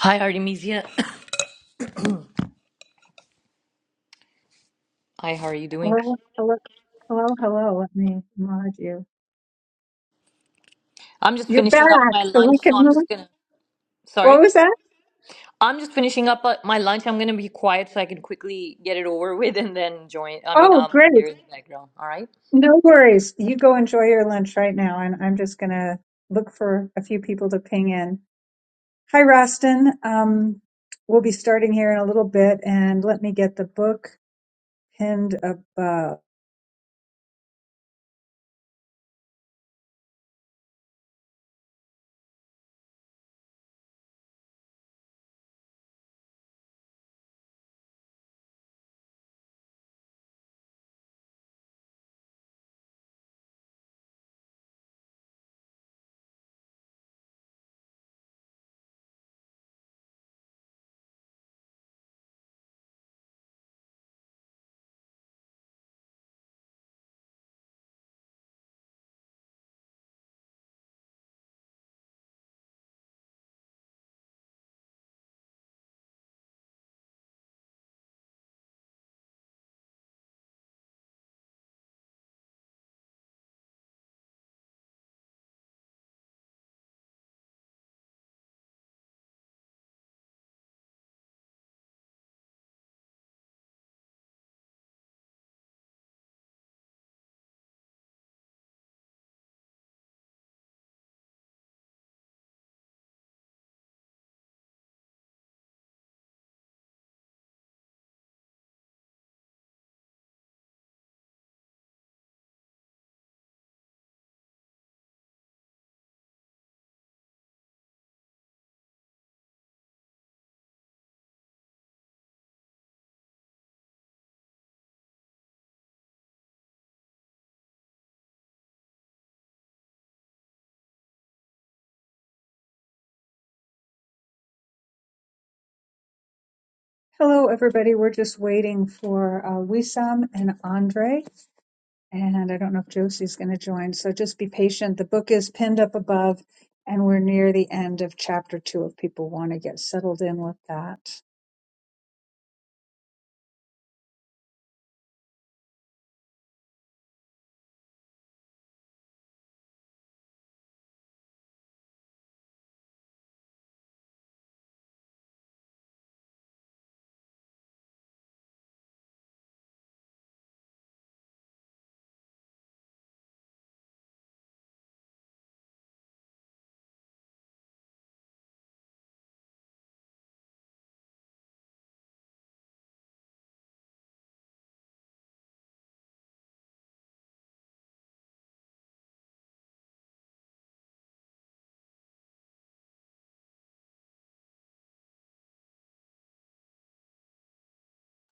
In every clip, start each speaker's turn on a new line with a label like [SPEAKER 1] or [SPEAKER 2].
[SPEAKER 1] Hi, Artemisia. Hi, how are you doing?
[SPEAKER 2] Hello, hello, hello, hello. Let me mod you.
[SPEAKER 1] I'm just
[SPEAKER 2] You're
[SPEAKER 1] finishing up
[SPEAKER 2] back,
[SPEAKER 1] my
[SPEAKER 2] so
[SPEAKER 1] lunch,
[SPEAKER 2] we can
[SPEAKER 1] so I'm
[SPEAKER 2] move.
[SPEAKER 1] just gonna.
[SPEAKER 2] What
[SPEAKER 1] Sorry?
[SPEAKER 2] was that?
[SPEAKER 1] I'm just finishing up uh, my lunch. I'm gonna be quiet so I can quickly get it over with and then join. I mean,
[SPEAKER 2] Oh,
[SPEAKER 1] I'll
[SPEAKER 2] great.
[SPEAKER 1] hear in the background. All right?
[SPEAKER 2] No worries. You go enjoy your lunch right now, and I'm just gonna look for a few people to ping in. Hi, Rostin. Um, we'll be starting here in a little bit, and let me get the book pinned above. Hello, everybody. We're just waiting for uh, Wissam and Andre. And I don't know if Josie's going to join. So just be patient. The book is pinned up above, and we're near the end of chapter two if people want to get settled in with that.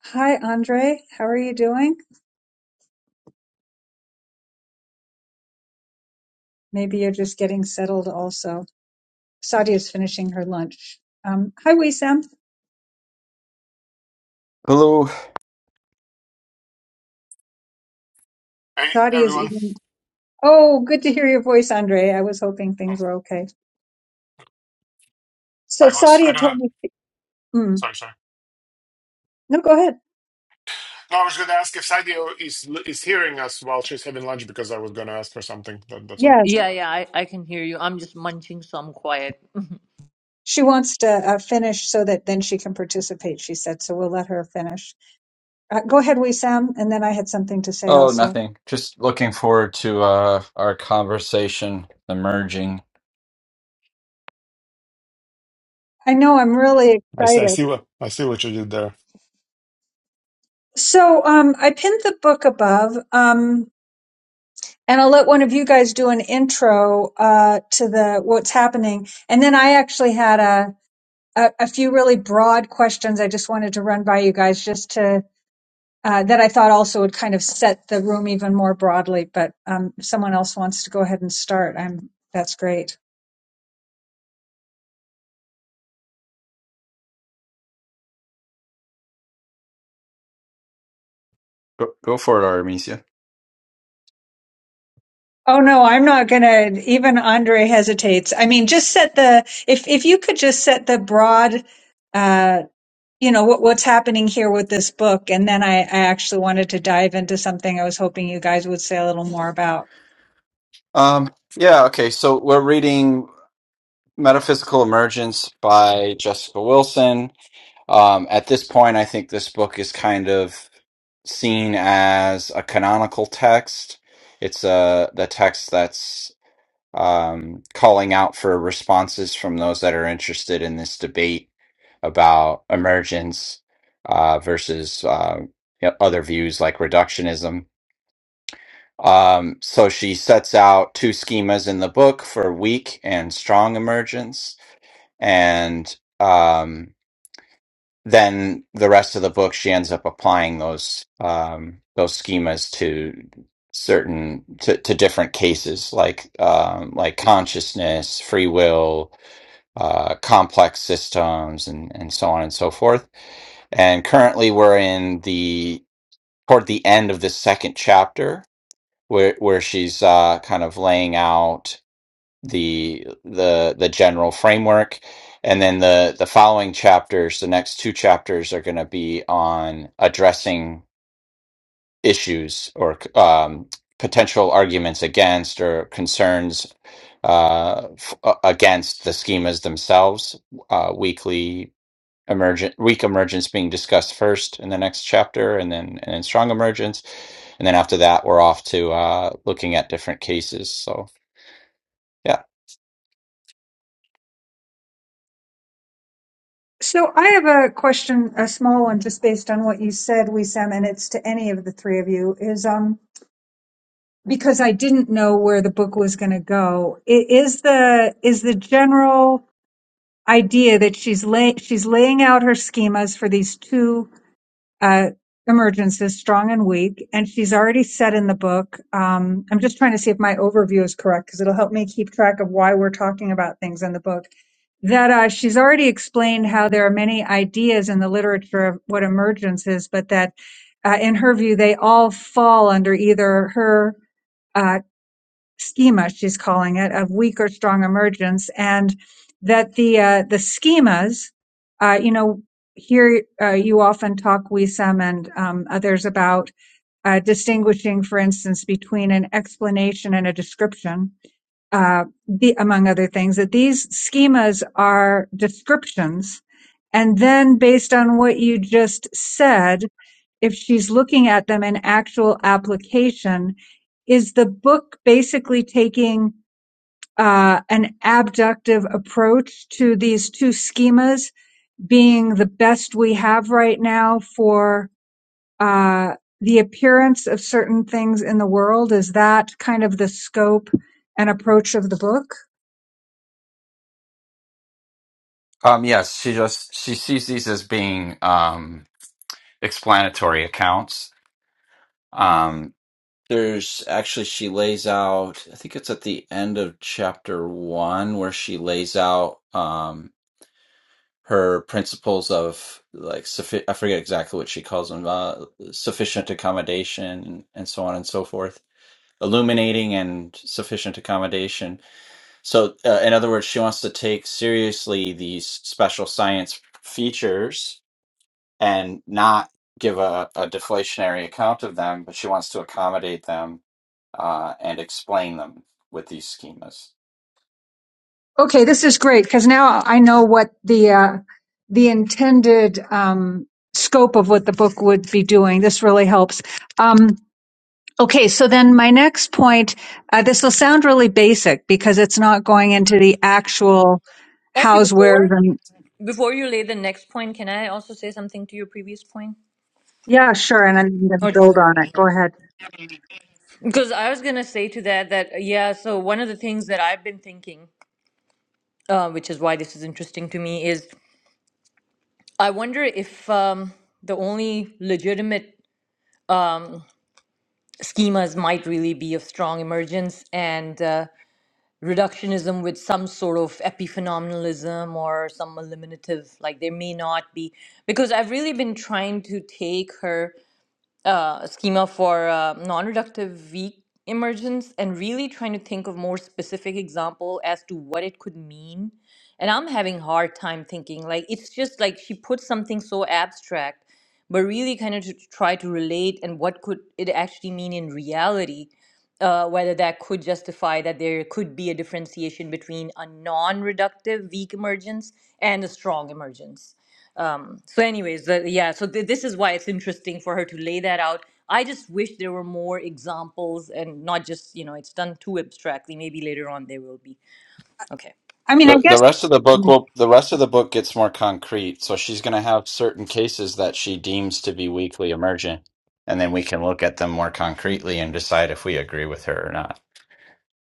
[SPEAKER 2] Hi, Andre. How are you doing? Maybe you're just getting settled also. Saudi is finishing her lunch. Um, hi, Wissam.
[SPEAKER 3] Hello.
[SPEAKER 4] Hey
[SPEAKER 2] Saudi is
[SPEAKER 4] everyone.
[SPEAKER 2] eating. Oh, good to hear your voice, Andre. I was hoping
[SPEAKER 4] Oh,
[SPEAKER 2] things were okay. So
[SPEAKER 4] I was
[SPEAKER 2] Saudi
[SPEAKER 4] I don't know.
[SPEAKER 2] told me. Mm,
[SPEAKER 4] Sorry, sorry.
[SPEAKER 2] no, go ahead.
[SPEAKER 4] No, I was going to ask if Sadio is is hearing us while she's having lunch because I was going to ask her something. That, that's all.
[SPEAKER 2] Yes.
[SPEAKER 1] Yeah, yeah, I, I can hear you. I'm just munching, so I'm quiet.
[SPEAKER 2] She wants to uh, finish so that then she can participate, she said. So we'll let her finish. Uh, go ahead, Sam, and then I had something to say
[SPEAKER 3] Oh,
[SPEAKER 2] also.
[SPEAKER 3] nothing. Just looking forward to uh our conversation, the merging.
[SPEAKER 2] I know I'm really
[SPEAKER 4] I see, I
[SPEAKER 2] excited.
[SPEAKER 4] see what I see what you did there.
[SPEAKER 2] So um, I pinned the book above, um, and I'll let one of you guys do an intro uh, to the what's happening, and then I actually had a, a a few really broad questions I just wanted to run by you guys just to. Uh, that I thought also would kind of set the room even more broadly, but um, if someone else wants to go ahead and start. I'm that's great.
[SPEAKER 3] Go, go for it, Artemisia.
[SPEAKER 2] Oh no, I'm not gonna even Andre hesitates. I mean, just set the if if you could just set the broad uh you know what what's happening here with this book and then I, I actually wanted to dive into something I was hoping you guys would say a little more about.
[SPEAKER 3] Um, yeah, okay. So we're reading Metaphysical Emergence by Jessica Wilson. Um, at this point, I think this book is kind of seen as a canonical text. It's uh the text that's um, calling out for responses from those that are interested in this debate about emergence uh, versus uh, you know, other views like reductionism. Um, so she sets out two schemas in the book for weak and strong emergence, and um, then the rest of the book she ends up applying those um, those schemas to certain to, to different cases like um, like consciousness, free will, uh, complex systems, and and so on and so forth. And currently, we're in the toward the end of the second chapter where where she's uh, kind of laying out the the the general framework and then the the following chapters the next two chapters are going to be on addressing issues or um, potential arguments against or concerns uh, f- uh, against the schemas themselves uh, weekly emergent weak emergence being discussed first in the next chapter and then and then strong emergence and then after that we're off to uh, looking at different cases so yeah
[SPEAKER 2] So I have a question, a small one just based on what you said, Wissam, and it's to any of the three of you, is um because I didn't know where the book was gonna go. i- Is the is the general idea that she's lay, she's laying out her schemas for these two uh, emergences, strong and weak, and she's already said in the book. Um, I'm just trying to see if my overview is correct because it'll help me keep track of why we're talking about things in the book. That uh, she's already explained how there are many ideas in the literature of what emergence is, but that uh, in her view they all fall under either her. uh, schema, she's calling it, of weak or strong emergence, and that the uh, the schemas, uh, you know, here uh, you often talk, Wisam and um, others, about uh, distinguishing, for instance, between an explanation and a description, uh, the, among other things, that these schemas are descriptions. And then based on what you just said, if she's looking at them in actual application, is the book basically taking uh, an abductive approach to these two schemas being the best we have right now for uh, the appearance of certain things in the world? Is that kind of the scope and approach of the book?
[SPEAKER 3] Um, yes, she just she sees these as being um, explanatory accounts. Um, there's actually she lays out. I think it's at the end of chapter one where she lays out um, her principles of like suffi- I forget exactly what she calls them uh, sufficient accommodation and so on and so forth. Illuminating and sufficient accommodation. So, uh, in other words, she wants to take seriously these special science features and not give a, a deflationary account of them, but she wants to accommodate them uh, and explain them with these schemas.
[SPEAKER 2] Okay, this is great because now I know what the uh, the intended um, scope of what the book would be doing. This really helps. Um, Okay, so then my next point, uh, this will sound really basic because it's not going into the actual
[SPEAKER 1] Actually,
[SPEAKER 2] hows, wheres,
[SPEAKER 1] before
[SPEAKER 2] and
[SPEAKER 1] before you lay the next point, can I also say something to your previous point?
[SPEAKER 2] yeah, sure. And I'm going to
[SPEAKER 1] Or do you
[SPEAKER 2] build on
[SPEAKER 1] want
[SPEAKER 2] it.
[SPEAKER 1] to?
[SPEAKER 2] Go ahead.
[SPEAKER 1] Because I was going to say to that that uh, yeah, so one of the things that I've been thinking, uh, which is why this is interesting to me, is I wonder if um, the only legitimate schemas might really be of strong emergence and uh, reductionism with some sort of epiphenomenalism or some eliminative, like there may not be. Because I've really been trying to take her uh, schema for uh, non-reductive weak emergence and really trying to think of more specific example as to what it could mean and i'm having hard time thinking like it's just like she put something so abstract but really kind of to try to relate and what could it actually mean in reality uh, whether that could justify that there could be a differentiation between a non-reductive weak emergence and a strong emergence um so anyways the, yeah so th- this is why it's interesting for her to lay that out i just wish there were more examples and not just you know it's done too abstractly maybe later on there will be okay
[SPEAKER 2] I mean, I
[SPEAKER 3] The, the
[SPEAKER 2] guess,
[SPEAKER 3] rest of the book will the rest of the book gets more concrete, so she's going to have certain cases that she deems to be weakly emergent, and then we can look at them more concretely and decide if we agree with her or not.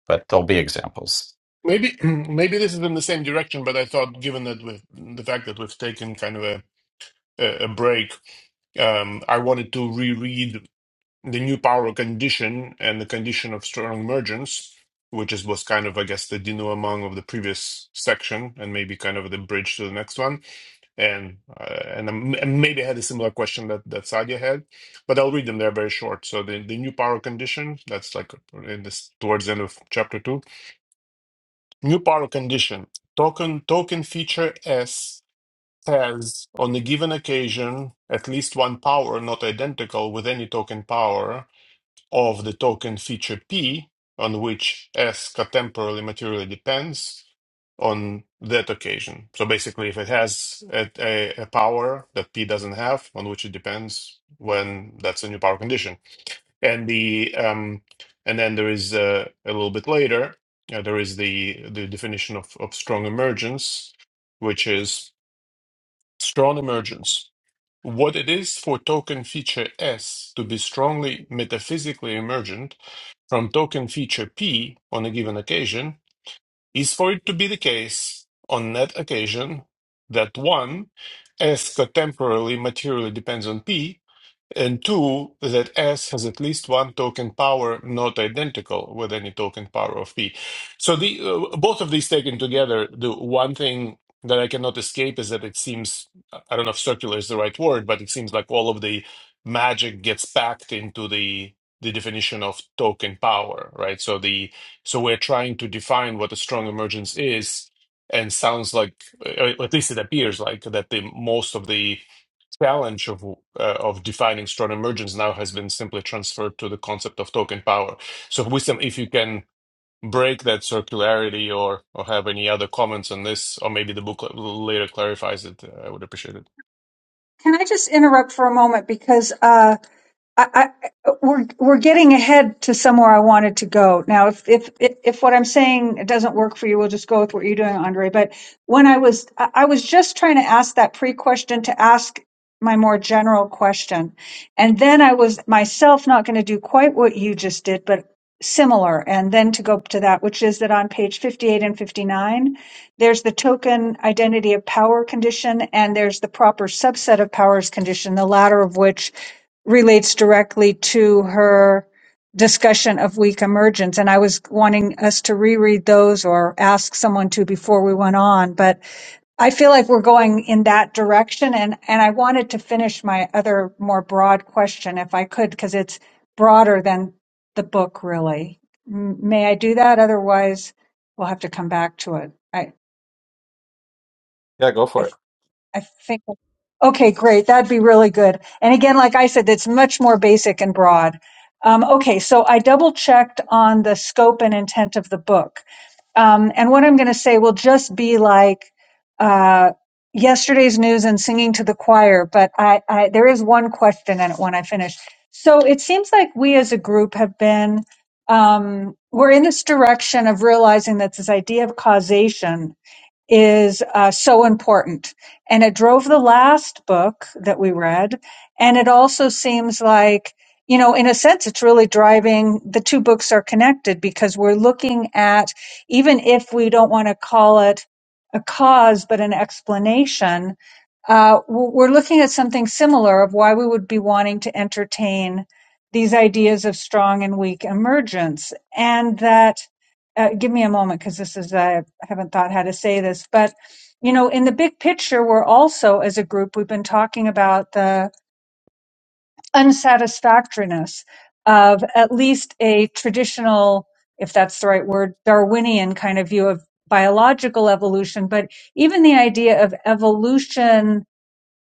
[SPEAKER 3] but there'll be examples.
[SPEAKER 4] Maybe maybe this is in the same direction, but I thought given that with the fact that we've taken kind of a a, a break, um, I wanted to reread the new power condition and the condition of strong emergence, which is was kind of I guess the denouement of the previous section and maybe kind of the bridge to the next one. and uh, and, um, and maybe I had a similar question that that Sadia had, but I'll read them. They're very short. So the, the new power condition that's like uh, in this towards the end of chapter two. New power condition token token feature S has on a given occasion at least one power not identical with any token power of the token feature P on which S contemporarily materially depends on that occasion. So basically, if it has a, a, a power that P doesn't have, on which it depends when that's a new power condition, and the um, and then there is uh, a little bit later uh, there is the the definition of, of strong emergence, which is strong emergence. What it is for token feature S to be strongly metaphysically emergent from token feature P on a given occasion is for it to be the case on that occasion that 1, S contemporarily materially depends on P, and two, that S has at least one token power not identical with any token power of P. So the uh, both of these taken together, the one thing that I cannot escape is that it seems I don't know if circular is the right word, but it seems like all of the magic gets packed into the the definition of token power, right? So the so we're trying to define what a strong emergence is, and sounds like, uh, at least it appears like that the most of the challenge of uh, of defining strong emergence now has been simply transferred to the concept of token power. So, wisdom, if you can break that circularity or or have any other comments on this, or maybe the book l- later clarifies it, uh, I would appreciate it.
[SPEAKER 2] can I just interrupt for a moment? Because, uh, I, I, we're we're getting ahead to somewhere I wanted to go. Now, if if if what I'm saying doesn't work for you, we'll just go with what you're doing, Andre. But when I was I I was just trying to ask that pre-question to ask my more general question, and then I was myself not going to do quite what you just did, but similar, and then to go to that, which is that on page 58 and 59, there's the token identity of power condition, and there's the proper subset of powers condition, the latter of which relates directly to her discussion of weak emergence. And I was wanting us to reread those or ask someone to before we went on. But I feel like we're going in that direction. And, and I wanted to finish my other more broad question if I could, because it's broader than the book really. M- May I do that? Otherwise we'll have to come back to it. I,
[SPEAKER 3] Yeah, go
[SPEAKER 2] I
[SPEAKER 3] for it.
[SPEAKER 2] I think. Okay, great. That'd be really good. And again, like I said, that's much more basic and broad. Um, okay, so I double checked on the scope and intent of the book. Um, and what I'm going to say will just be like uh, yesterday's news and singing to the choir, but I, I, there is one question in it when I finish. So it seems like we as a group have been, um, we're in this direction of realizing that this idea of causation is uh, so important. And it drove the last book that we read. And it also seems like, you know, in a sense, it's really driving the two books are connected because we're looking at, even if we don't want to call it a cause, but an explanation, uh, w- we're looking at something similar of why we would be wanting to entertain these ideas of strong and weak emergence. And that, uh, give me a moment because this is uh, I haven't thought how to say this, but you know, in the big picture, we're also as a group we've been talking about the unsatisfactoriness of at least a traditional, if that's the right word, Darwinian kind of view of biological evolution, but even the idea of evolution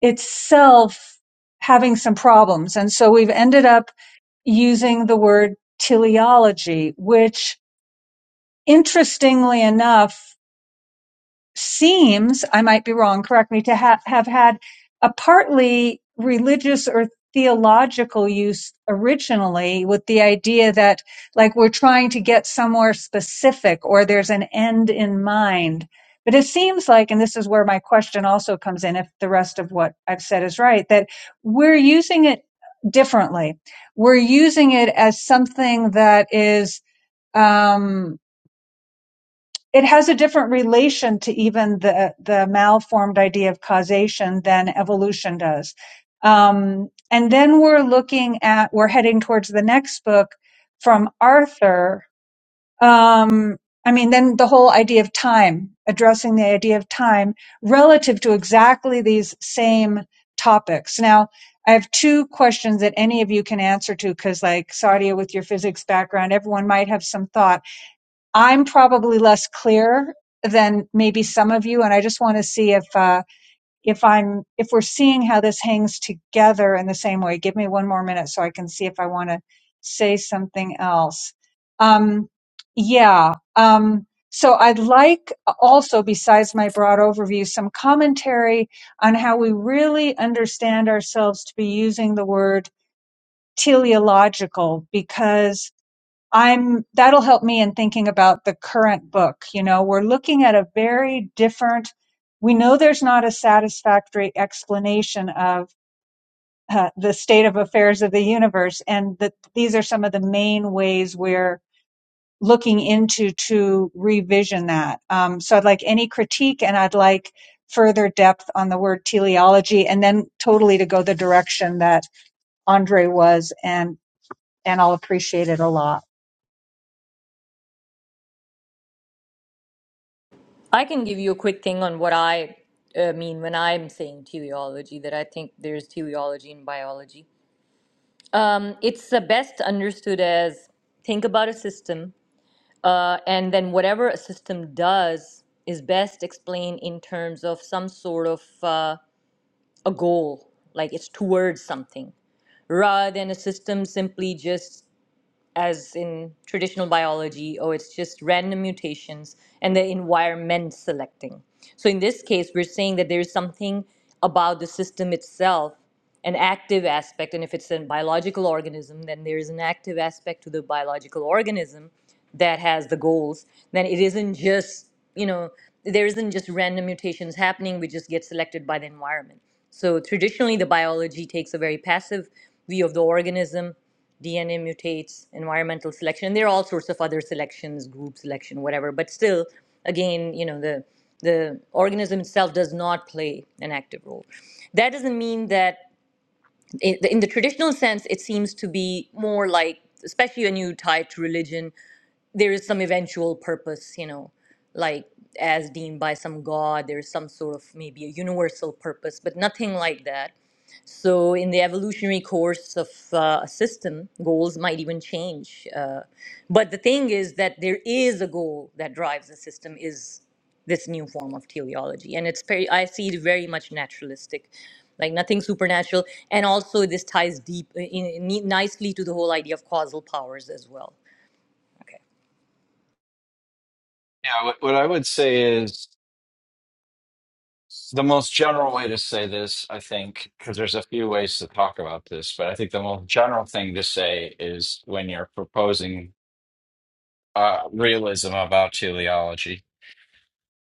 [SPEAKER 2] itself having some problems. And so we've ended up using the word teleology, which interestingly enough seems, I might be wrong, correct me, to ha- have had a partly religious or theological use originally with the idea that like we're trying to get somewhere specific or there's an end in mind. But it seems like, and this is where my question also comes in, if the rest of what I've said is right, that we're using it differently. We're using it as something that is um, it has a different relation to even the the malformed idea of causation than evolution does. Um, and then we're looking at we're heading towards the next book from Arthur. Um, I mean, then the whole idea of time, addressing the idea of time relative to exactly these same topics. Now, I have two questions that any of you can answer to because, like Sadia, with your physics background, everyone might have some thoughts I'm probably less clear than maybe some of you, and I just want to see if uh, if I'm if we're seeing how this hangs together in the same way. Give me one more minute so I can see if I want to say something else. Um, yeah. Um, so I'd like also, besides my broad overview, some commentary on how we really understand ourselves to be using the word teleological because I'm that'll help me in thinking about the current book. You know, we're looking at a very different. We know there's not a satisfactory explanation of uh, the state of affairs of the universe, and that these are some of the main ways we're looking into to revision that. Um, so I'd like any critique, and I'd like further depth on the word teleology, and then totally to go the direction that Andre was, and and I'll appreciate it a lot.
[SPEAKER 1] i can give you a quick thing on what i uh, mean when i'm saying teleology that i think there's teleology in biology um it's uh, best understood as think about a system uh, and then whatever a system does is best explained in terms of some sort of uh, a goal, like it's towards something, rather than a system simply just as in traditional biology, oh, it's just random mutations and the environment selecting. So in this case, we're saying that there's something about the system itself, an active aspect, and if it's a biological organism, then there's an active aspect to the biological organism that has the goals. Then it isn't just, you know, there isn't just random mutations happening, we just get selected by the environment. So traditionally, the biology takes a very passive view of the organism DNA mutates, environmental selection, and there are all sorts of other selections, group selection, whatever. But still, again, you know, the the organism itself does not play an active role. That doesn't mean that, i- in the traditional sense, it seems to be more like, especially when you tie it to religion, there is some eventual purpose, you know, like as deemed by some god, there is some sort of maybe a universal purpose, but nothing like that so, in the evolutionary course of uh, a system, goals might even change. Uh, but the thing is that there is a goal that drives the system is this new form of teleology, and it's very, I see it very much naturalistic, like nothing supernatural, and also this ties deep uh, in, in, nicely to the whole idea of causal powers as well. Okay,
[SPEAKER 3] Yeah, what, what I would say is the most general way to say this, I think, because there's a few ways to talk about this, but I think the most general thing to say is when you're proposing uh, realism about teleology.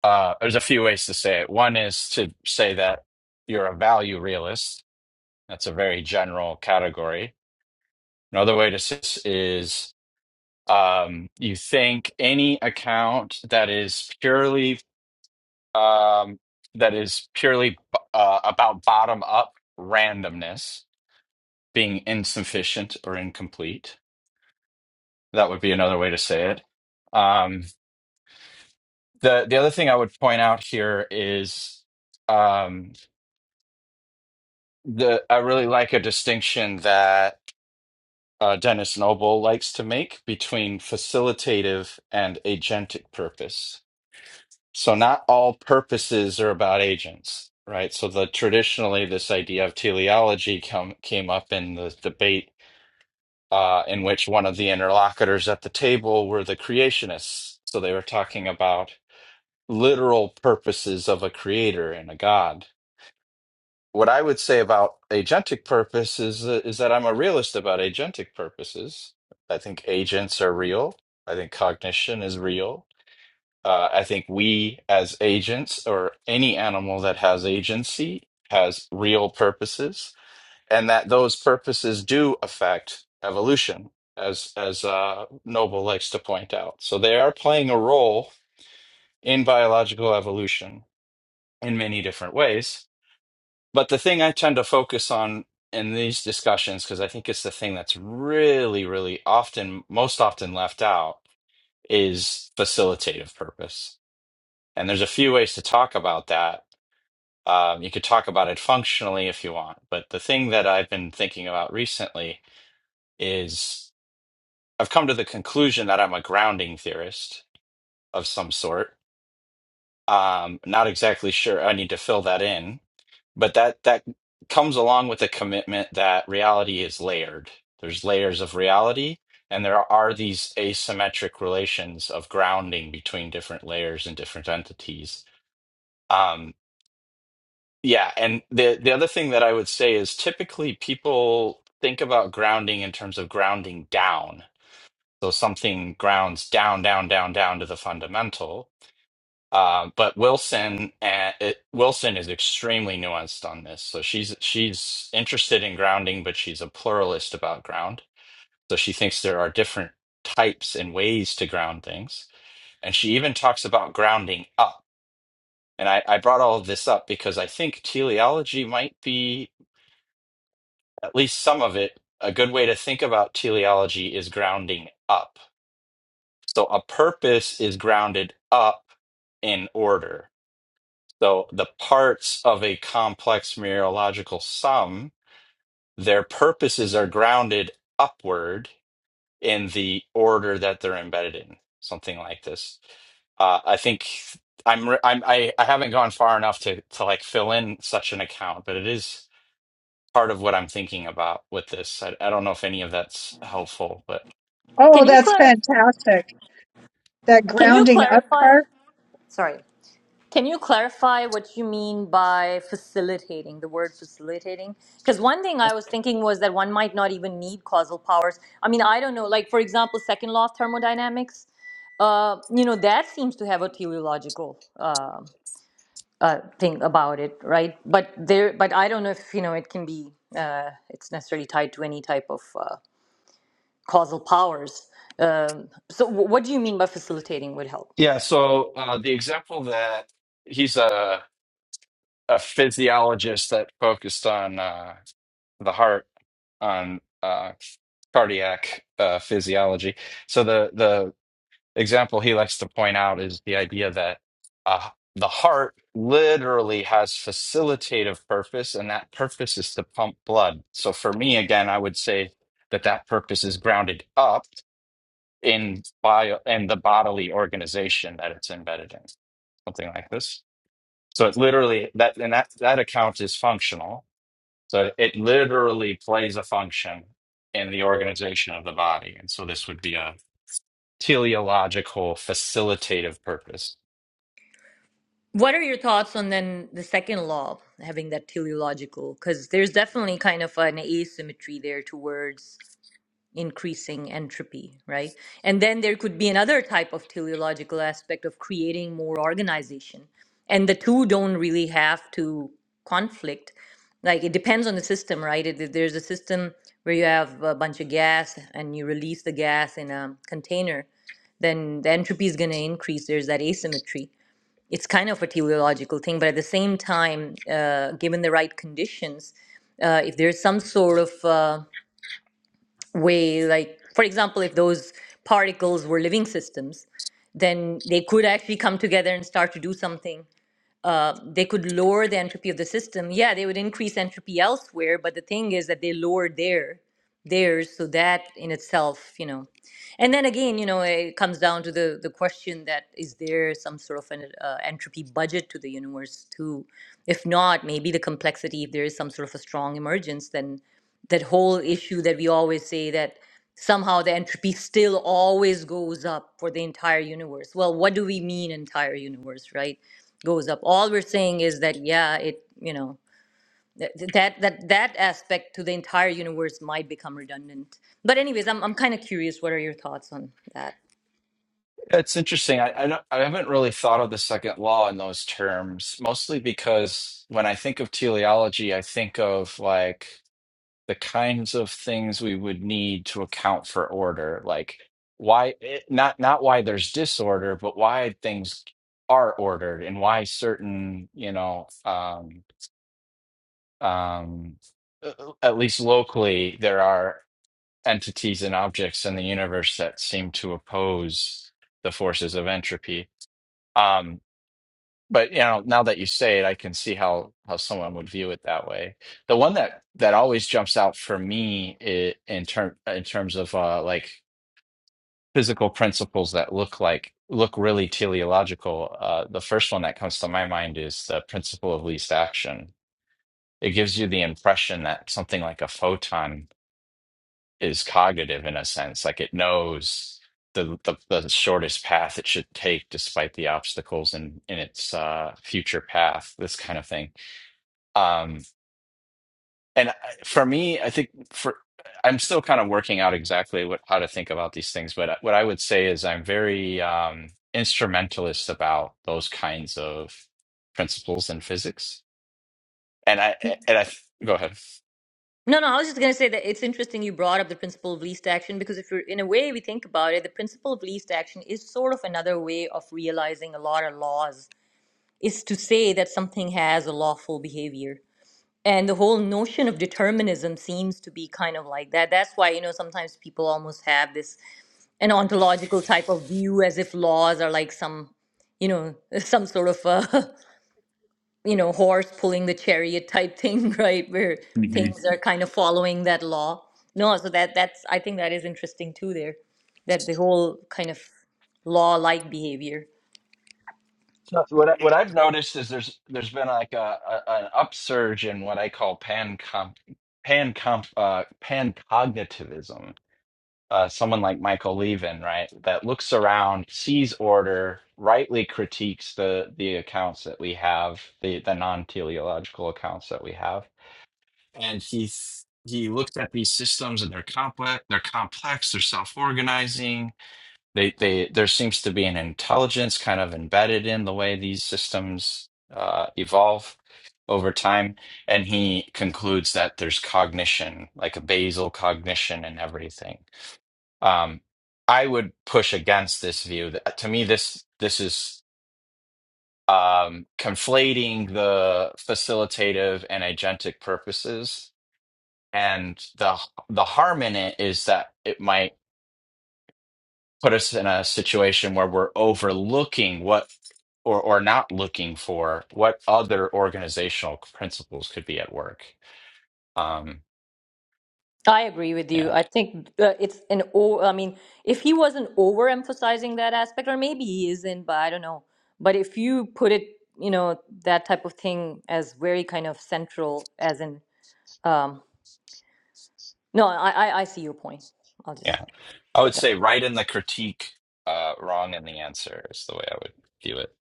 [SPEAKER 3] uh, there's a few ways to say it. One is to say that you're a value realist. That's a very general category. Another way to say this is um, you think any account that is purely um, that is purely uh, about bottom up randomness being insufficient or incomplete. That would be another way to say it. Um, the the other thing I would point out here is. Um, the I really like a distinction that uh, Dennis Noble likes to make between facilitative and agentic purpose. So not all purposes are about agents, right? So the traditionally this idea of teleology come, came up in the debate uh, in which one of the interlocutors at the table were the creationists. So they were talking about literal purposes of a creator and a god what I would say about agentic purpose is is that I'm a realist about agentic purposes. I think agents are real. I think cognition is real. Uh, I think we as agents or any animal that has agency has real purposes, and that those purposes do affect evolution, as as uh, Noble likes to point out. So they are playing a role in biological evolution in many different ways but the thing I tend to focus on in these discussions, because I think it's the thing that's really, really often, most often left out, is facilitative purpose. And there's a few ways to talk about that. Um, you could talk about it functionally if you want, but the thing that I've been thinking about recently is I've come to the conclusion that I'm a grounding theorist of some sort. Um, not exactly sure. I need to fill that in but that that comes along with a commitment that reality is layered there's layers of reality and there are these asymmetric relations of grounding between different layers and different entities um yeah and the the other thing that i would say is typically people think about grounding in terms of grounding down so something grounds down down down down to the fundamental um, but Wilson uh, it, Wilson is extremely nuanced on this. So she's she's interested in grounding, but she's a pluralist about ground. So she thinks there are different types and ways to ground things, and she even talks about grounding up. And I, I brought all of this up because I think teleology might be at least some of it. A good way to think about teleology is grounding up. So a purpose is grounded up in order. So the parts of a complex mereological sum, their purposes are grounded upward in the order that they're embedded in, something like this. Uh, I think I'm, re- I'm I, I haven't gone far enough to to like fill in such an account, but it is part of what I'm thinking about with this. I, I don't know if any of that's helpful, but
[SPEAKER 2] Oh,
[SPEAKER 1] can you
[SPEAKER 2] that's
[SPEAKER 1] clar-
[SPEAKER 2] fantastic. That
[SPEAKER 1] can you
[SPEAKER 2] grounding up
[SPEAKER 1] clarify?
[SPEAKER 2] part.
[SPEAKER 1] Sorry. Can you clarify what you mean by facilitating, the word facilitating? Because one thing I was thinking was that one might not even need causal powers. I mean, I don't know, like for example, second law of thermodynamics, uh, you know, that seems to have a teleological uh, uh, thing about it, right? But there, but I don't know if, you know, it can be, uh, it's necessarily tied to any type of uh, causal powers. Um, so wh- what do you mean by facilitating would help?
[SPEAKER 3] yeah. So uh, the example that he's a a physiologist that focused on. uh, the heart on uh, cardiac uh, physiology. So the the example he likes to point out is the idea that uh, the heart literally has facilitative purpose, and that purpose is to pump blood. So for me, again, I would say that that purpose is grounded up in bio and the bodily organization that it's embedded in, something like this. So it literally that and that that account is functional so it literally plays a function in the organization of the body. And so this would be a teleological facilitative purpose.
[SPEAKER 1] What are your thoughts on then the second law, having that teleological? Because there's definitely kind of an asymmetry there towards increasing entropy, right? And then there could be another type of teleological aspect of creating more organization. And the two don't really have to conflict. Like it depends on the system, right? If if there's a system where you have a bunch of gas and you release the gas in a container, then the entropy is going to increase. There's that asymmetry it's kind of a teleological thing, but at the same time, uh, given the right conditions, uh, if there's some sort of uh, way, like for example, if those particles were living systems, then they could actually come together and start to do something uh, they could lower the entropy of the system. Yeah, they would increase entropy elsewhere, but the thing is that they lower their theirs, so that in itself, you know. And then again, you know, it comes down to the the question that is there some sort of an uh, entropy budget to the universe too? If not, maybe the complexity. If there is some sort of a strong emergence, then that whole issue that we always say that somehow the entropy still always goes up for the entire universe. Well, what do we mean entire universe, right? goes up. All we're saying is that, yeah, it, you know, th- th- that that that aspect to the entire universe might become redundant. But anyways, I'm I'm kind of curious. What are your thoughts on that?
[SPEAKER 3] It's interesting. I, I, don't, I haven't really thought of the second law in those terms, mostly because when I think of teleology, I think of like the kinds of things we would need to account for order, like why it, not not why there's disorder, but why things are ordered and why certain you know um, um, uh, uh, at least locally, there are entities and objects in the universe that seem to oppose the forces of entropy. Um, but you know, now that you say it, I can see how how someone would view it that way. The one that that always jumps out for me i in term in terms of uh, like physical principles that look like look really teleological. Uh, the first one that comes to my mind is the principle of least action. It gives you the impression that something like a photon is cognitive in a sense like it knows the the, the shortest path it should take despite the obstacles in in its uh, future path this kind of thing um and I- for me i think for i'm still kind of working out exactly what how to think about these things but uh, what i would say is i'm very um instrumentalist about those kinds of principles in physics and i and i go ahead
[SPEAKER 1] No, no, I was just gonna say that it's interesting you brought up the principle of least action because if you're in a way we think about it, the principle of least action is sort of another way of realizing a lot of laws is to say that something has a lawful behavior. And the whole notion of determinism seems to be kind of like that. That's why, you know, sometimes people almost have this an ontological type of view as if laws are like some you know some sort of uh you know horse pulling the chariot type thing right where things are kind of following that law no so that that's i think that is interesting too there that the whole kind of law like behavior
[SPEAKER 3] So what I, what I've noticed is there's there's been like a, a an upsurge in what I call pan comp pan comp uh pan cognitivism. Uh, someone like Michael Levin, right, that looks around, sees order, rightly critiques the the accounts that we have, the the non-teleological accounts that we have, and he he looks at these systems and they're complex, they're complex, they're self-organizing, they they there seems to be an intelligence kind of embedded in the way these systems uh, evolve over time. And he concludes that there's cognition, like a basal cognition and everything. Um, I would push against this view. That, to me, this this is um, conflating the facilitative and agentic purposes. And the the harm in it is that it might put us in a situation where we're overlooking what or or not looking for what other organizational principles could be at work. Um,
[SPEAKER 1] i agree with you
[SPEAKER 3] yeah,
[SPEAKER 1] i think uh, it's an o i mean if he wasn't overemphasizing that aspect or maybe he isn't but i don't know but if you put it you know that type of thing as very kind of central as in Um, no, I, I, I see your point. I'll just
[SPEAKER 3] yeah. I would
[SPEAKER 1] with that.
[SPEAKER 3] say right in the critique, uh, wrong in the answer is the way I would view it.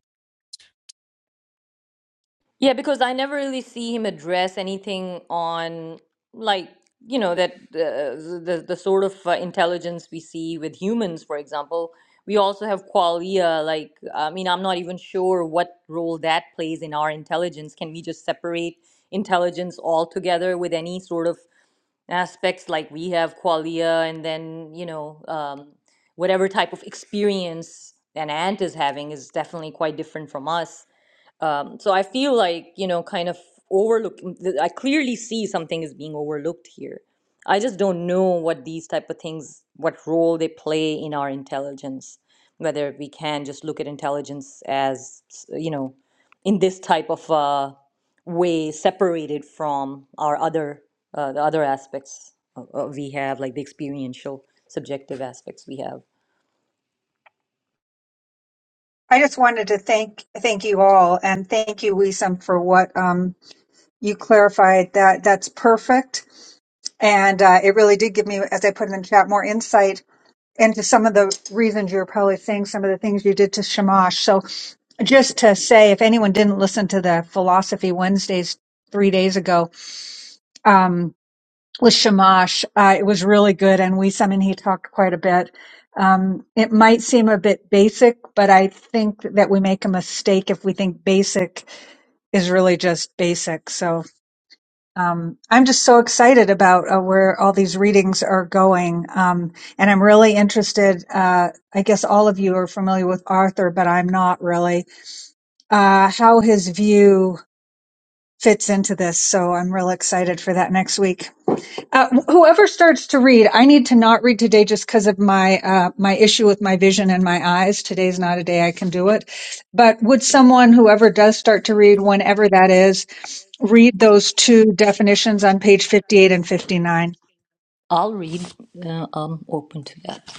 [SPEAKER 1] Yeah, because I never really see him address anything on like you know that uh, the the sort of uh, intelligence we see with humans, for example. We also have qualia. Like, I mean, I'm not even sure what role that plays in our intelligence. Can we just separate intelligence altogether with any sort of aspects like we have qualia and then you know um, whatever type of experience an ant is having is definitely quite different from us um, so I feel like, you know, kind of overlook, I clearly see something is being overlooked here. I just don't know what these type of things, what role they play in our intelligence, whether we can just look at intelligence as, you know, in this type of uh, way separated from our other uh, the other aspects uh, uh, we have, like the experiential, subjective aspects we have.
[SPEAKER 2] I just wanted to thank thank you all and thank you, Wisam, for what um, you clarified. That that's perfect, and uh, it really did give me, as I put in the chat, more insight and to some of the reasons you're probably saying some of the things you did to Shamash. So just to say, if anyone didn't listen to the Philosophy Wednesdays three days ago um, with Shamash, uh, it was really good, and we some and he talked quite a bit. Um, it might seem a bit basic, but I think that we make a mistake if we think basic is really just basic. So um, I'm just so excited about uh, where all these readings are going. Um, and I'm really interested. Uh, I guess all of you are familiar with Arthur, but I'm not really, uh, how his view fits into this. So I'm real excited for that next week. Uh, whoever starts to read, I need to not read today just because of my uh, my issue with my vision and my eyes. Today's not a day I can do it. But would someone, whoever does start to read, whenever that is, read those two definitions on page fifty-eight and fifty-nine?
[SPEAKER 1] I'll read. Uh, I'm open to that.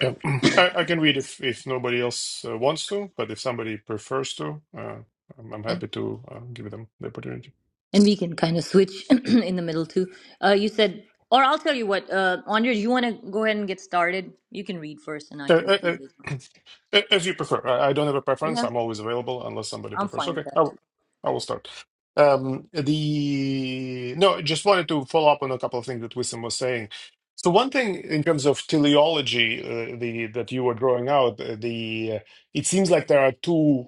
[SPEAKER 4] Yeah. I, I can read if, if nobody else uh, wants to, but if somebody prefers to, uh, I'm, I'm happy to uh, give them the opportunity.
[SPEAKER 1] And we can kind of switch in the middle too. Uh, you said, or I'll tell you what, uh, Andres, you want to go ahead and get started? You can read first and I
[SPEAKER 4] Uh,
[SPEAKER 1] can
[SPEAKER 4] uh,
[SPEAKER 1] read later. on.
[SPEAKER 4] uh, As you prefer. I I don't have a preference.
[SPEAKER 1] Yeah,
[SPEAKER 4] I'm always available unless somebody
[SPEAKER 1] I'm
[SPEAKER 4] prefers.
[SPEAKER 1] fine with
[SPEAKER 4] Okay,
[SPEAKER 1] that
[SPEAKER 4] I
[SPEAKER 1] too.
[SPEAKER 4] will, I will start. Um, the no, just wanted to follow up on a couple of things that Wissam was saying. So one thing in terms of teleology, uh, the that you were drawing out, uh, the uh, it seems like there are two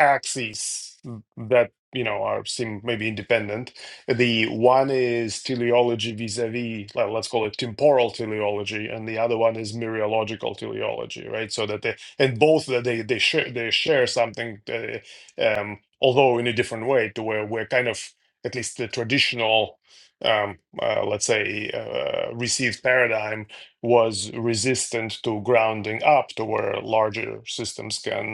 [SPEAKER 4] axes that you know are seem maybe independent. The one is teleology vis-a-vis, well, let's call it temporal teleology, and the other one is mereological teleology, right? So that they and both that they they share they share something, uh, um, although in a different way, to where we're kind of at least the traditional. Um, uh, let's say uh, received paradigm was resistant to grounding up to where larger systems can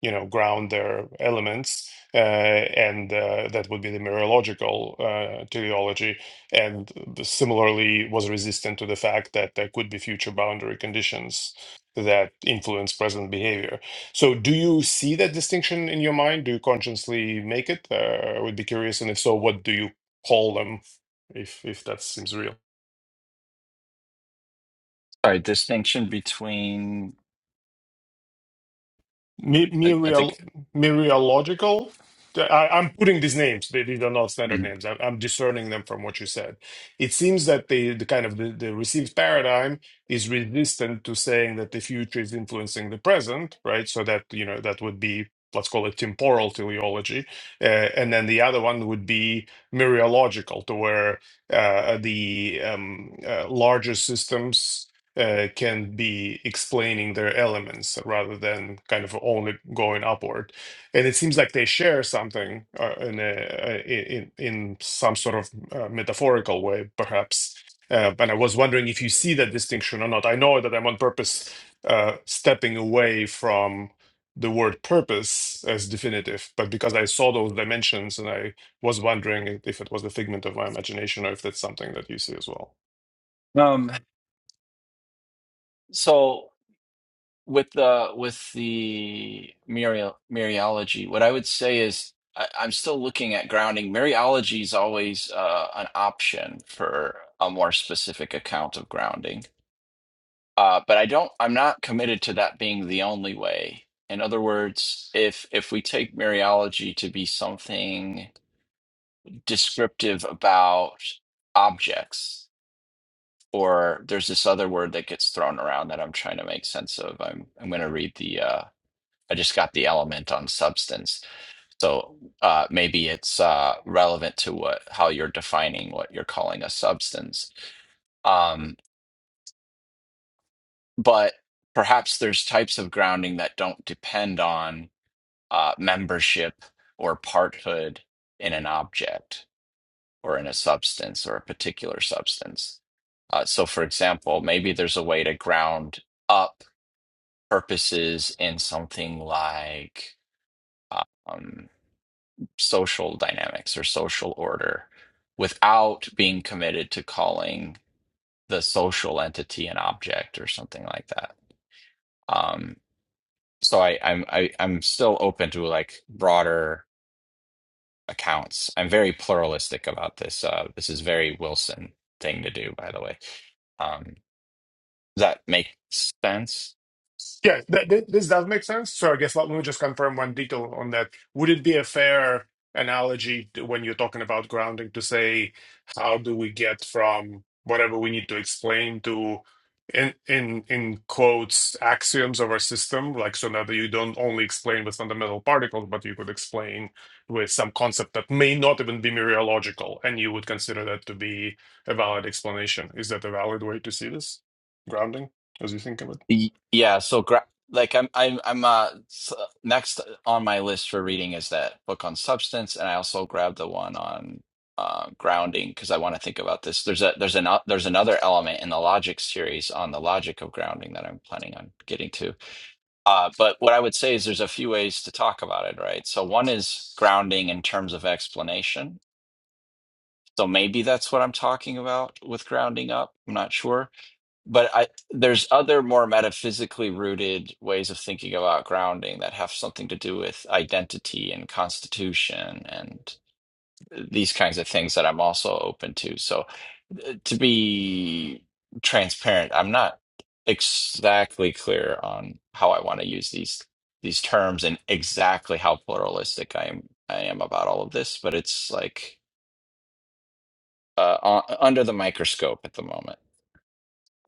[SPEAKER 4] you know ground their elements uh, and uh, that would be the mereological uh, teleology and the- similarly was resistant to the fact that there could be future boundary conditions that influence present behavior so do you see that distinction in your mind do you consciously make it uh, i would be curious and if so what do you call them if if that seems real
[SPEAKER 3] Sorry, distinction between
[SPEAKER 4] Me-
[SPEAKER 3] I, I
[SPEAKER 4] Muriel,
[SPEAKER 3] think.
[SPEAKER 4] Muriological. I, I'm putting these names; they, these are not standard
[SPEAKER 3] mm.
[SPEAKER 4] names. I'm, I'm discerning them from what you said. It seems that the, the kind of the, the received paradigm is resistant to saying that the future is influencing the present, right? So that you know that would be let's call it temporal teleology, uh, and then the other one would be Muriological, to where uh, the um, uh, larger systems uh, can be explaining their elements rather than kind of only going upward. And it seems like they share something uh, in, a, uh, in in some sort of uh, metaphorical way, perhaps. Uh, and I was wondering if you see that distinction or not. I know that I'm on purpose uh, stepping away from the word purpose as definitive, but because I saw those dimensions and I was wondering if it was the figment of my imagination or if that's something that you see as well.
[SPEAKER 3] Um. So. with the with the Muriel Muriology, what I would say is I, I'm still looking at grounding. Muriology is always uh, an option for a more specific account of grounding, uh, but I don't. I'm not committed to that being the only way. In other words, if if we take Muriology to be something descriptive about objects, or there's this other word that gets thrown around that I'm trying to make sense of. I'm I'm going to read the uh, I just got the element on substance. So uh, maybe it's uh, relevant to what how you're defining what you're calling a substance. Um, but perhaps there's types of grounding that don't depend on uh, membership or parthood in an object or in a substance or a particular substance. Uh, so, for example, maybe there's a way to ground up purposes in something like. um, social dynamics or social order without being committed to calling the social entity an object or something like that. Um, so I, I'm I, I'm still open to like broader accounts. I'm very pluralistic about this. Uh, this is very Wilson thing to do, by the way. Um, does that make sense?
[SPEAKER 4] Yeah, th th this does make sense. So I guess let me just confirm one detail on that. Would it be a fair analogy to, when you're talking about grounding to say, how do we get from whatever we need to explain to, in in in quotes, axioms of our system? Like so now that you don't only explain with fundamental particles, but you could explain with some concept that may not even be mereological, and you would consider that to be a valid explanation. Is that a valid way to see this grounding as you think of it?
[SPEAKER 3] Y- Yeah, so gra like I'm I'm I'm uh s- next on my list for reading is that book on substance, and I also grabbed the one on uh grounding because I want to think about this. There's a there's an uh, there's another element in the logic series on the logic of grounding that I'm planning on getting to. Uh, but what I would say is there's a few ways to talk about it, right? So one is grounding in terms of explanation. So maybe that's what I'm talking about with grounding up. I'm not sure but I there's other more metaphysically rooted ways of thinking about grounding that have something to do with identity and constitution and these kinds of things that I'm also open to. So uh, to be transparent, I'm not exactly clear on how I want to use these these terms and exactly how pluralistic I am I am about all of this, but it's like uh, u- under the microscope at the moment.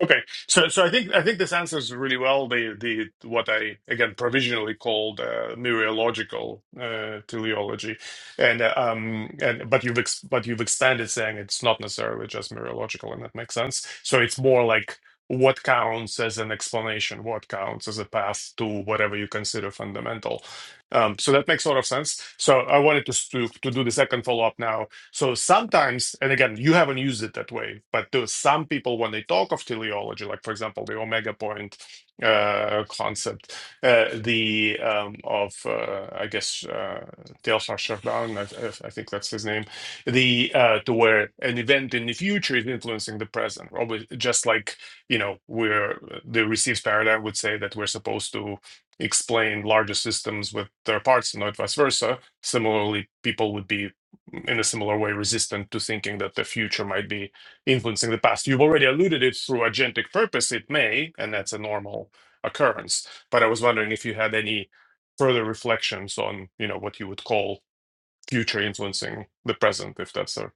[SPEAKER 4] Okay, so so I think I think this answers really well the the what I again provisionally called uh, muriological uh, teleology, and uh, um and but you've ex- but you've expanded saying it's not necessarily just muriological, and that makes sense. So it's more like what counts as an explanation, what counts as a path to whatever you consider fundamental. Um, so that makes a lot of sense. So I wanted to s- to, to do the second follow up now so sometimes, and again, you haven't used it that way, but to some people, when they talk of teleology, like for example, the omega point uh, concept, uh, the um, of uh, I guess uh, Teilhard Chardin, I, I I think that's his name, the uh, to where an event in the future is influencing the present, probably just like you know we're the received paradigm would say that we're supposed to explain larger systems with their parts and not vice versa. Similarly, people would be in a similar way resistant to thinking that the future might be influencing the past. You've already alluded it through agentic purpose, it may, and that's a normal occurrence. But I was wondering if you had any further reflections on, you know, what you would call future influencing the present, if that's a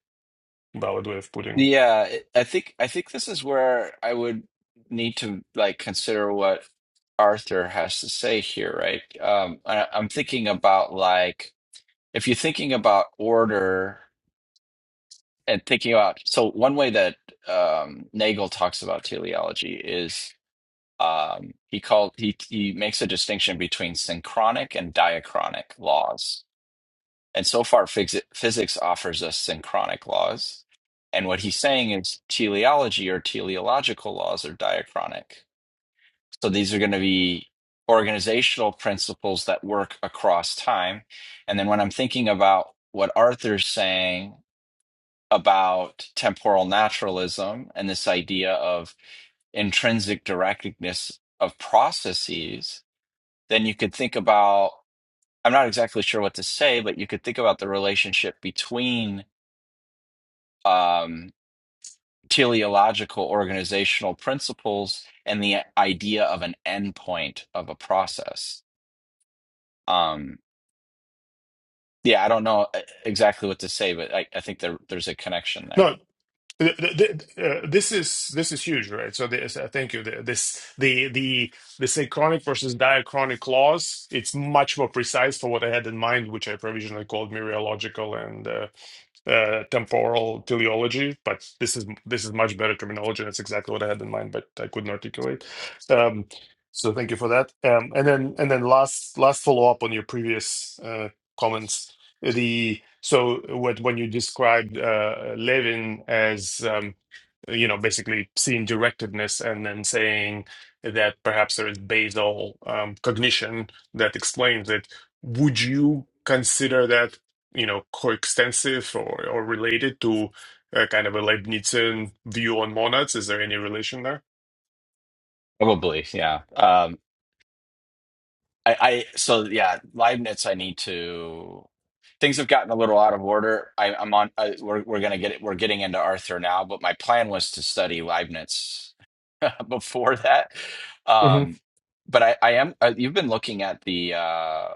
[SPEAKER 4] valid way of putting it.
[SPEAKER 3] Yeah, it- I think I think this is where I would need to like consider what Arthur has to say here, right? Um, I, I'm thinking about like if you're thinking about order and thinking about so one way that um, Nagel talks about teleology is um, he called he he makes a distinction between synchronic and diachronic laws and so far, phys- physics offers us synchronic laws. And what he's saying is teleology or teleological laws are diachronic. So these are going to be organizational principles that work across time. And then when I'm thinking about what Arthur's saying about temporal naturalism and this idea of intrinsic directness of processes, then you could think about I'm not exactly sure what to say, but you could think about the relationship between um, teleological organizational principles and the idea of an endpoint of a process. Um, yeah, I don't know uh, exactly what to say, but I, I think there, there's a connection there.
[SPEAKER 4] No, Th- th- th- uh, This is this is huge, right? So this, uh, thank you. The- This the the the synchronic versus diachronic laws. It's much more precise for what I had in mind, which I provisionally called mereological and uh, uh, temporal teleology. But this is this is much better terminology. That's exactly what I had in mind, but I couldn't articulate. Um, so thank you for that. Um, and then and then last last follow up on your previous uh, comments the so what when you described uh, Levin as um, you know basically seeing directedness and then saying that perhaps there is basal um, cognition that explains it, would you consider that you know coextensive or or related to? a kind of a Leibnizian view on monads? Is there any relation there?
[SPEAKER 3] Probably, yeah. Um, I, I so yeah, Leibniz. I need to. Things have gotten a little out of order. I, I'm on. I, we're we're gonna get it. We're getting into Arthur now, but my plan was to study Leibniz before that.
[SPEAKER 4] hmm
[SPEAKER 3] Um, but I, I am. Uh, you've been looking at the uh,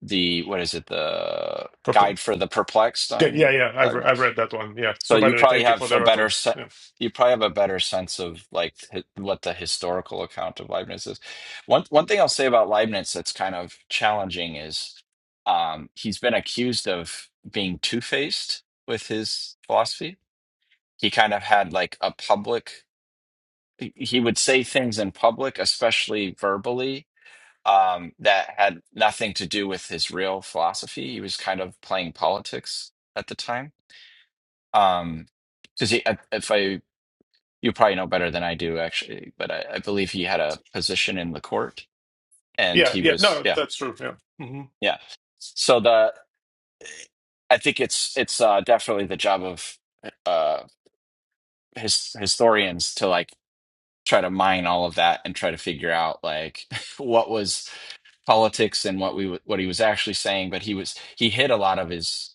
[SPEAKER 3] the what is it? The
[SPEAKER 4] Okay,
[SPEAKER 3] guide for the perplexed
[SPEAKER 4] yeah, yeah,
[SPEAKER 3] on
[SPEAKER 4] yeah. I've re-
[SPEAKER 3] Leibniz.
[SPEAKER 4] I've read that one. Yeah.
[SPEAKER 3] So
[SPEAKER 4] So by
[SPEAKER 3] you
[SPEAKER 4] the way,
[SPEAKER 3] probably
[SPEAKER 4] thank you for
[SPEAKER 3] have
[SPEAKER 4] the
[SPEAKER 3] a better
[SPEAKER 4] reference.
[SPEAKER 3] se-
[SPEAKER 4] Yeah,
[SPEAKER 3] you probably have a better sense of like hi- what the historical account of Leibniz is. One one thing I'll say about Leibniz that's kind of challenging is um, he's been accused of being two-faced with his philosophy. He kind of had like a public he he would say things in public, especially verbally, um, that had nothing to do with his real philosophy. He was kind of playing politics at the time. Um, because if I you probably know better than I do, actually, but I, I believe he had a position in the court, and
[SPEAKER 4] yeah,
[SPEAKER 3] he
[SPEAKER 4] yeah.
[SPEAKER 3] was,
[SPEAKER 4] No,
[SPEAKER 3] yeah,
[SPEAKER 4] that's true. Yeah. hmm
[SPEAKER 3] yeah. So the I think it's it's uh, definitely the job of uh, his historians to like try to mine all of that and try to figure out like what was politics and what we w- what he was actually saying. But he was he hid a lot of his.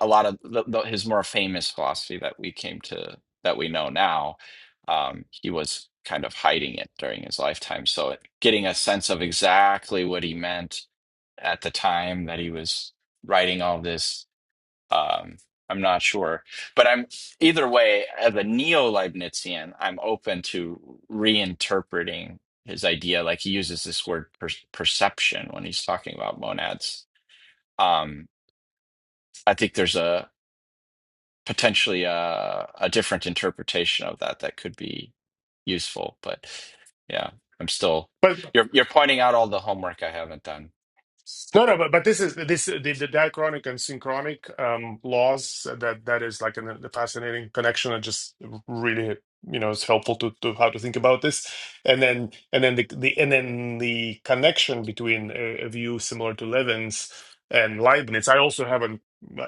[SPEAKER 3] a lot of the, the, his more famous philosophy that we came to that we know now um, he was kind of hiding it during his lifetime so it- getting a sense of exactly what he meant at the time that he was writing all this um, i'm not sure but i'm either way as a neo-leibnizian i'm open to reinterpreting his idea like he uses this word per- perception when he's talking about monads um, i think there's a potentially a, a different interpretation of that that could be useful. But yeah, I'm still
[SPEAKER 4] But
[SPEAKER 3] you're you're pointing out all the homework I haven't done.
[SPEAKER 4] No, no, but, but this is this the, the diachronic and synchronic um, laws that that is like an, a fascinating connection. and just really you know it's helpful to, to how to think about this, and then and then the, the and then the connection between a, a view similar to Levin's and Leibniz. I also haven't.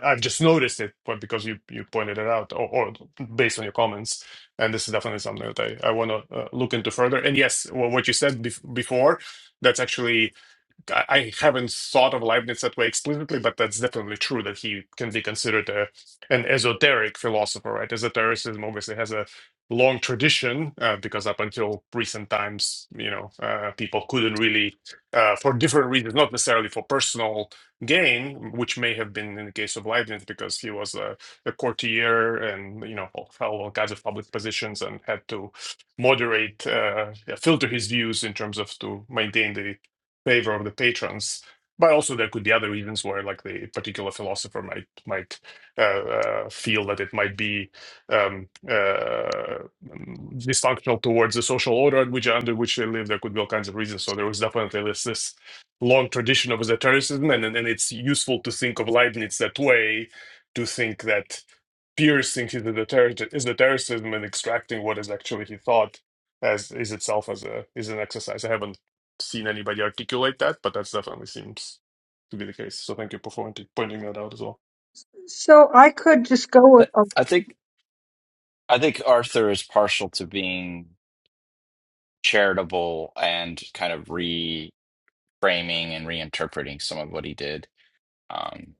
[SPEAKER 4] I've just noticed it, but because you you pointed it out, or, or based on your comments, and this is definitely something that I I want to uh, look into further. And yes, well, what you said bef- before that's actually I I haven't thought of Leibniz that way explicitly, but that's definitely true that he can be considered a, an esoteric philosopher, right? Esotericism obviously has a long tradition uh, because up until recent times, you know, uh, people couldn't really, uh, for different reasons, not necessarily for personal gain, which may have been in the case of Leibniz because he was a, a courtier and, you know, held all kinds of public positions and had to moderate, uh, yeah, filter his views in terms of to maintain the favor of the patrons. But also, there could be other reasons where, like, the particular philosopher might might uh, uh, feel that it might be um, uh, mm, dysfunctional towards the social order in which under which they live. There could be all kinds of reasons. So there was definitely this this long tradition of esotericism, and and and it's useful to think of Leibniz that way, to think that piercing his esoteric- esotericism and extracting what is actually he thought as is itself as a is an exercise. I haven't seen anybody articulate that, but that definitely seems to be the case. So thank you for pointing pointing that out as well.
[SPEAKER 2] So I could just go
[SPEAKER 3] I,
[SPEAKER 2] with.
[SPEAKER 3] I think I think Arthur is partial to being charitable and kind of reframing and reinterpreting some of what he did. Um,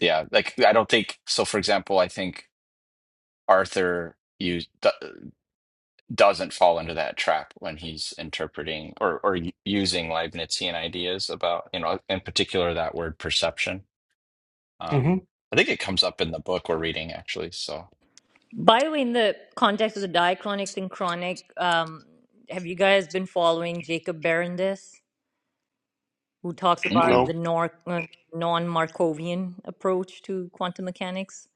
[SPEAKER 3] yeah, like I don't think so. For example, I think Arthur used. doesn't fall into that trap when he's interpreting or or using Leibnizian ideas about, you know, in particular that word perception.
[SPEAKER 4] hmm
[SPEAKER 3] Um, I think it comes up in the book we're reading actually. So
[SPEAKER 1] By the way, in the context of the diachronic synchronic, um, have you guys been following Jacob Berendis? who talks about
[SPEAKER 3] mm-mm.
[SPEAKER 1] the
[SPEAKER 4] No,
[SPEAKER 1] nor- uh, non-Markovian approach to quantum mechanics.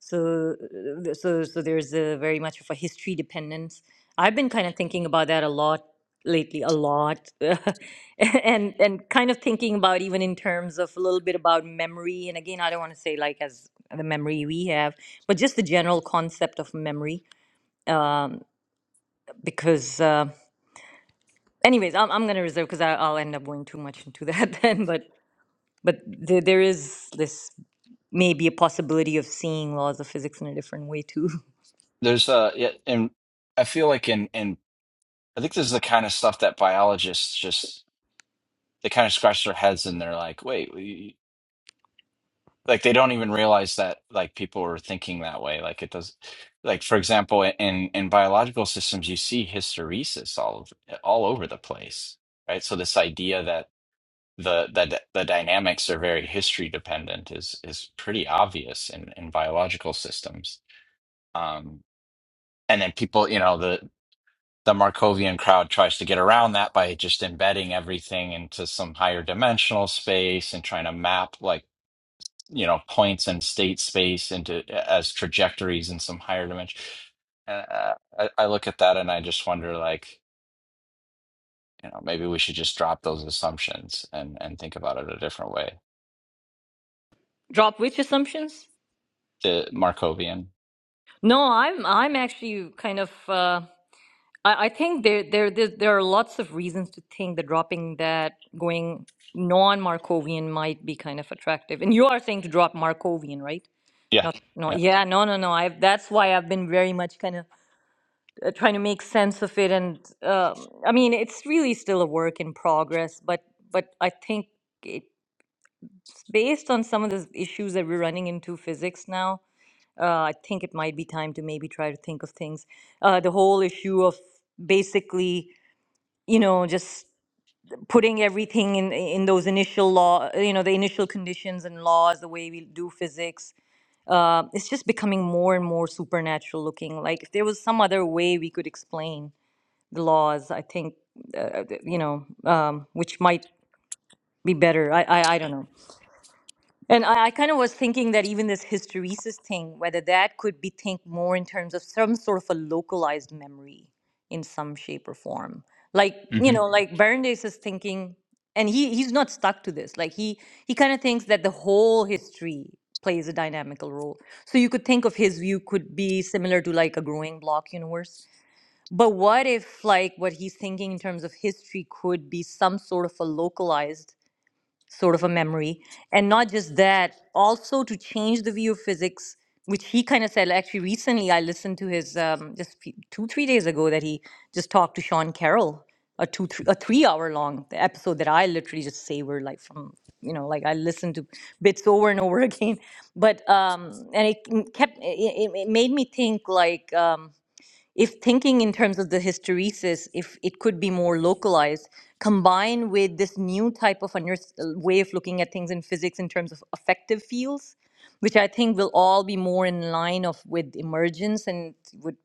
[SPEAKER 1] So, uh, th- so, so there's a very much of a history dependence. I've been kind of thinking about that a lot lately, a lot, and and kind of thinking about even in terms of a little bit about memory. And again, I don't want to say like as the memory we have, but just the general concept of memory. Um, because, uh, anyways, I'm I'm gonna reserve because I'll end up going too much into that then. but. but there, there is this maybe a possibility of seeing laws of physics in a different way too.
[SPEAKER 3] there's uh, yeah, and I feel like in in I think this is the kind of stuff that biologists just they kind of scratch their heads and they're like, wait. we, like they don't even realize that like people are thinking that way like it does like for example in in biological systems you see hysteresis all over eh, all over the place right so this idea that the that the dynamics are very history dependent is is pretty obvious in in biological systems um and then people you know the the Markovian crowd tries to get around that by just embedding everything into some higher dimensional space and trying to map like you know points and state space into as trajectories in some higher dimension. And uh, I, I look at that and I just wonder, like, you know, maybe we should just drop those assumptions and and think about it a different way.
[SPEAKER 1] Drop which assumptions?
[SPEAKER 3] The Markovian.
[SPEAKER 1] No, I'm I'm actually kind of uh, I, I think there, there there there are lots of reasons to think that dropping that going non-Markovian might be kind of attractive. And you are saying to drop Markovian, right?
[SPEAKER 3] Yeah,
[SPEAKER 1] Not no
[SPEAKER 3] yeah,
[SPEAKER 1] yeah no no no. I that's why I've been very much kind of uh, trying to make sense of it. And uh, I mean it's really still a work in progress, but but I think. it. s- based on some of the issues that we're running into physics now, uh, I think it might be time to maybe try to think of things. Uh, the whole issue of basically, you know, just putting everything in in those initial law, you know, the initial conditions and laws, the way we do physics. Uh, it's just becoming more and more supernatural looking. Like if there was some other way we could explain the laws, I think, uh, uh, you know, um, which might be better. I, I I don't know. And I, I kind of was thinking that even this hysteresis thing, whether that could be think more in terms of some sort of a localized memory in some shape or form. Like, you
[SPEAKER 3] hmm
[SPEAKER 1] know, Mhm. like Bernays is thinking, and he he's not stuck to this. Like he he kind of thinks that the whole history plays a dynamical role. So you could think of his view could be similar to like a growing block universe. But what if like what he's thinking in terms of history could be some sort of a localized sort of a memory. And not just that, also to change the view of physics, which he kind of said like, actually recently. I listened to his um, just few- two, three days ago that he just talked to Sean Carroll, a two, three, a three hour long episode that I literally just savored like from you know like i listened to bits over and over again but um and it kept it, it it made me think like um if thinking in terms of the hysteresis, if it could be more localized, combined with this new type of under- way of looking at things in physics in terms of affective fields, which I think will all be more in line of with emergence and would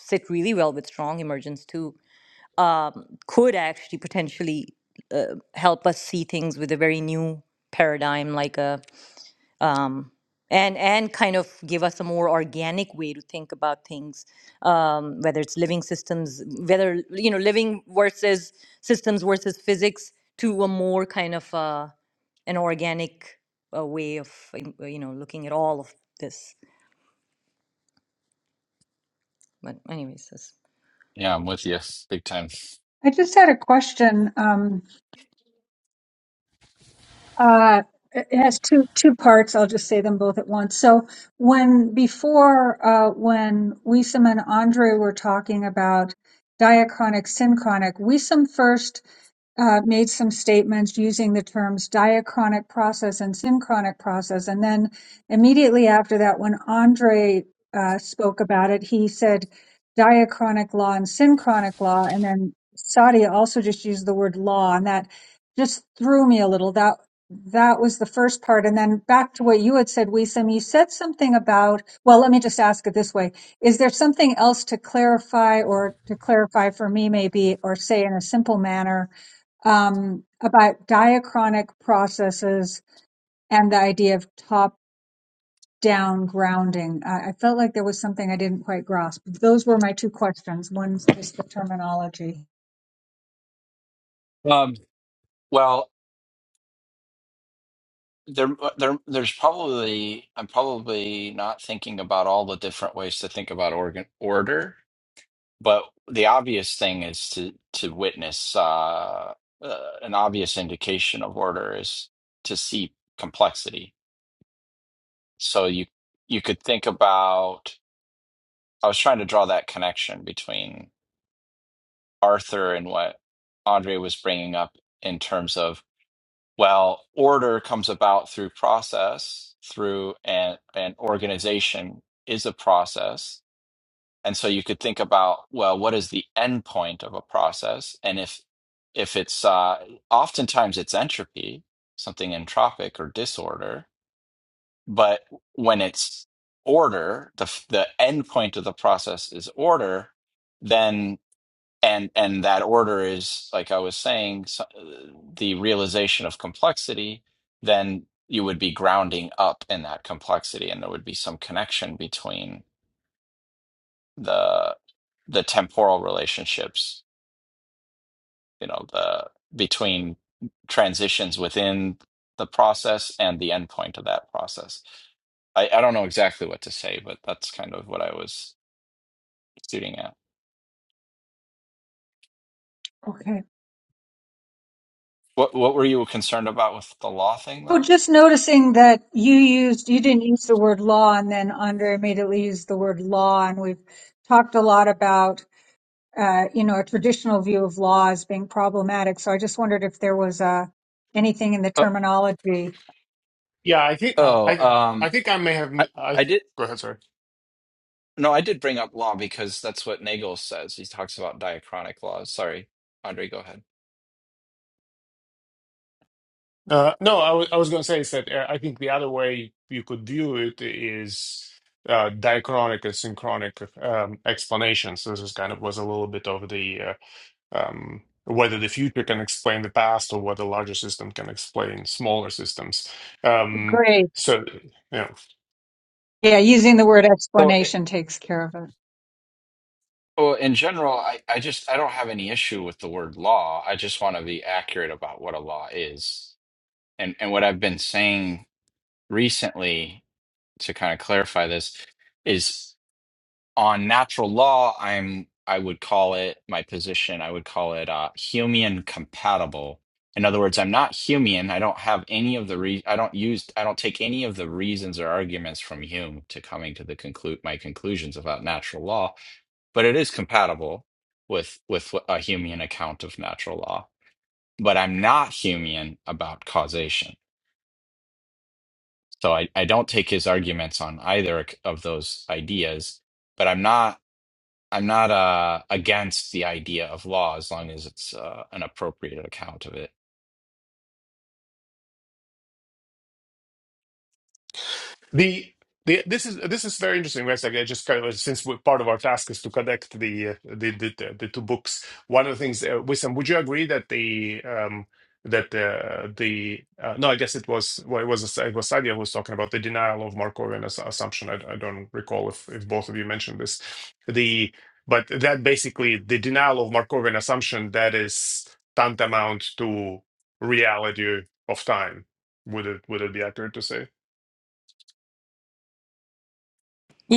[SPEAKER 1] sit really well with strong emergence too, um, could actually potentially uh, help us see things with a very new paradigm, like a um, and and kind of give us a more organic way to think about things um, whether it's living systems whether you know living versus systems versus physics to a more kind of uh, an organic uh, way of uh, you know looking at all of this but anyways that's
[SPEAKER 3] yeah. I'm with you, big time.
[SPEAKER 2] I just had a question. Um, Uh, it has two two parts. I'll just say them both at once. So when before uh, when Wisam and Andre were talking about diachronic synchronic, Wisam first uh, made some statements using the terms diachronic process and synchronic process. And then immediately after that, when Andre uh, spoke about it, he said diachronic law and synchronic law. And then Sadia also just used the word law, and that just threw me a little. That that was the first part. And then back to what you had said, Wisam, you said something about, well, let me just ask it this way. Is there something else to clarify or to clarify for me maybe or say in a simple manner um, about diachronic processes and the idea of top-down grounding. I, I felt like there was something I didn't quite grasp. Those were my two questions. One's just the terminology.
[SPEAKER 3] Um, well, there, there, there's probably I'm probably not thinking about all the different ways to think about organ order But the obvious thing is to to witness uh, uh, an obvious indication of order is to see complexity. So you you could think about. I was trying to draw that connection between Arthur and what Andre was bringing up in terms of well, order comes about through process, through and and organization is a process And so you could think about, well, what is the end point of a process? And if if it's uh, oftentimes it's entropy, something entropic or disorder, but when it's order, the f- the end point of the process is order, then and and that order is like I was saying, so, uh, the realization of complexity, then you would be grounding up in that complexity, and there would be some connection between the the temporal relationships, you know, the between transitions within the process and the endpoint of that process. I, I don't know exactly what to say, but that's kind of what I was shooting at.
[SPEAKER 2] Okay.
[SPEAKER 3] What what were you concerned about with the law thing
[SPEAKER 2] Oh,
[SPEAKER 3] though?
[SPEAKER 2] just noticing that you used, you didn't use the word law, and then Andre immediately used the word law, and we've talked a lot about, uh, you know, a traditional view of law as being problematic. So I just wondered if there was uh, anything in the
[SPEAKER 3] Uh,
[SPEAKER 2] terminology.
[SPEAKER 4] yeah, I think uh,
[SPEAKER 3] oh,
[SPEAKER 4] I I
[SPEAKER 3] um,
[SPEAKER 4] think I may have
[SPEAKER 3] I,
[SPEAKER 4] I
[SPEAKER 3] I did
[SPEAKER 4] go ahead. Sorry.
[SPEAKER 3] no, I did bring up law because that's what Nagel says. He talks about diachronic laws. Sorry, Andre, go ahead.
[SPEAKER 4] Uh, no, I wa- I was going to say is that uh, I think the other way you could view it is uh, diachronic and synchronic um, explanations. So this is kind of was a little bit of the uh, um, whether the future can explain the past or whether larger system can explain smaller systems. Um,
[SPEAKER 2] Great.
[SPEAKER 4] so yeah.
[SPEAKER 2] Yeah, using the word
[SPEAKER 3] So.
[SPEAKER 2] explanation takes care of it.
[SPEAKER 3] Well, in general, I, I just I don't have any issue with the word law. I just want to be accurate about what a law is. And and what I've been saying recently to kind of clarify this is on natural law, I'm I would call it my position, I would call it uh Humean compatible. In other words, I'm not Humean. I don't have any of the re I don't use I don't take any of the reasons or arguments from Hume to coming to the conclude my conclusions about natural law but it is compatible with with a Humean account of natural law. But I'm not Humean about causation, so I, I don't take his arguments on either of those ideas. But I'm not I'm not uh, against the idea of law as long as it's uh, an appropriate account of it.
[SPEAKER 4] The, the this is this is very interesting. Right? Like I just kind of since we, part of our task is to connect the, uh, the the the the two books. One of the things, uh, Wissam, would you agree that the um that uh, the uh, no, I guess it was well, it was uh, it was Sadia who was talking about the denial of Markovian ass- assumption. I, I don't recall if if both of you mentioned this. The but that basically the denial of Markovian assumption that is tantamount to reality of time. Would it would it be accurate to say?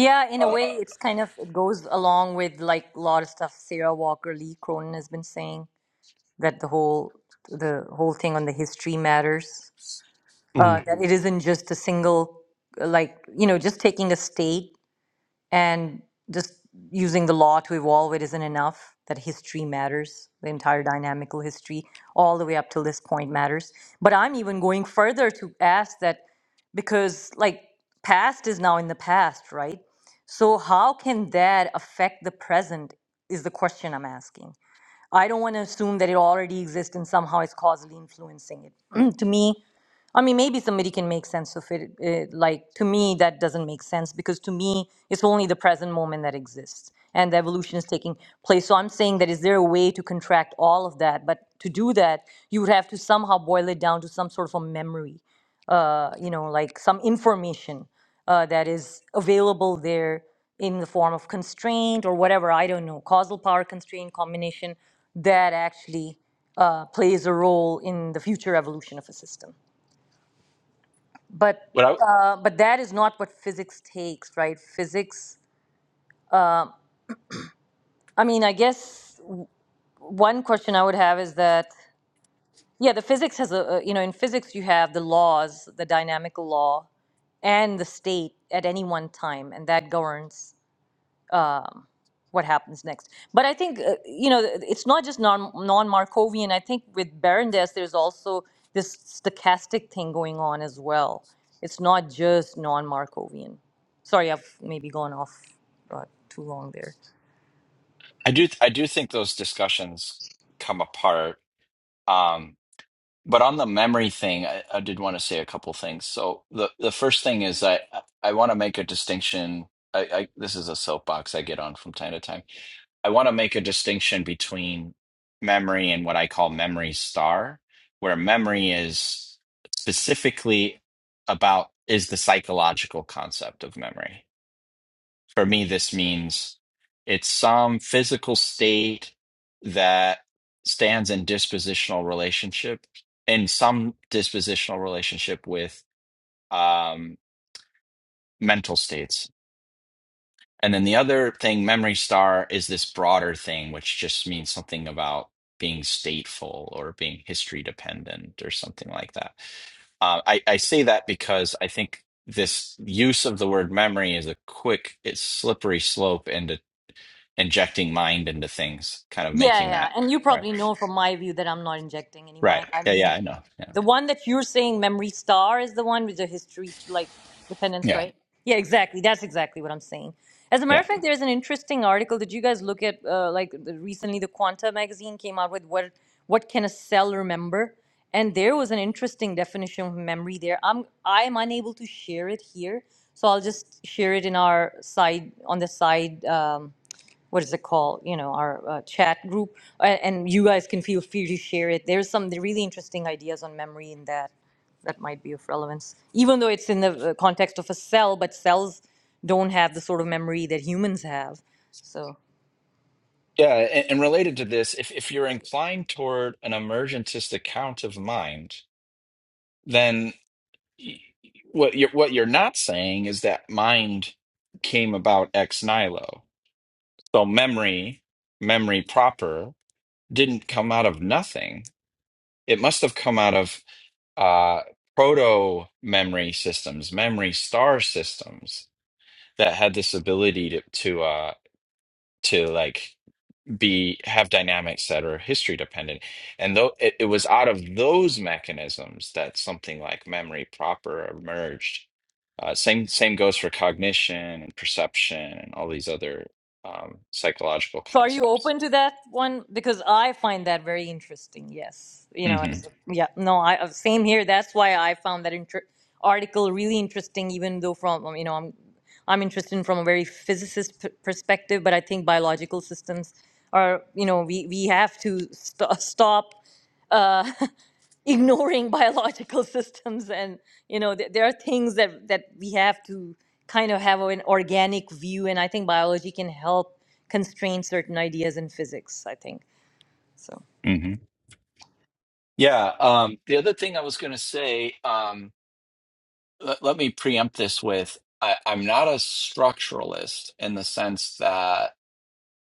[SPEAKER 1] yeah in a
[SPEAKER 3] Uh,
[SPEAKER 1] way it's kind of it goes along with like a lot of stuff sarah walker lee cronin has been saying that the whole the whole thing on the history matters uh, that it isn't just a single, uh, like, you know, just taking a state and just using the law to evolve it isn't enough, that history matters, the entire dynamical history, all the way up till this point matters. But I'm even going further to ask that because, like, past is now in the past, right? So, how can that affect the present is the question I'm asking. I don't want to assume that it already exists and somehow it's causally influencing it. to me, I mean, maybe somebody can make sense of it. eh, like, to me, that doesn't make sense because to me, it's only the present moment that exists and the evolution is taking place. So I'm saying that is there a way to contract all of that? But to do that, you would have to somehow boil it down to some sort of a memory, uh, you know, like some information uh, that is available there in the form of constraint or whatever, I don't know, causal power constraint combination that actually uh, plays a role in the future evolution of a system. But
[SPEAKER 3] but I
[SPEAKER 1] uh, but that is not what physics takes, right? Physics. I mean, I guess one question I would have is that yeah, the physics has a a- you know in physics you have the laws, the dynamical law, and the state at any one time, and that governs. uh, what happens next. But I think uh, you know it's not just non non Markovian. I think with Berendez, there's also this stochastic thing going on as well. It's not just non Markovian. Sorry, I've maybe gone off uh, too long there.
[SPEAKER 3] I do I do think those discussions come apart. Um, But on the memory thing, I, I did want to say a couple things. So the the first thing is I I want to make a distinction. I, I this is a soapbox I get on from time to time. I want to make a distinction between memory and what I call memory star, where memory is specifically about is the psychological concept of memory. For me, this means it's some physical state that stands in dispositional relationship, in some dispositional relationship with um, mental states. And then the other thing, memory star, is this broader thing, which just means something about being stateful or being history dependent or something like that. Uh, I, I say that because I think this use of the word memory is a quick, it's slippery slope into injecting mind into things, kind of
[SPEAKER 1] Yeah,
[SPEAKER 3] making
[SPEAKER 1] yeah.
[SPEAKER 3] that
[SPEAKER 1] And you
[SPEAKER 3] right.
[SPEAKER 1] probably know from my view that I'm not injecting any
[SPEAKER 3] Right.
[SPEAKER 1] mind. I
[SPEAKER 3] Yeah.
[SPEAKER 1] mean,
[SPEAKER 3] Yeah. I know. Yeah.
[SPEAKER 1] the one that you're saying, Memory Star, is the one with the history, like, dependence,
[SPEAKER 3] Yeah.
[SPEAKER 1] right? Yeah, exactly. That's exactly what I'm saying. As a matter
[SPEAKER 3] Yeah.
[SPEAKER 1] of fact, there's an interesting article. Did you guys look at, uh, like, the, recently the Quanta magazine came out with what, what can a cell remember? And there was an interesting definition of memory there. I'm, I'm unable to share it here. So I'll just share it in our side, on the side. Um, what is it called? You know, our uh, chat group, uh, and you guys can feel free to share it. There's some really interesting ideas on memory in that that might be of relevance, even though it's in the uh, context of a cell, but cells don't have the sort of memory that humans have. So.
[SPEAKER 3] Yeah. And, and related to this, if, if you're inclined toward an emergentist account of mind, then y- what you're, what you're not saying is that mind came about ex nihilo. So memory, memory proper didn't come out of nothing. It must have come out of uh, proto memory systems, memory star systems that had this ability to to uh to like be have dynamics that are history dependent and though it, it was out of those mechanisms that something like memory proper emerged uh, same same goes for cognition and perception and all these other um, psychological
[SPEAKER 1] So are you
[SPEAKER 3] concepts
[SPEAKER 1] open to that one? Because I find that very interesting. Yes, you know,
[SPEAKER 3] hmm
[SPEAKER 1] it's- yeah, no, I uh, same here. That's why I found that inter- article really interesting, even though from um, you know I'm I'm interested in from a very physicist p- perspective, but I think biological systems are you know we we have to st- stop. Uh, ignoring biological systems and you know th- there are things that that we have to kind of have an organic view and i think biology can help constrain certain ideas in physics i think so
[SPEAKER 3] hmm yeah um the other thing i was going to say um let, let me preempt this with I, i'm not a structuralist in the sense that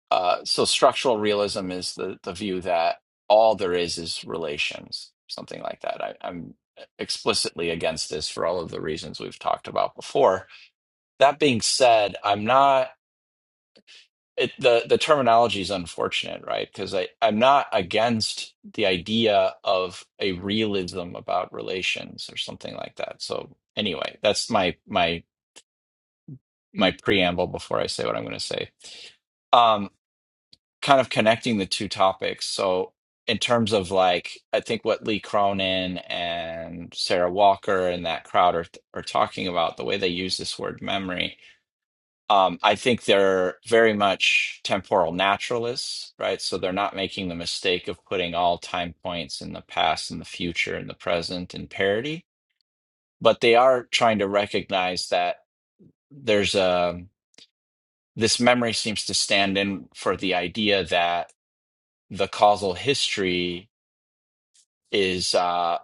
[SPEAKER 3] Uh, so structural realism is the the view that all there is is relations, something like that. I, I'm explicitly against this for all of the reasons we've talked about before. That being said, I'm not it, the the terminology is unfortunate, right? Because I I'm not against the idea of a realism about relations or something like that. So anyway, that's my my my preamble before I say what I'm going to say. Um, kind of connecting the two topics. So, in terms of like, I think what Lee Cronin and Sarah Walker and that crowd are are talking about, the way they use this word memory, um, I think they're very much temporal naturalists, right? So they're not making the mistake of putting all time points in the past and the future and the present in parity, but they are trying to recognize that there's a this memory seems to stand in for the idea that the causal history is uh,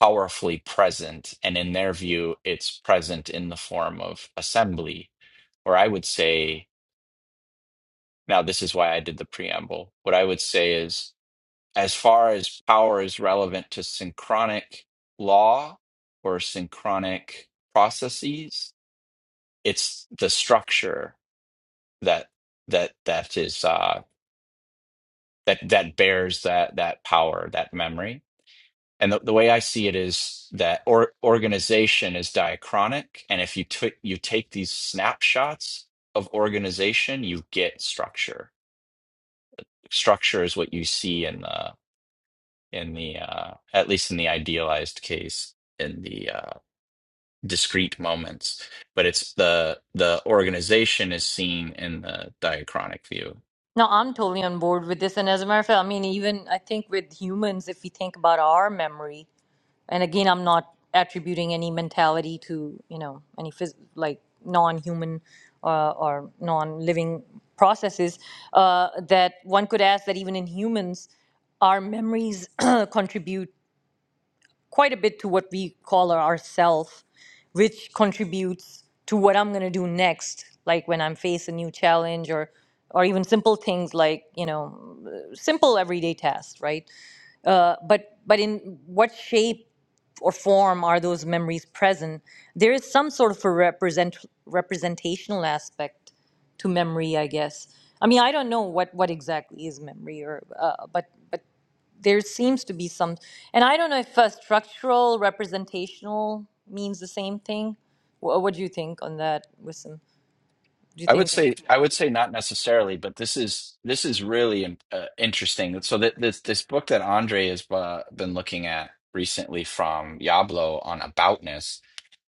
[SPEAKER 3] powerfully present. And in their view, it's present in the form of assembly. Or I would say, now this is why I did the preamble. What I would say is, as far as power is relevant to synchronic law or synchronic processes, it's the structure that that that is uh, that that bears that that power, that memory And the, the way I see it is that or, organization is diachronic, and if you took you take these snapshots of organization, you get structure. Structure is what you see in the in the uh, at least in the idealized case in the uh, discrete moments, but it's the the organization is seen in the diachronic view.
[SPEAKER 1] no i'm totally on board with this and as a matter of fact i mean even i think with humans if we think about our memory and again i'm not attributing any mentality to you know any phys- like non-human uh, or non-living processes uh, that one could ask that even in humans our memories contribute quite a bit to what we call our self which contributes to what i'm going to do next like when i'm face a new challenge or or even simple things like you know simple everyday tasks right uh, but but in what shape or form are those memories present? There is some sort of a represent representational aspect to memory, I guess. I mean, I don't know what what exactly is memory, or uh, but but there seems to be some, and I don't know if uh, structural representational means the same thing. What, what do you think on that, Wissam? Do you
[SPEAKER 3] I would
[SPEAKER 1] think?
[SPEAKER 3] say I would say not necessarily, but this is this is really in- uh, interesting. So that this this book that Andre has uh, been looking at recently from Yablo on aboutness,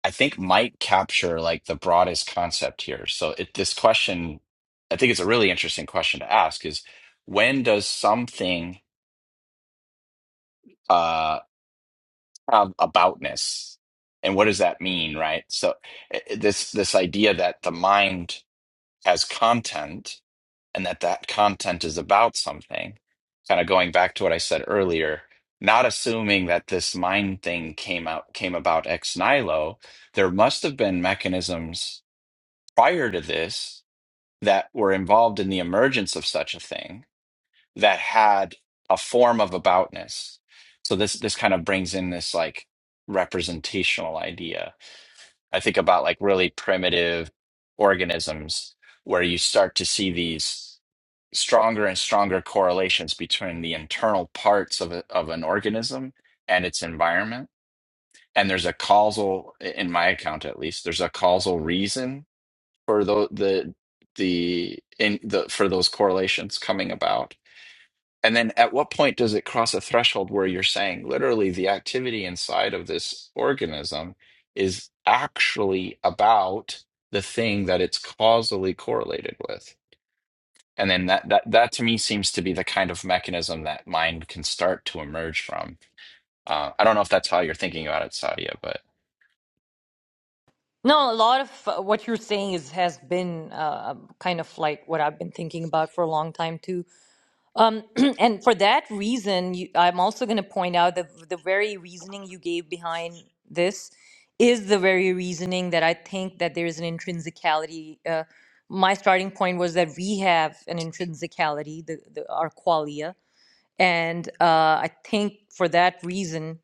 [SPEAKER 3] I think might capture like the broadest concept here. So it, this question, I think it's a really interesting question to ask is when does something uh, have aboutness, and what does that mean, right? So i- i- this this idea that the mind has content and that that content is about something kind of going back to what i said earlier not assuming that this mind thing came out came about ex nihilo there must have been mechanisms prior to this that were involved in the emergence of such a thing that had a form of aboutness so this this kind of brings in this like representational idea i think about like really primitive organisms where you start to see these stronger and stronger correlations between the internal parts of, a, of an organism and its environment. And there's a causal, in my account at least, there's a causal reason for the the the in the for those correlations coming about. And then at what point does it cross a threshold where you're saying literally the activity inside of this organism is actually about the thing that it's causally correlated with? And then that that that to me seems to be the kind of mechanism that mind can start to emerge from. Uh, I don't know if that's how you're thinking about it, Sadia, but
[SPEAKER 1] No, a lot of uh, what you're saying is has been uh, kind of like what I've been thinking about for a long time too. Um, and for that reason, you, I'm also going to point out that the very reasoning you gave behind this is the very reasoning that I think that there is an intrinsicality. Uh, my starting point was that we have an intrinsicality, the, the, our qualia, and uh, I think for that reason,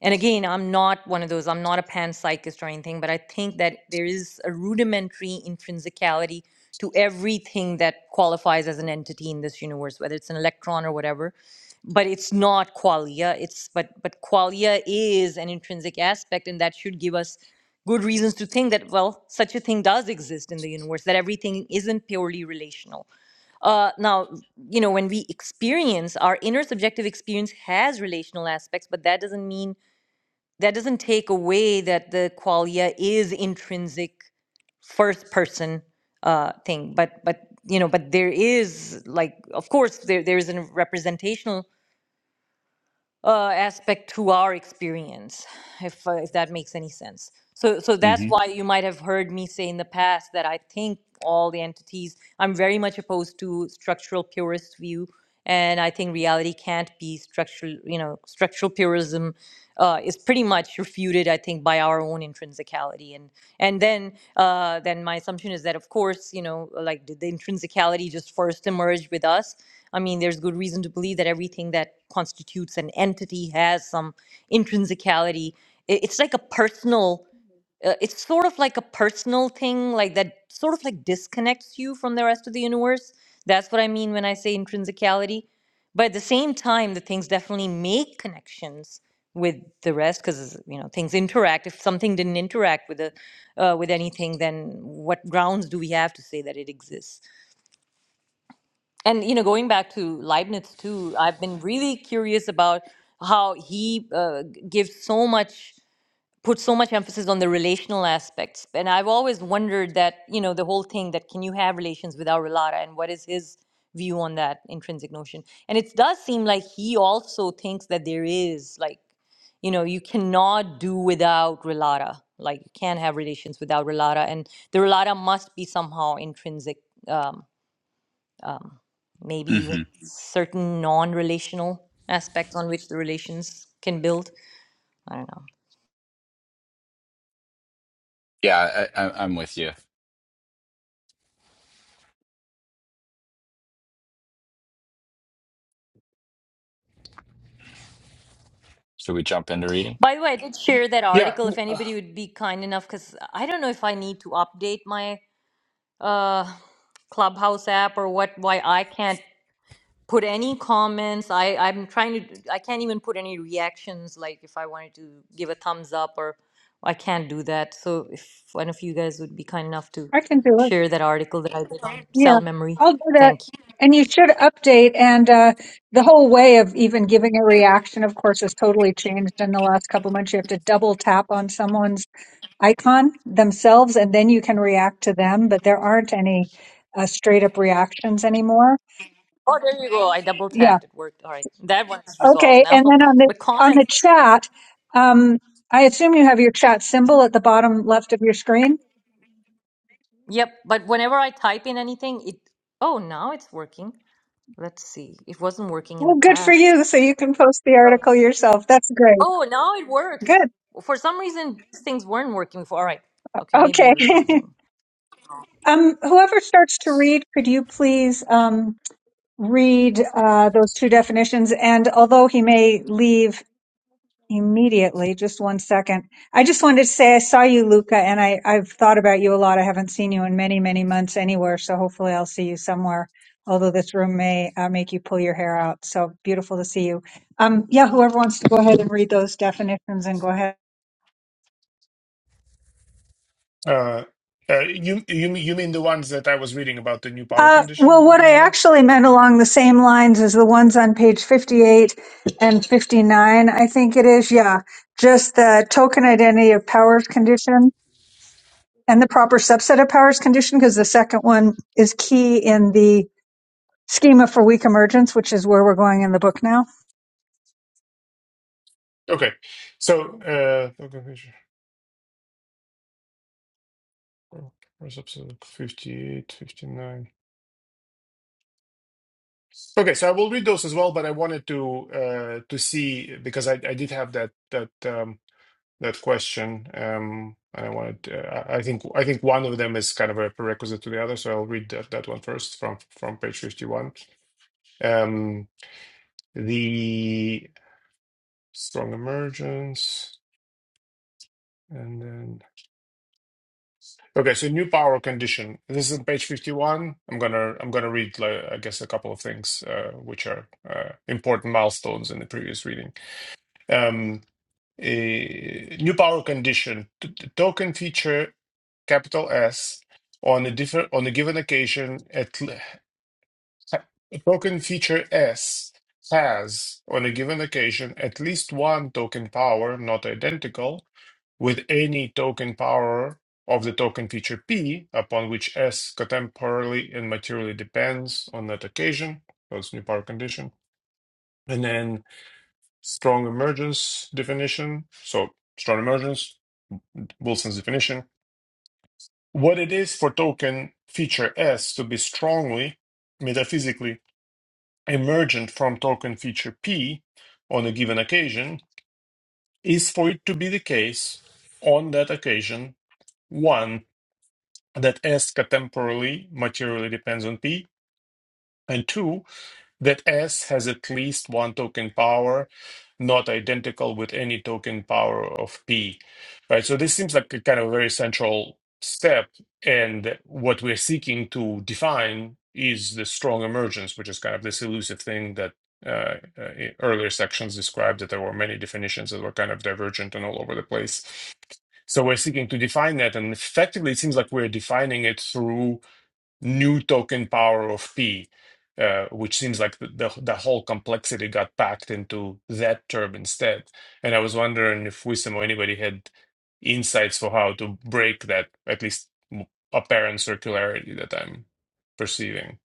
[SPEAKER 1] and again i'm not one of those i'm not a panpsychist or anything but i think that there is a rudimentary intrinsicality to everything that qualifies as an entity in this universe whether it's an electron or whatever but it's not qualia it's but but qualia is an intrinsic aspect and that should give us good reasons to think that well such a thing does exist in the universe that everything isn't purely relational uh, now you know when we experience our inner subjective experience has relational aspects but that doesn't mean that doesn't take away that the qualia is intrinsic first person uh, thing but but you know but there is like of course there there is a representational uh, aspect to our experience, if uh, if that makes any sense. So so that's
[SPEAKER 3] hmm
[SPEAKER 1] why you might have heard me say in the past that I think all the entities. I'm very much opposed to structural purist view, and I think reality can't be structural. You know, structural purism uh, is pretty much refuted. I think by our own intrinsicality, and and then uh, then my assumption is that of course you know like did the intrinsicality just first emerge with us? I mean, there's good reason to believe that everything that constitutes an entity has some intrinsicality. I- It's like a personal, uh, it's sort of like a personal thing, like that sort of like disconnects you from the rest of the universe. That's what I mean when I say intrinsicality. But at the same time, the things definitely make connections with the rest because you know things interact. If something didn't interact with a uh, with anything, then what grounds do we have to say that it exists? And you know, going back to Leibniz too, I've been really curious about how he uh, g- gives so much, puts so much emphasis on the relational aspects. And I've always wondered that you know the whole thing that can you have relations without relata, and what is his view on that intrinsic notion? And it does seem like he also thinks that there is like, you know, you cannot do without relata. Like you can't have relations without relata, and the relata must be somehow intrinsic. Um, um, maybe even
[SPEAKER 3] hmm
[SPEAKER 1] certain non-relational aspects on which the relations can build. I don't know.
[SPEAKER 3] yeah, I, I, I'm with you. Should we jump into reading?
[SPEAKER 1] By the way, I did share that
[SPEAKER 4] Yeah.
[SPEAKER 1] article. If anybody would be kind enough, because I don't know if I need to update my uh, Clubhouse app or what. Why I can't put any comments. I I'm trying to. I can't even put any reactions. Like if I wanted to give a thumbs up or I can't do that. So if one of you guys would be kind enough to
[SPEAKER 2] I can do it.
[SPEAKER 1] share that article that I did on
[SPEAKER 2] Yeah,
[SPEAKER 1] cell memory,
[SPEAKER 2] I'll do
[SPEAKER 1] Thank
[SPEAKER 2] that.
[SPEAKER 1] you.
[SPEAKER 2] And you should update. And uh, the whole way of even giving a reaction, of course, has totally changed in the last couple months. You have to double tap on someone's icon themselves, and then you can react to them. But there aren't any uh, straight up reactions anymore.
[SPEAKER 1] Oh, there you go. I double
[SPEAKER 2] Yeah.
[SPEAKER 1] tapped. It worked. All right. That one is resolved
[SPEAKER 2] Okay.
[SPEAKER 1] now.
[SPEAKER 2] And then on the
[SPEAKER 1] But
[SPEAKER 2] on the
[SPEAKER 1] comments, I can't.
[SPEAKER 2] chat, um, I assume you have your chat symbol at the bottom left of your screen.
[SPEAKER 1] Yep. But whenever I type in anything, it. Oh, now it's working. Let's see. It wasn't working in the
[SPEAKER 2] Well, good for
[SPEAKER 1] past.
[SPEAKER 2] you. So you can post the article yourself. That's great.
[SPEAKER 1] Oh, now it works.
[SPEAKER 2] Good.
[SPEAKER 1] For some reason, these things weren't working before. All right. Okay. Maybe there
[SPEAKER 2] Okay.
[SPEAKER 1] was something.
[SPEAKER 2] um, whoever starts to read, could you please um, read uh, those two definitions? And although he may leave immediately, just one second, I just wanted to say I saw you, Luca, and I, I've thought about you a lot. I haven't seen you in many, many months anywhere. So hopefully I'll see you somewhere. Although this room may uh, make you pull your hair out. So beautiful to see you. Um, yeah, whoever wants to go ahead and read those definitions and go ahead.
[SPEAKER 4] Uh, uh, you you mean- you mean the ones that I was reading about the new power
[SPEAKER 2] Uh,
[SPEAKER 4] condition,
[SPEAKER 2] well, what I
[SPEAKER 4] Artemisia?
[SPEAKER 2] actually meant along the same lines as the ones on page 58 and 59, I think it is. Yeah. Just the token identity of powers condition and the proper subset of powers condition, because the second one is key in the schema for weak emergence, which is where we're going in the book now.
[SPEAKER 4] Okay. So, uh, where's episode 58, fifty-nine? Okay, so I will read those as well, but I wanted to uh, to see because I, I did have that that um, that question. Um, and I wanted uh, I I think I think one of them is kind of a prerequisite to the other, so I'll read that, that one first from from page 51. Um, the strong emergence and then okay so new power condition this is on page 51 i'm gonna i'm gonna read like, i guess a couple of things uh, which are uh, important milestones in the previous reading um, a new power condition t- t- token feature capital s on a different on a given occasion at l- A token feature S has, on a given occasion, at least one token power not identical with any token power of the token feature P upon which S contemporarily and materially depends on that occasion. That's new power condition. And then strong emergence definition. So strong emergence, Wilson's definition. What it is for token feature S to be strongly, metaphysically emergent from token feature P on a given occasion is for it to be the case on that occasion, one, that S contemporarily materially depends on P, and two, that S has at least one token power, not identical with any token power of P, right? So this seems like a kind of very central step, and what we're seeking to define is the strong emergence, which is kind of this elusive thing that uh, uh, earlier sections described that there were many definitions that were kind of divergent and all over the place. So we're seeking to define that, and effectively, it seems like we're defining it through new token power of P, uh, which seems like the, the the whole complexity got packed into that term instead. And I was wondering if Wisdom or anybody had insights for how to break that at least apparent circularity that I'm perceiving.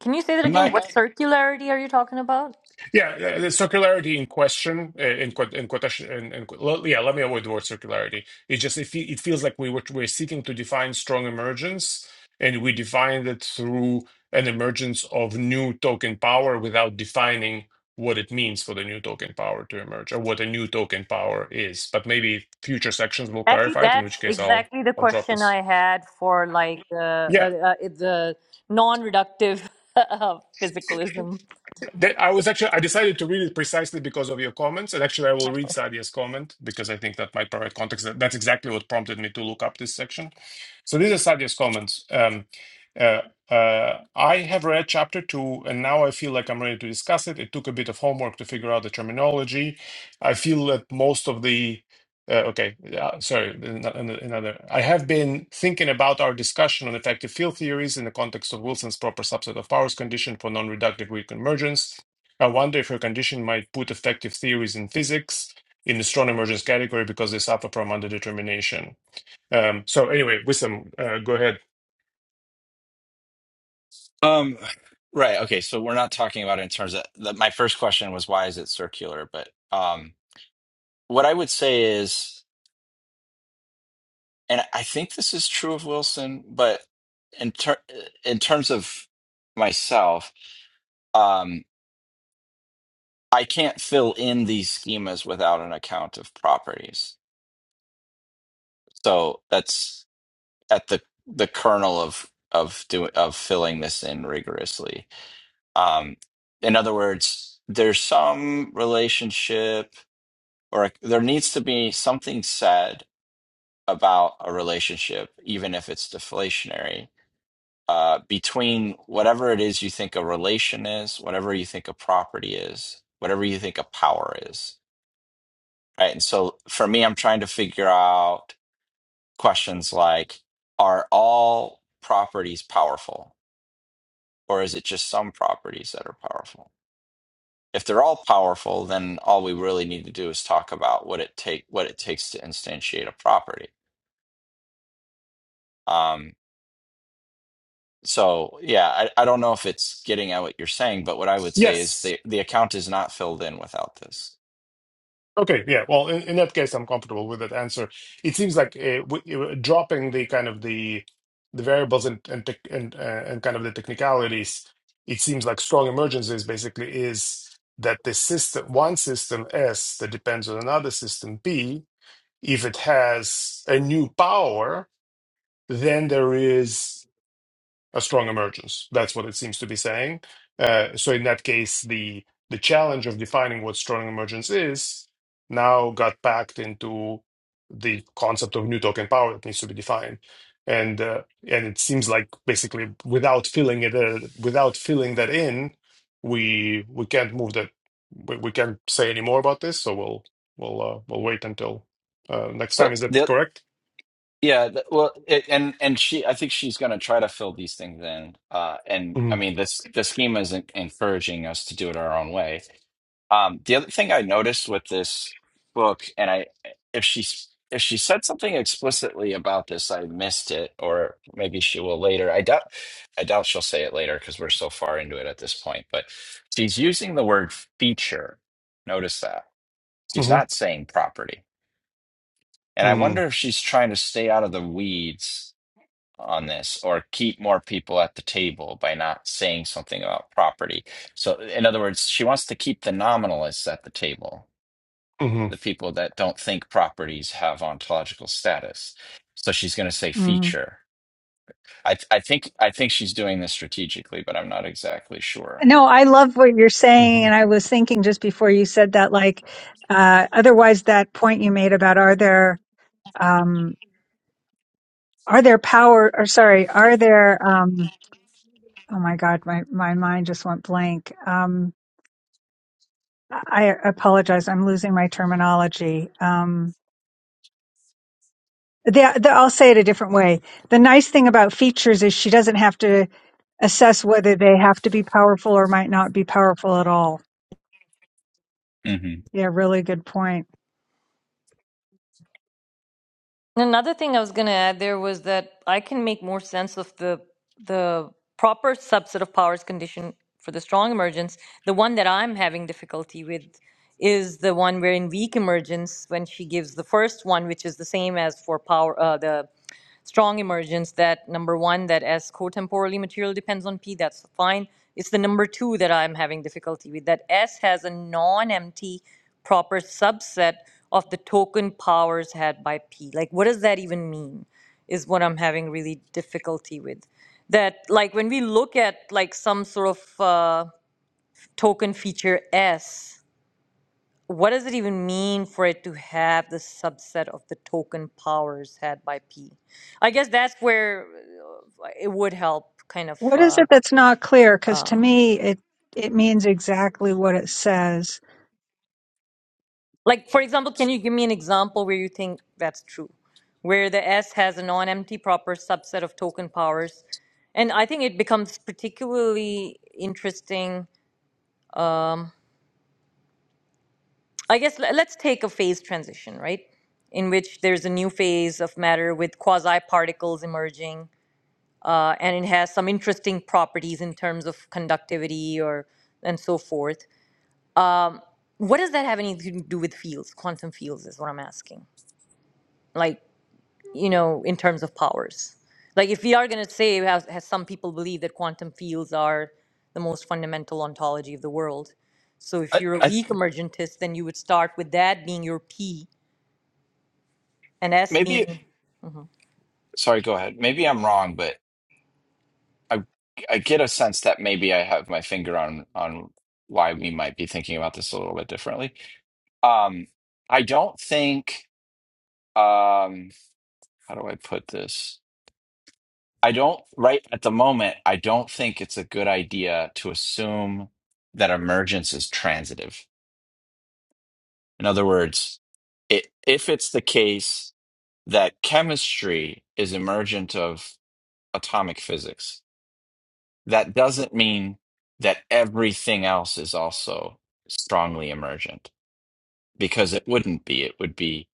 [SPEAKER 1] Can you say that
[SPEAKER 3] I'm
[SPEAKER 1] again?
[SPEAKER 3] not.
[SPEAKER 1] What circularity are you talking about?
[SPEAKER 4] Yeah, uh, the circularity in question, uh, in quote, in quotation, in, in, qu- well, yeah, let me avoid the word circularity. It just it, fe- it feels like we were we're seeking to define strong emergence, and we defined it through an emergence of new token power without defining what it means for the new token power to emerge or what a new token power is. But maybe future sections will
[SPEAKER 1] Actually,
[SPEAKER 4] clarify it, in
[SPEAKER 1] that's
[SPEAKER 4] which case I'll
[SPEAKER 1] exactly the
[SPEAKER 4] I'll drop
[SPEAKER 1] question
[SPEAKER 4] this.
[SPEAKER 1] I had for like uh,
[SPEAKER 4] Yeah,
[SPEAKER 1] uh, uh, the non-reductive physicalism.
[SPEAKER 4] That I was actually I decided to read it precisely because of your comments, and actually I will read Sadia's comment because I think that might provide context. That- That's exactly what prompted me to look up this section. So these are Sadia's comments. Um, uh, uh, I have read chapter two, and now I feel like I'm ready to discuss it. It took a bit of homework to figure out the terminology. I feel that most of the uh, okay, yeah, sorry, an- an- another. I have been thinking about our discussion on effective field theories in the context of Wilson's proper subset of powers condition for non-reductive weak convergence. I wonder if her condition might put effective theories in physics in the strong emergence category because they suffer from underdetermination. Um, so anyway, Wissam, uh, go ahead.
[SPEAKER 3] Um, right. Okay. So we're not talking about it in terms of the, my first question was why is it circular? But um, what I would say is, and I think this is true of Wilson, but in ter- in terms of myself, um, I can't fill in these schemas without an account of properties. So that's at the the kernel of of doing of filling this in rigorously. Um, in other words, there's some relationship, or like, there needs to be something said about a relationship, even if it's deflationary, uh, between whatever it is you think a relation is, whatever you think a property is, whatever you think a power is Right. And so for me, I'm trying to figure out questions like Are all properties powerful? Or is it just some properties that are powerful? If they're all powerful, then all we really need to do is talk about what it take what it takes to instantiate a property. Um, so yeah, I, I don't know if it's getting at what you're saying, but what I would say is
[SPEAKER 4] Yes.
[SPEAKER 3] the the account is not filled in without this.
[SPEAKER 4] Okay, yeah. Well, in, in that case, I'm comfortable with that answer. It seems like uh, w uh, dropping the kind of the the variables and and tech- and, uh, and kind of the technicalities. It seems like strong emergencies basically is that the system one system S that depends on another system B. If it has a new power, then there is a strong emergence. That's what it seems to be saying. Uh, so in that case, the the challenge of defining what strong emergence is now got packed into the concept of new token power that needs to be defined, and uh, and it seems like basically without filling it uh, without filling that in, we we can't move that. We, we can't say any more about this. So we'll we'll uh, we'll wait until uh, next
[SPEAKER 3] So
[SPEAKER 4] time. Is that
[SPEAKER 3] the
[SPEAKER 4] correct?
[SPEAKER 3] Yeah, th- well, it, and and she, I think she's going to try to fill these things in. Uh, and I
[SPEAKER 4] Mm-hmm.
[SPEAKER 3] mean, this the schema is en- encouraging us to do it our own way. Um, the other thing I noticed with this book, and I, if she s- if she said something explicitly about this, I missed it, or maybe she will later. I doubt, I doubt she'll say it later because we're so far into it at this point. But she's using the word feature. Notice that she's not saying property, and I
[SPEAKER 4] Mm-hmm.
[SPEAKER 3] wonder if she's trying to stay out of the weeds on this or keep more people at the table by not saying something about property. So, in other words, she wants to keep the nominalists at the table, the people that don't think properties have ontological status. So she's going to say
[SPEAKER 2] hmm
[SPEAKER 3] feature. I, I think I think she's doing this strategically, but I'm not exactly sure.
[SPEAKER 2] No, I love what you're
[SPEAKER 4] Mm-hmm.
[SPEAKER 2] saying. And I was thinking just before you said that, like, uh, otherwise that point you made about are there, um, are there power or sorry, are there, um, Oh my God, my, my mind just went blank. Um, I apologize. I'm losing my terminology. Um, the, the, I'll say it a different way. The nice thing about features is she doesn't have to assess whether they have to be powerful or might not be powerful at all.
[SPEAKER 3] hmm
[SPEAKER 2] Yeah, really good point.
[SPEAKER 1] And Another thing I was going to add there was that I can make more sense of the the proper subset of powers condition for the strong emergence. The one that I'm having difficulty with is the one where in weak emergence, when she gives the first one, which is the same as for power, uh, the strong emergence that number one that s cotemporally material depends on p that's fine it's the number two that i'm having difficulty with that s has a non-empty proper subset of the token powers had by p like what does that even mean is what i'm having really difficulty with that like when we look at like some sort of uh, token feature s what does it even mean for it to have the subset of the token powers had by P? I guess that's where uh, it would help kind of
[SPEAKER 2] What is
[SPEAKER 1] uh,
[SPEAKER 2] it that's not clear? Because to me, it it means exactly what it says.
[SPEAKER 1] like for example, can you give me an example where you think that's true? Where the S has a non-empty proper subset of token powers. And I think it becomes particularly interesting. I guess le- let's take a phase transition, right? In which there's a new phase of matter with quasi particles emerging uh, and it has some interesting properties in terms of conductivity or and so forth. What does that have anything to do with fields? Quantum fields is what I'm asking. Like you know, in terms of powers. Like if we are going to say, as, as some people believe that quantum fields are the most fundamental ontology of the world. So if
[SPEAKER 3] I,
[SPEAKER 1] you're a
[SPEAKER 3] I
[SPEAKER 1] weak emergentist, then you would start with that being your P and S
[SPEAKER 3] maybe
[SPEAKER 1] being
[SPEAKER 3] sorry, go ahead. Maybe I'm wrong, but I I get a sense that maybe I have my finger on on why we might be thinking about this a little bit differently. Um, I don't think, um, how do I put this? I don't, right at the moment, I don't think it's a good idea to assume that emergence is transitive. In other words, it, if it's the case that chemistry is emergent of atomic physics, that doesn't mean that everything else is also strongly emergent, because it wouldn't be. It would be,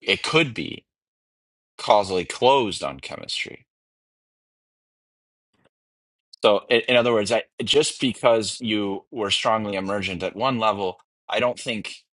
[SPEAKER 3] it could be causally closed on chemistry So, in, in other words, I, just because you were strongly emergent at one level, I don't think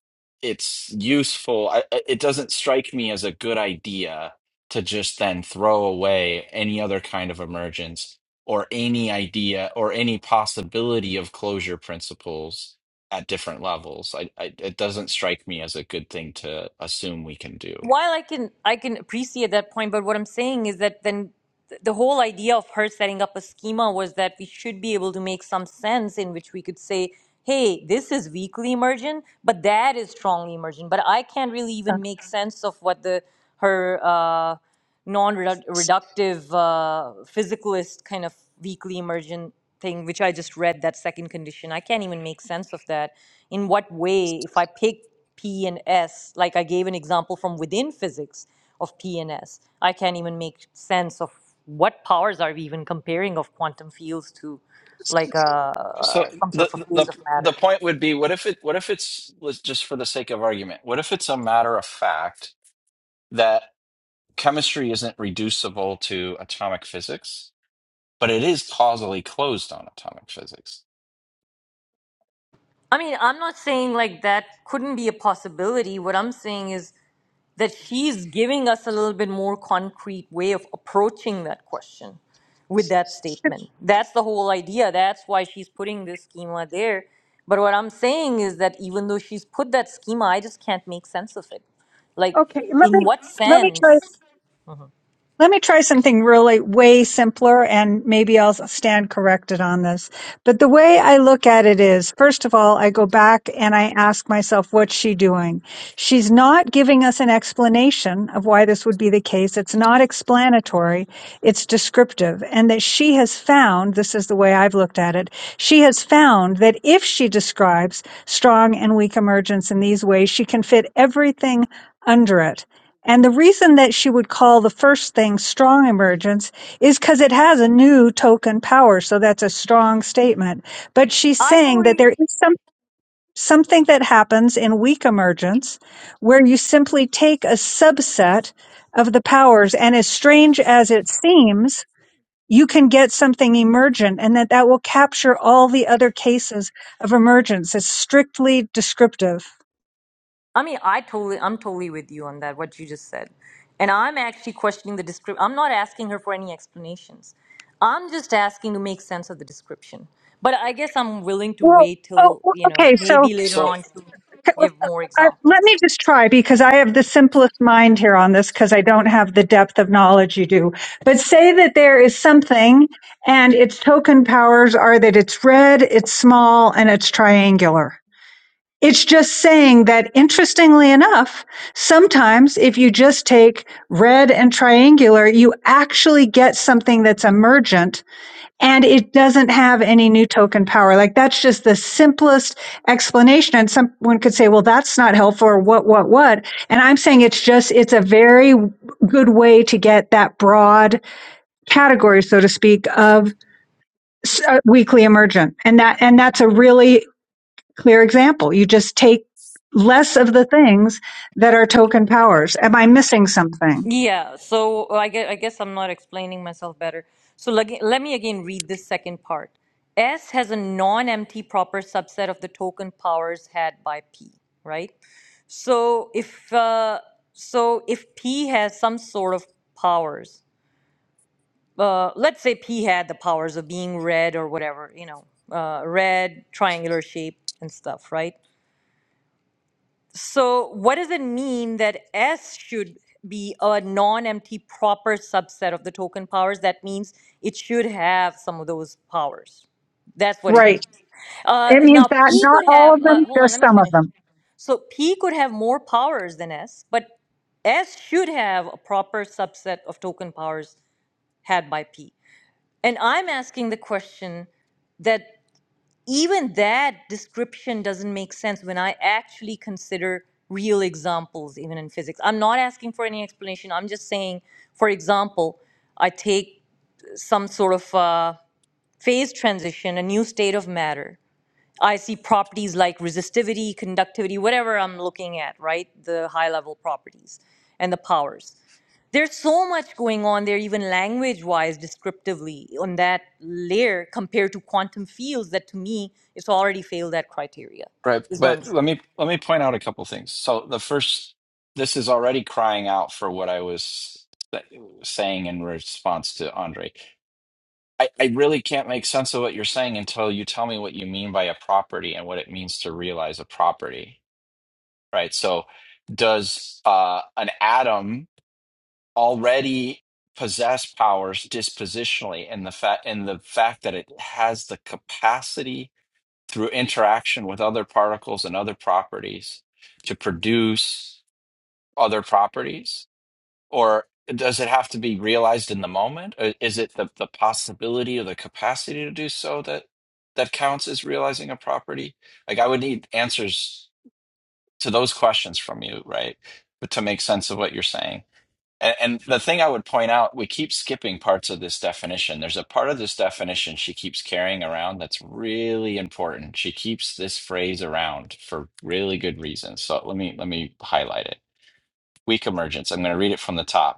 [SPEAKER 3] it's useful. I, I- it doesn't strike me as a good idea to just then throw away any other kind of emergence or any idea or any possibility of closure principles at different levels. I, I, it doesn't strike me as a good thing to assume we can do.
[SPEAKER 1] while I can I can appreciate that point, but what I'm saying is that then th- the whole idea of her setting up a schema was that we should be able to make some sense in which we could say, hey, this is weakly emergent, but that is strongly emergent. But I can't really
[SPEAKER 2] Uh,
[SPEAKER 1] even make sense of what the her uh,
[SPEAKER 2] s-
[SPEAKER 1] non-reductive uh, physicalist kind of weakly emergent thing which i just read that second condition i can't even make sense of that in what way if i pick p and s like i gave an example from within physics of p and s i can't even make sense of what powers are we even comparing of quantum fields to like uh,
[SPEAKER 3] So
[SPEAKER 1] uh, some sort of a
[SPEAKER 3] the the
[SPEAKER 1] phase of
[SPEAKER 3] the
[SPEAKER 1] matter
[SPEAKER 3] point would be, what if it what if it's was just for the sake of argument? What if it's a matter of fact that chemistry isn't reducible to atomic physics, but it is causally closed on atomic physics?
[SPEAKER 1] i mean i'm not saying like that couldn't be a possibility what i'm saying is that she's giving us a little bit more concrete way of approaching that question with that statement. That's the whole idea. That's why she's putting this schema there. But what I'm saying is that even though she's put that schema, I just can't make sense of it. Like,
[SPEAKER 2] Okay, let
[SPEAKER 1] in
[SPEAKER 2] me
[SPEAKER 1] what
[SPEAKER 2] let me
[SPEAKER 1] sense?
[SPEAKER 2] try Let me try something really way simpler and maybe I'll stand corrected on this. But the way I look at it is, first of all, I go back and I ask myself, what's she doing? She's not giving us an explanation of why this would be the case. It's not explanatory. It's descriptive and that she has found, this is the way I've looked at it. She has found that if she describes strong and weak emergence in these ways, she can fit everything under it and the reason that she would call the first thing strong emergence is because it has a new token power. So that's a strong statement. But she's
[SPEAKER 1] I
[SPEAKER 2] saying that
[SPEAKER 1] totally
[SPEAKER 2] there is some, something that happens in weak emergence where you simply take a subset of the powers. And as strange as it seems, you can get something emergent and that that will capture all the other cases of emergence. It's strictly descriptive.
[SPEAKER 1] I mean, I totally, I'm totally with you on that. What you just said, and I'm actually questioning the description. I'm not asking her for any explanations. I'm just asking to make sense of the description. But I guess I'm willing to
[SPEAKER 2] Well,
[SPEAKER 1] wait
[SPEAKER 2] oh,
[SPEAKER 1] till
[SPEAKER 2] well,
[SPEAKER 1] you know
[SPEAKER 2] okay. So
[SPEAKER 1] maybe later
[SPEAKER 3] So
[SPEAKER 1] on to give more
[SPEAKER 2] I,
[SPEAKER 1] examples.
[SPEAKER 2] let me just try because I have the simplest mind here on this because I don't have the depth of knowledge you do. But say that there is something and its token powers are that it's red, it's small, and it's triangular. It's just saying that interestingly enough, sometimes if you just take red and triangular, you actually get something that's emergent and it doesn't have any new token power. Like that's just the simplest explanation. And someone could say, well, that's not helpful or what, what, what. And I'm saying it's just, it's a very good way to get that broad category, so to speak, of uh, weekly emergent. And that, and that's a really clear example. You just take less of the things that are token powers. Am I missing something?
[SPEAKER 1] Yeah, so I guess, I guess I'm not explaining myself better. So let, let me again read this second part. S has a non-empty proper subset of the token powers had by P, right? So if uh, so if P has some sort of powers, uh, let's say P had the powers of being red or whatever, you know, uh, red, triangular shape and stuff, right? So, what does it mean that S should be a non empty proper subset of the token powers? That means it should have some of those powers. That's what it
[SPEAKER 2] Right.
[SPEAKER 1] means. Uh,
[SPEAKER 2] It means
[SPEAKER 1] now,
[SPEAKER 2] that
[SPEAKER 1] P
[SPEAKER 3] s-
[SPEAKER 2] not
[SPEAKER 1] could
[SPEAKER 2] all
[SPEAKER 1] have,
[SPEAKER 2] of
[SPEAKER 1] uh,
[SPEAKER 2] them,
[SPEAKER 1] hold on,
[SPEAKER 2] just
[SPEAKER 1] let me
[SPEAKER 2] some of
[SPEAKER 1] finish.
[SPEAKER 2] them.
[SPEAKER 1] So, P could have more powers than S, but S should have a proper subset of token powers had by P. And I'm asking the question that even that description doesn't make sense when I actually consider real examples, even in physics. I'm not asking for any explanation. I'm just saying, for example, I take some sort of uh, phase transition, a new state of matter. I see properties like resistivity, conductivity, whatever I'm looking at, right? The high level properties and the powers there's so much going on there, even language wise, descriptively, on that layer compared to quantum fields that to me, it's already failed that criteria,
[SPEAKER 3] right,
[SPEAKER 1] is what
[SPEAKER 3] but
[SPEAKER 1] I'm
[SPEAKER 3] let
[SPEAKER 1] saying.
[SPEAKER 3] me let me point out a couple things. So the first, this is already crying out for what I was sa- saying in response to Andre I, I really can't make sense of what you're saying until you tell me what you mean by a property and what it means to realize a property, right? So, does uh, an atom already possess powers dispositionally in the fact in the fact that it has the capacity through interaction with other particles and other properties to produce other properties? Or does it have to be realized in the moment? Or is it the, the possibility or the capacity to do so that that counts as realizing a property? Like I would need answers to those questions from you, right? But to make sense of what you're saying. And, and the thing I would point out, we keep skipping parts of this definition. There's a part of this definition she keeps carrying around that's really important. She keeps this phrase around for really good reasons. So let me let me highlight it. Weak emergence. I'm going to read it from the top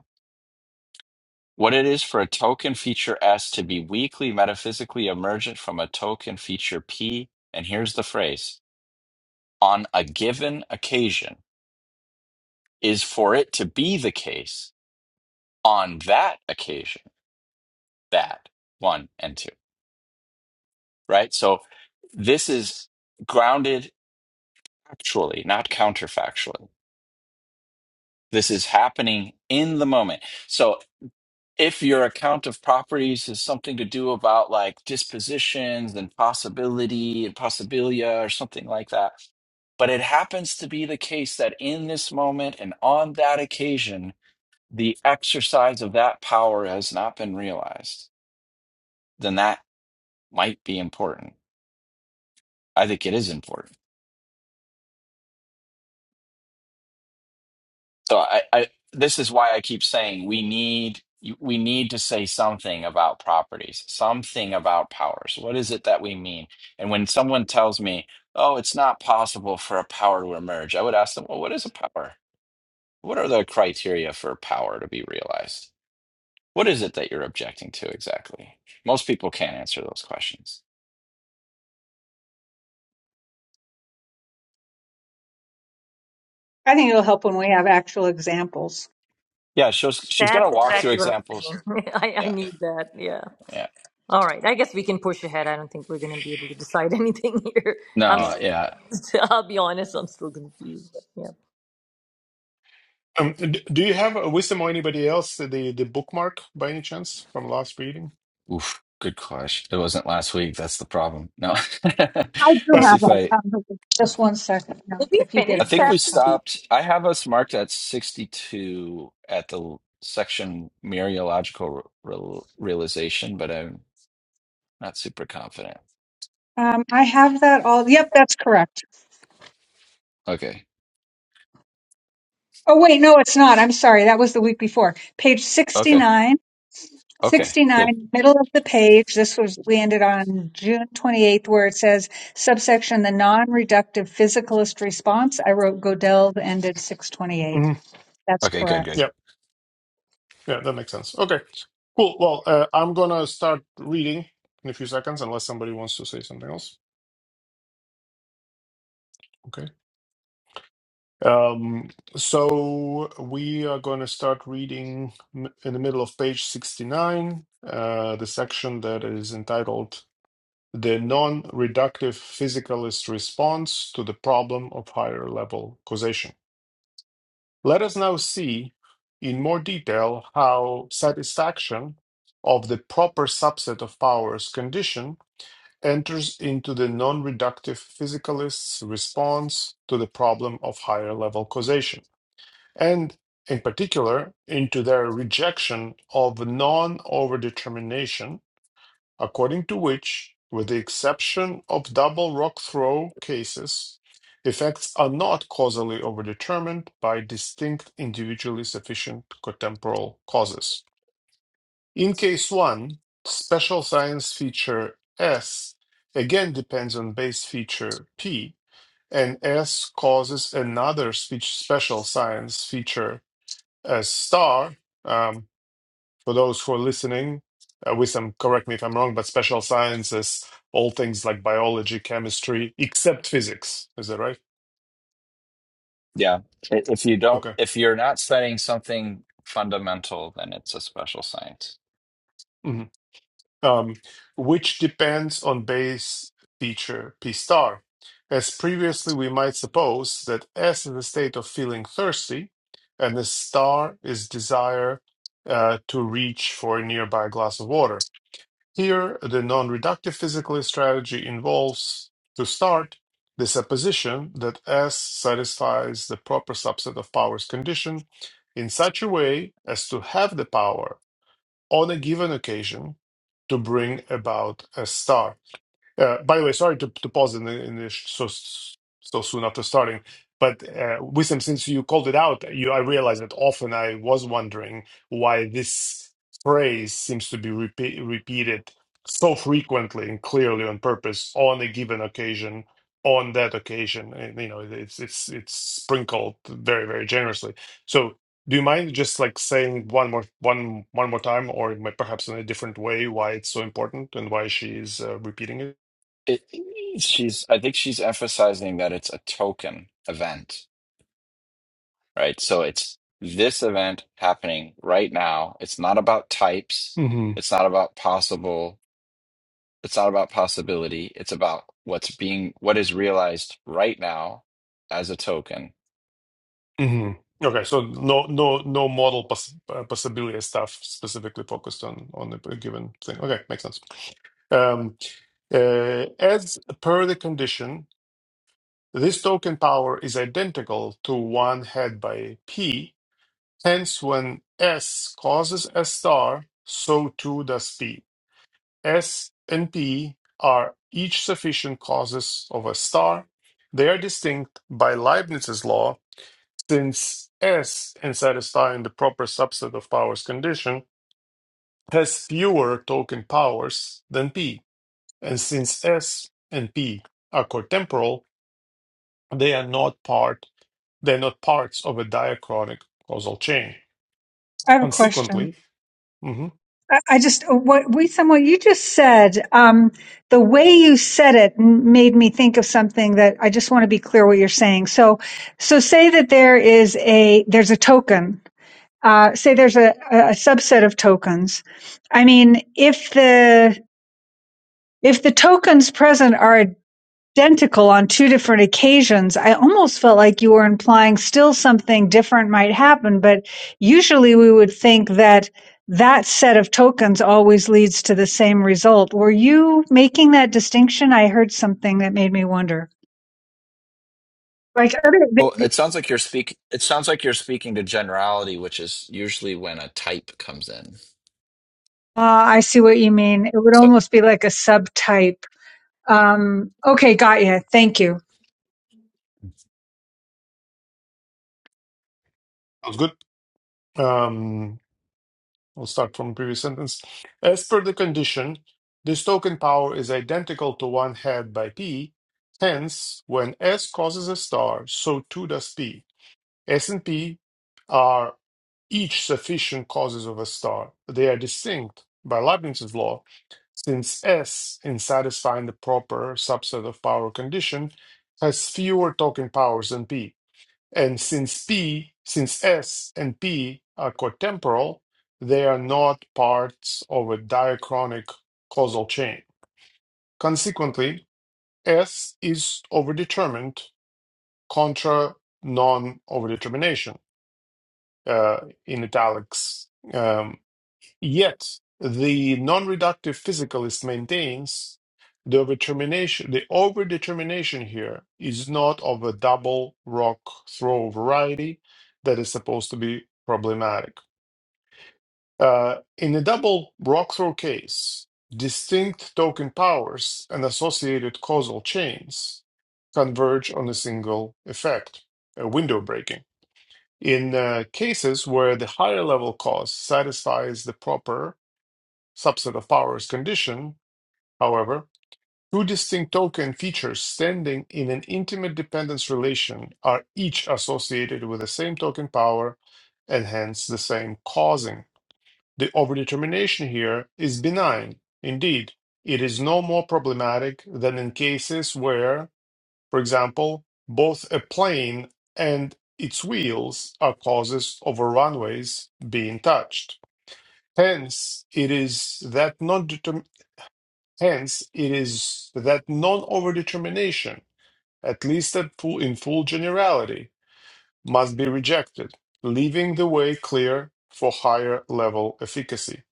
[SPEAKER 3] what it is for a token feature S to be weakly metaphysically emergent from a token feature P, and here's the phrase, on a given occasion, is for it to be the case on that occasion, that one and two, right? So this is grounded actually, not counterfactually. This is happening in the moment. So if your account of properties is something to do about like dispositions and possibility and possibilia or something like that. But it happens to be the case that in this moment and on that occasion, the exercise of that power has not been realized, then that might be important. I think it is important. So I, I this is why I keep saying we need we need to say something about properties, something about powers. What is it that we mean? And when someone tells me, "Oh, it's not possible for a power to emerge," I would ask them, "Well, what is a power? What are the criteria for power to be realized? What is it that you're objecting to exactly?" Most people can't answer those questions.
[SPEAKER 2] I think it'll help when we have actual examples.
[SPEAKER 3] Yeah, she's she's
[SPEAKER 1] That's
[SPEAKER 3] gonna walk through
[SPEAKER 1] exactly what I'm
[SPEAKER 3] examples.
[SPEAKER 1] saying. I, I
[SPEAKER 3] Yeah,
[SPEAKER 1] need that. Yeah.
[SPEAKER 3] yeah.
[SPEAKER 1] All right. I guess we can push ahead. I don't think we're going to be able to decide anything here. I'm No.
[SPEAKER 3] No,
[SPEAKER 1] still
[SPEAKER 3] yeah.
[SPEAKER 1] confused. I'll be honest. I'm still confused. But yeah.
[SPEAKER 4] Um, d- do you have a wisdom or anybody else the the bookmark by any chance from last reading?
[SPEAKER 3] Oof, good gosh. It wasn't last week. That's the problem. No. Let
[SPEAKER 2] I do
[SPEAKER 3] me
[SPEAKER 4] But
[SPEAKER 3] see
[SPEAKER 2] have
[SPEAKER 3] if
[SPEAKER 2] that
[SPEAKER 3] I
[SPEAKER 2] conversation. Just one second, no,
[SPEAKER 1] Did we
[SPEAKER 2] if you get
[SPEAKER 3] I
[SPEAKER 2] it
[SPEAKER 1] finish
[SPEAKER 3] think we
[SPEAKER 2] first.
[SPEAKER 1] chapter
[SPEAKER 2] Um,
[SPEAKER 1] two?
[SPEAKER 3] stopped. I have us marked at 62 at the l- section Mereological real, realization, but I'm not super confident.
[SPEAKER 2] um, I have that all. Yep, that's correct.
[SPEAKER 3] Okay.
[SPEAKER 2] Oh, wait, no, it's not. I'm sorry. That was the week before. Page
[SPEAKER 3] Okay.
[SPEAKER 2] 69.
[SPEAKER 3] Okay. Good.
[SPEAKER 2] 69, middle of the page, this was, we ended on June 28th, where it says subsection, the non-reductive physicalist response. I wrote Godel ended 628.
[SPEAKER 4] mhm,
[SPEAKER 2] That's
[SPEAKER 3] Okay, good,
[SPEAKER 2] correct.
[SPEAKER 3] good.
[SPEAKER 4] yeah, yeah, that makes sense. Okay, cool. Well, uh, I'm gonna start reading in a few seconds, unless somebody wants to say something else. Okay. Um, so we are gonna start reading m- in the middle of page 69, uh, the section that is entitled "The Non-Reductive Physicalist Response to the Problem of Higher Level Causation." Let us now see in more detail how satisfaction of the proper subset of powers condition enters into the non reductive physicalist's response to the problem of higher level causation, and in particular into their rejection of non overdetermination according to which, with the exception of double rock throw cases, effects are not causally overdetermined by distinct individually sufficient cotemporal causes. In case 1, special science feature S again depends on base feature P, and S causes another speech special science feature S star. um, for those who are listening, uh, Wissam, correct me if I'm wrong, but special sciences, all things like biology, chemistry, except physics. Is that right?
[SPEAKER 3] Yeah. I- If you don't
[SPEAKER 4] Okay.
[SPEAKER 3] if you're not studying something fundamental, then it's a special science.
[SPEAKER 4] hmm Um, which depends on base feature P star. As previously, we might suppose that S is the state of feeling thirsty, and the star is desire uh, to reach for a nearby glass of water. Here, the non-reductive physicalist strategy involves, to start, the supposition that S satisfies the proper subset of power's condition in such a way as to have the power on a given occasion to bring about a star. Uh, by the way, sorry to, to pause in the, in the sh- so so soon after starting, but uh, Wisdom, since you called it out, you I realized that often I was wondering why this phrase seems to be repeat, repeated so frequently and clearly on purpose on a given occasion. On that occasion, and, you know, it's it's it's sprinkled very very generously. So, do you mind just like saying one more one one more time, or ma- perhaps in a different way, why it's so important and why she is uh, repeating it?
[SPEAKER 3] It, she's I think she's emphasizing that it's a token event right? So it's this event happening right now. It's not about types.
[SPEAKER 4] hmm
[SPEAKER 3] It's not about possible. It's not about possibility. It's about what's being, what is realized right now as a token.
[SPEAKER 4] hmm Okay, so no, no, no model poss uh, possibility stuff specifically focused on on a given thing. Okay, makes sense. Um, uh, as per the condition, this token power is identical to one had by P. Hence, when S causes S star, so too does P. S and P are each sufficient causes of a star. They are distinct by Leibniz's law, since S, in satisfying the proper subset of powers condition, has fewer token powers than P. And since S and P are cotemporal, they are not part they're not parts of a diachronic causal chain.
[SPEAKER 2] I have a question.
[SPEAKER 4] Consequently, hmm
[SPEAKER 2] I, I just, uh, what we somewhat, you just said, um, the way you said it m- made me think of something that I just want to be clear what you're saying. So, so say that there is a, there's a token. Uh, say there's a, a a subset of tokens. I mean, if the If the tokens present are identical on two different occasions, I almost felt like you were implying still something different might happen, but usually we would think that that set of tokens always leads to the same result. Were you making that distinction? I heard something that made me wonder. Like other,
[SPEAKER 3] Well, it sounds like you're speak. It sounds like you're speaking to generality, which is usually when a type comes in.
[SPEAKER 2] uh, I see what you mean. It would
[SPEAKER 3] So
[SPEAKER 2] almost be like a subtype. Um, okay, got you. Thank you.
[SPEAKER 4] sounds good. Um, we'll start from the previous sentence. As per the condition, this token power is identical to one had by P. Hence, when S causes a star, so too does P. S and P are each sufficient causes of a star. They are distinct by Leibniz's law, since S, in satisfying the proper subset of power condition, has fewer token powers than P. And since P, since S and P are cotemporal, they are not parts of a diachronic causal chain. Consequently, S is overdetermined contra non-overdetermination uh, in italics. Um, yet the non-reductive physicalist maintains the overdetermination, the overdetermination here is not of a double rock throw variety that is supposed to be problematic. Uh, in the double rock throw case, distinct token powers and associated causal chains converge on a single effect, a window breaking. In uh, cases where the higher level cause satisfies the proper subset of powers condition, however, two distinct token features standing in an intimate dependence relation are each associated with the same token power and hence the same causing. The overdetermination here is benign. Indeed, it is no more problematic than in cases where for example, both a plane and its wheels are causes of a runway's being touched. Hence, it is that non hence it is that non-overdetermination, at least at full, in full generality, must be rejected, leaving the way clear for higher level efficacy.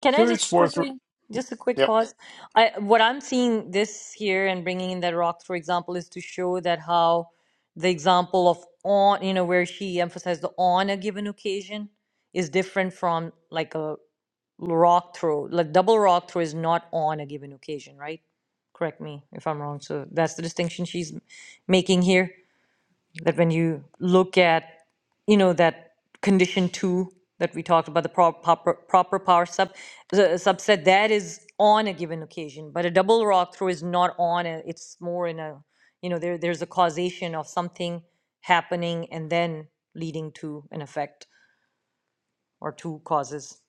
[SPEAKER 1] Can I
[SPEAKER 4] Here, it's
[SPEAKER 1] just
[SPEAKER 4] worth. re-
[SPEAKER 1] quickly, just a quick
[SPEAKER 4] Yep.
[SPEAKER 1] pause? I, what I'm seeing this here and bringing in that rock, for example, is to show that how the example of on, you know, where she emphasized the on a given occasion is different from like a rock throw. Like double rock throw is not on a given occasion, right? Correct me if I'm wrong. So that's the distinction she's making here. That when you look at you know, that condition two that we talked about, the prop- proper, proper power sub, the subset, that is on a given occasion, but a double rock through is not on a, it's more in a, you know, there, there's a causation of something happening and then leading to an effect or two causes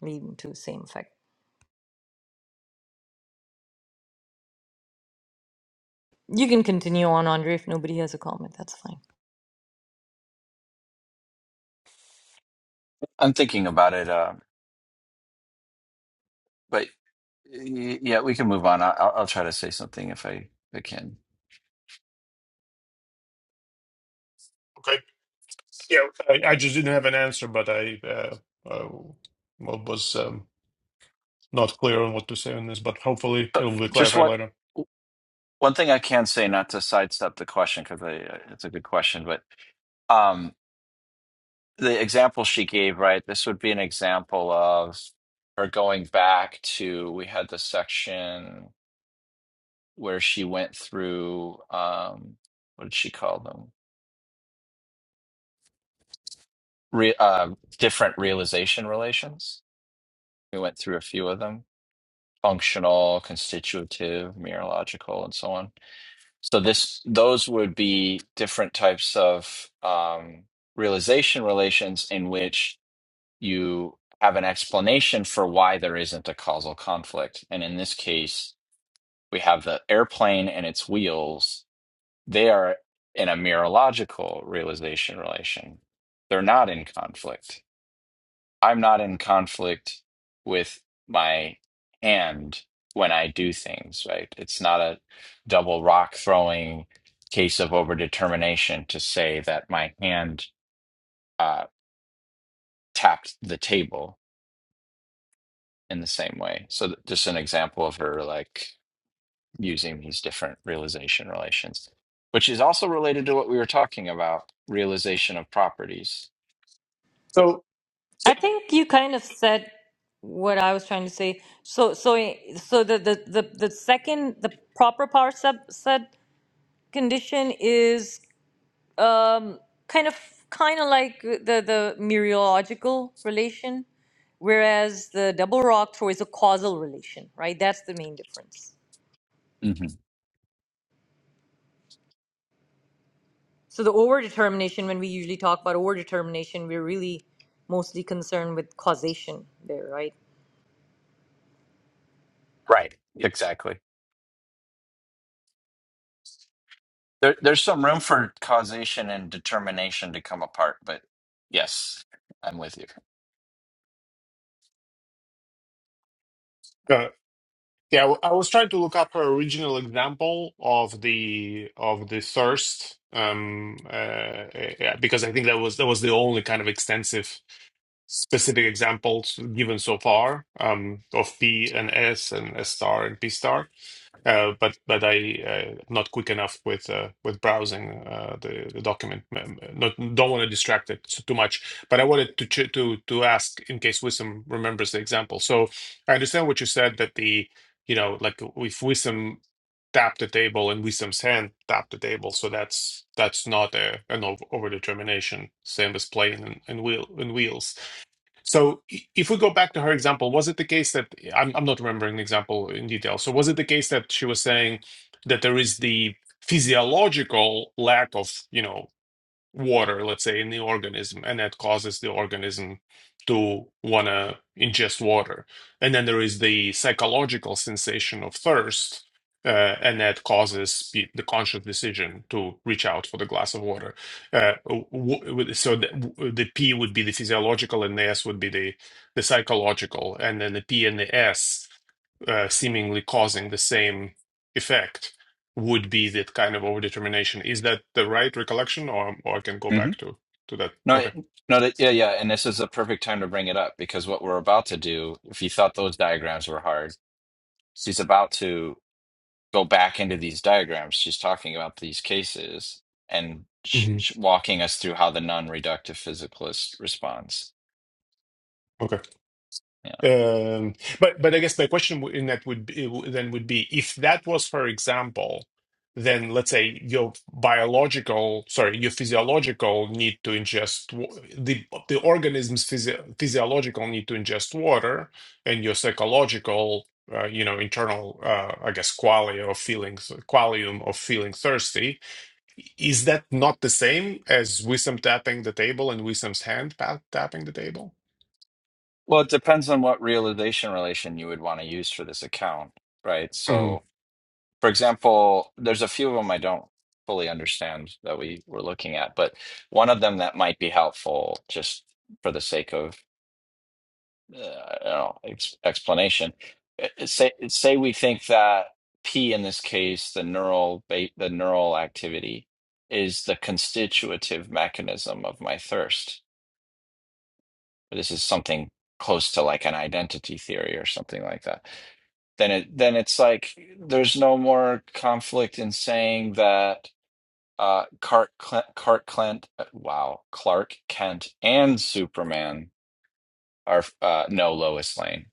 [SPEAKER 1] leading to the same effect. You can continue on, Andre, if nobody has a comment, that's fine.
[SPEAKER 3] I'm thinking about it, uh, but y- yeah, we can move on. I- I'll, I'll try to say something if I, if I can.
[SPEAKER 4] Okay. Yeah. I, I just didn't have an answer, but I uh, uh, what was. um, not clear on what to say on this, but hopefully it
[SPEAKER 3] But
[SPEAKER 4] will be
[SPEAKER 3] just
[SPEAKER 4] clarified
[SPEAKER 3] what?
[SPEAKER 4] later.
[SPEAKER 3] One thing I can say, not to sidestep the question, because it's a good question, but um, the example she gave, right? This would be an example of her going back to, we had the section where she went through, um, what did she call them? Re, uh, different realization relations. We went through a few of them functional, constitutive, mereological, and so on So this those would be different types of um, realization relations in which you have an explanation for why there isn't a causal conflict. And in this case, we have the airplane and its wheels. They are in a mirological realization relation. They're not in conflict. I'm not in conflict with my hand when I do things, right? It's not a double rock throwing case of overdetermination to say that my hand uh, tapped the table in the same way. So, th- just an example of her like using these different realization relations, which is also related to what we were talking about realization of properties.
[SPEAKER 4] So, so
[SPEAKER 1] I think you kind of said what I was trying to say. So so so the the the, the second the proper power subset condition is um, kind of kind of like the the mereological relation, whereas the double rock throw is a causal relation, right? That's the main difference.
[SPEAKER 3] Mhm.
[SPEAKER 1] So the overdetermination, when we usually talk about overdetermination, we're really mostly concerned with causation there, right?
[SPEAKER 3] Right. Exactly. There, there's some room for causation and determination to come apart, but yes, I'm with you.
[SPEAKER 4] uh, yeah, I w- I was trying to look up her original example of the of the thirst, um, uh, uh, yeah, because I think that was that was the only kind of extensive specific examples given so far um, of P and S and S star and P star. Uh, but but I uh, not quick enough with uh, with browsing uh, the the document. Um, Not don't want to distract it s- too much. But I wanted to ch- to to ask in case Wisdom remembers the example. So I understand what you said that the you know like if Wisdom tapped the table and Wisdom's hand tapped the table, so that's that's not a an over overdetermination, same as playing and, and wheel and wheels. So i- if we go back to her example, was it the case that I'm I'm not remembering the example in detail. So was it the case that she was saying that there is the physiological lack of, you know, water, let's say, in the organism, and that causes the organism to want to ingest water. And then there is the psychological sensation of thirst, uh, and that causes the the conscious decision to reach out for the glass of water. Uh, w- w- so the, w- the P would be the physiological, and the S would be the, the psychological, and then the P and the S uh, seemingly causing the same effect would be that kind of overdetermination. Is that the right recollection, or, or I can go
[SPEAKER 3] hmm
[SPEAKER 4] back to to that?
[SPEAKER 3] No,
[SPEAKER 4] Okay.
[SPEAKER 3] it, no, that, yeah, yeah. And this is a perfect time to bring it up because what we're about to do, if you thought those diagrams were hard, she's about to go back into these diagrams. She's talking about these cases and sh-
[SPEAKER 4] hmm
[SPEAKER 3] sh- walking us through how the non-reductive physicalist responds.
[SPEAKER 4] Okay.
[SPEAKER 3] Yeah.
[SPEAKER 4] Um, but but I guess my question w- in that would be, then would be if that was, for example, then let's say your biological, sorry, your physiological need to ingest wa- the the organism's physio- physiological need to ingest water, and your psychological. Uh, you know, internal, uh, I guess, qualia of feelings, qualium of feeling thirsty, Is that not the same as Wisdom tapping the table and Wisdom's hand pa- tapping the table?
[SPEAKER 3] Well, it depends on what realization relation you would want to use for this account, right?
[SPEAKER 4] hmm
[SPEAKER 3] So. for example, there's a few of them I don't fully understand that we were looking at, but one of them that might be helpful just for the sake of uh, I don't know, ex explanation. Uh, uh, Say say we think that P in this case, the neural ba the neural activity is the constitutive mechanism of my thirst. This is something close to like an identity theory or something like that. Then it then it's like there's no more conflict in saying that uh Clark Clint, Clark Kent. uh, wow, Clark Kent and Superman are uh no Lois Lane.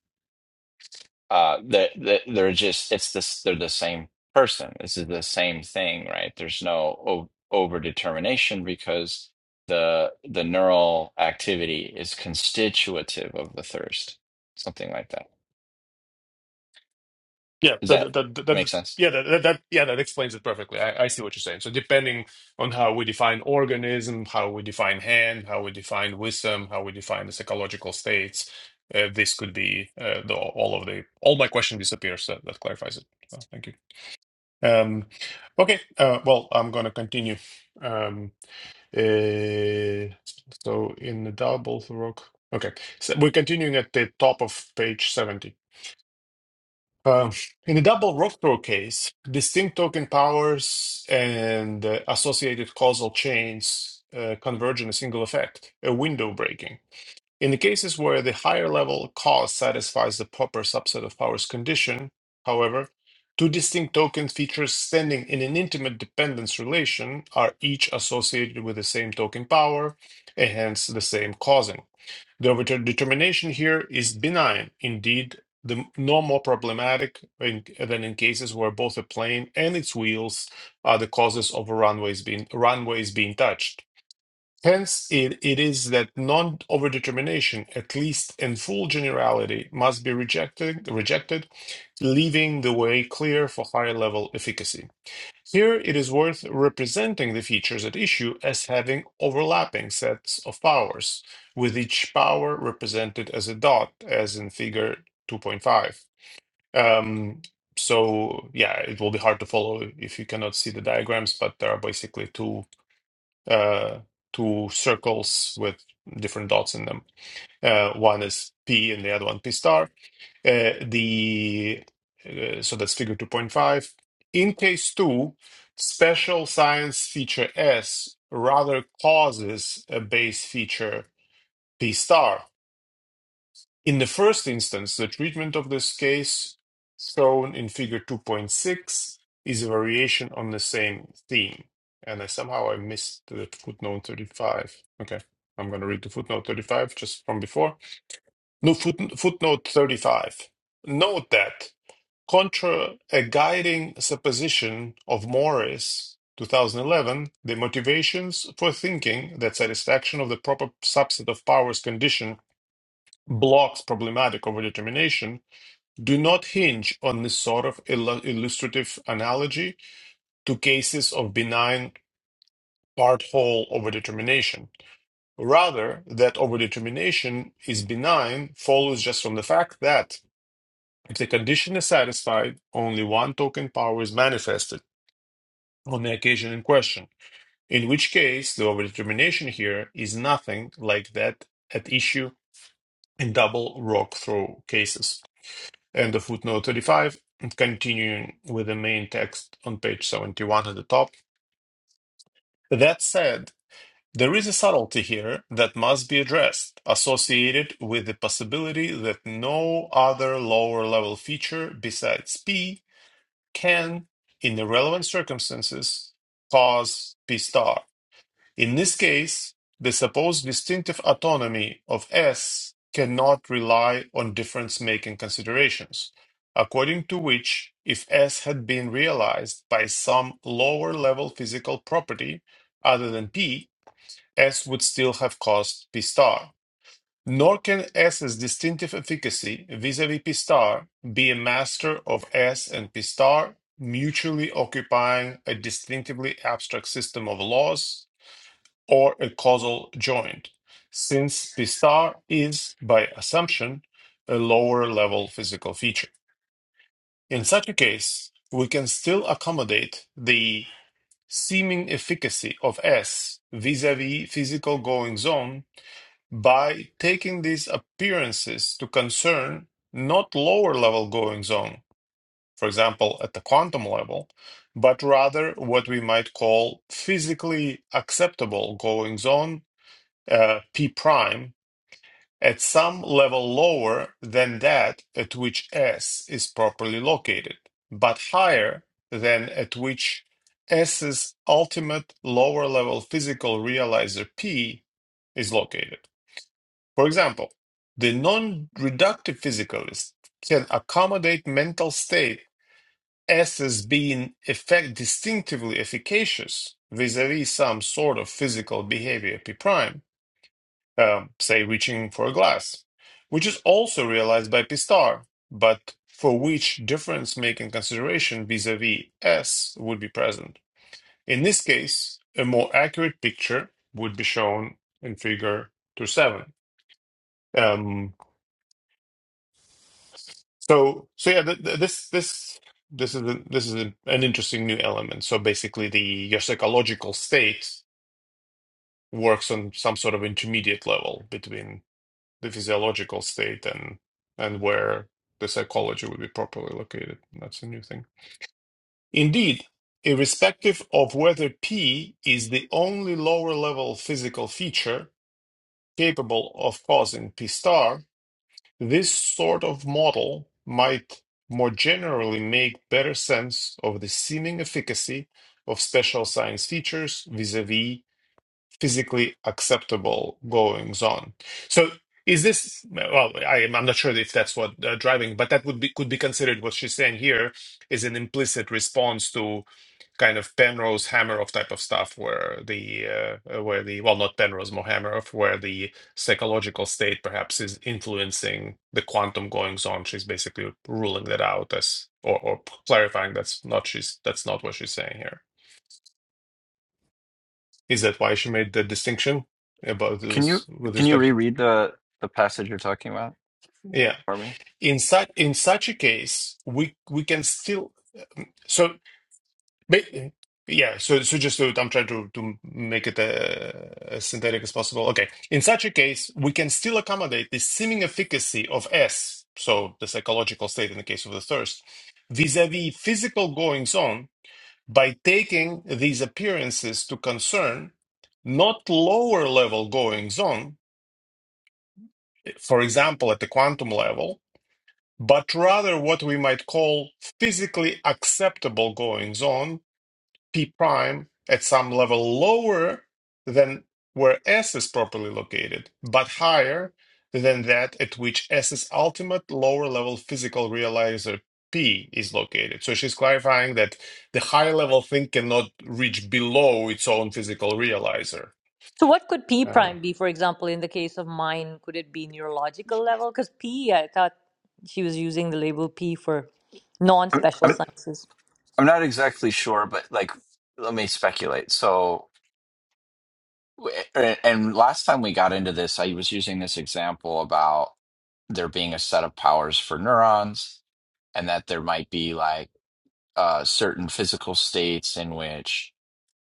[SPEAKER 3] Uh that that they're just it's this they're the same person. This is the same thing, right? There's no o over determination because the the neural activity is constitutive of the thirst. Something like that.
[SPEAKER 4] Yeah,
[SPEAKER 3] Does
[SPEAKER 4] that,
[SPEAKER 3] that
[SPEAKER 4] that, that, that,
[SPEAKER 3] make
[SPEAKER 4] that-
[SPEAKER 3] sense?
[SPEAKER 4] yeah, that, that, that- yeah, that explains it perfectly. I, I see what you're saying. So depending on how we define organism, how we define hand, how we define wisdom, how we define the psychological states, uh, this could be uh, the, all of the. All my question disappears. That, that clarifies it. So, thank you. Um, okay, uh, well, I'm gonna continue. Um, Uh, so in the double rock. Okay, so we're continuing at the top of page 70. Um, in the double rock throw case, distinct token powers and uh, associated causal chains uh, converge in a single effect, a window breaking. In the cases where the higher level cause satisfies the proper subset of powers condition, however, two distinct token features standing in an intimate dependence relation are each associated with the same token power and hence the same causing. The overture determination here is benign, indeed, the, no more problematic in- than in cases where both a plane and its wheels are the causes of a runways being, runways being touched. Hence, it, it is that non overdetermination, at least in full generality, must be rejected, rejected, leaving the way clear for higher level efficacy. Here, it is worth representing the features at issue as having overlapping sets of powers, with each power represented as a dot, as in figure 2.5. Um, so, yeah, it will be hard to follow if you cannot see the diagrams, but there are basically two uh, two circles with different dots in them. Uh, one is p and the other one p star. Uh, the uh, so that's figure 2.5. In case 2, special science feature S rather causes a base feature p star in the first instance, the treatment of this case, shown in figure 2.6, is a variation on the same theme. And I somehow I missed the footnote 35. Okay, I'm going to read the footnote 35 just from before. No foot, footnote 35. Note that contra a guiding supposition of Morris 2011, the motivations for thinking that satisfaction of the proper subset of powers condition blocks problematic overdetermination do not hinge on this sort of illu- illustrative analogy to cases of benign part whole overdetermination. Rather, that overdetermination is benign follows just from the fact that if the condition is satisfied, only one token power is manifested on the occasion in question, in which case the overdetermination here is nothing like that at issue in double rock throw cases. and the footnote 35, and continuing with the main text on page 71 at the top. That said, there is a subtlety here that must be addressed, associated with the possibility that no other lower level feature besides P can, in the relevant circumstances, cause P star. In this case, the supposed distinctive autonomy of S cannot rely on difference-making considerations, according to which, if S had been realized by some lower-level physical property other than P, S would still have caused P star. Nor can S's distinctive efficacy vis-à-vis P star be a master of S and P star, mutually occupying a distinctively abstract system of laws or a causal joint, since the star is, by assumption, a lower level physical feature. In such a case, we can still accommodate the seeming efficacy of S vis a vis physical goings on by taking these appearances to concern not lower level goings on, for example, at the quantum level, but rather what we might call physically acceptable goings on uh, P prime at some level lower than that at which S is properly located, but higher than at which S's ultimate lower level physical realizer P is located. For example, the non reductive physicalist can accommodate mental state S as being effect distinctively efficacious vis a vis some sort of physical behavior P prime um, say reaching for a glass, which is also realized by P star, but for which difference making consideration vis a vis S would be present. In this case, a more accurate picture would be shown in figure 2-7. Um, so, so yeah, th- th- this, this, this is, a, this is a- an interesting new element. So basically the, your psychological state works on some sort of intermediate level between the physiological state and and where the psychology would be properly located. That's a new thing. Indeed, irrespective of whether P is the only lower level physical feature capable of causing P star, this sort of model might more generally make better sense of the seeming efficacy of special science features vis-a-vis physically acceptable goings on. So is this well I, am- i'm not sure if that's what uh, driving but that would be could be considered what she's saying here is an implicit response to kind of penrose hammeroff type of stuff where the uh, uh, where the well not penrose more hammeroff where the psychological state perhaps is influencing the quantum goings on she's basically ruling that out as or, or clarifying that's not she's that's not what she's saying here is that why she made the distinction about
[SPEAKER 3] Can you
[SPEAKER 4] this with
[SPEAKER 3] can you
[SPEAKER 4] respect to?
[SPEAKER 3] reread the the passage you're talking about
[SPEAKER 4] Yeah.
[SPEAKER 3] for me?
[SPEAKER 4] In such in such a case, we we can still so ba- yeah. So so just to, I'm trying to to make it uh, as synthetic as possible. Okay. In such a case, we can still accommodate the seeming efficacy of S, so the psychological state in the case of the thirst, vis-a-vis physical goings on by taking these appearances to concern not lower level goings on for example, at the quantum level, but rather what we might call physically acceptable goings on, P prime, at some level lower than where S is properly located, but higher than that at which S's ultimate lower level physical realizer P is located. So she's clarifying that the high level thing cannot reach below its own physical realizer.
[SPEAKER 1] So what could P
[SPEAKER 4] Uh,
[SPEAKER 1] prime be, for example, in the case of mine? Could it be neurological level? Because P, I thought she was using the label P for
[SPEAKER 3] I'm, I'm
[SPEAKER 1] non-special sciences.
[SPEAKER 3] I'm not exactly sure, but like, let me speculate. So, and and last time we got into this, I was using this example about there being a set of powers for neurons, and that there might be like uh, certain physical states in which,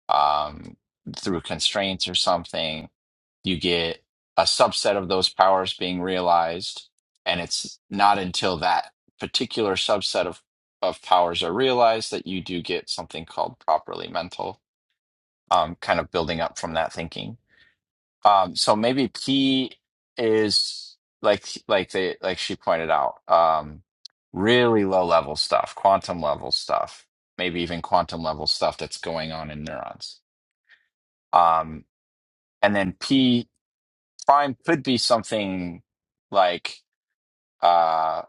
[SPEAKER 3] um, through constraints or something, you get a subset of those powers being realized, and it's not until that particular subset of of powers are realized that you do get something called properly mental um, kind of building up from that thinking. Um, so maybe P is like like they like she pointed out, um, really low level stuff, quantum level stuff, maybe even quantum level stuff that's going on in neurons. Um, and then P prime could be something like uh,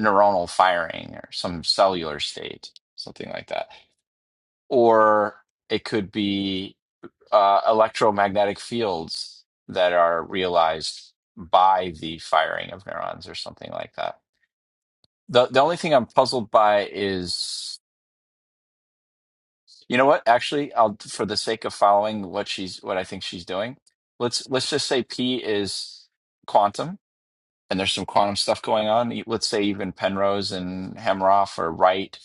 [SPEAKER 3] neuronal firing or some cellular state, something like that, or it could be uh, electromagnetic fields that are realized by the firing of neurons or something like that. The the only thing I'm puzzled by is you know what? Actually, I'll for the sake of following what she's what I think she's doing, let's let's just say P is quantum and there's some quantum stuff going on. E- Let's say even Penrose and Hemroff are right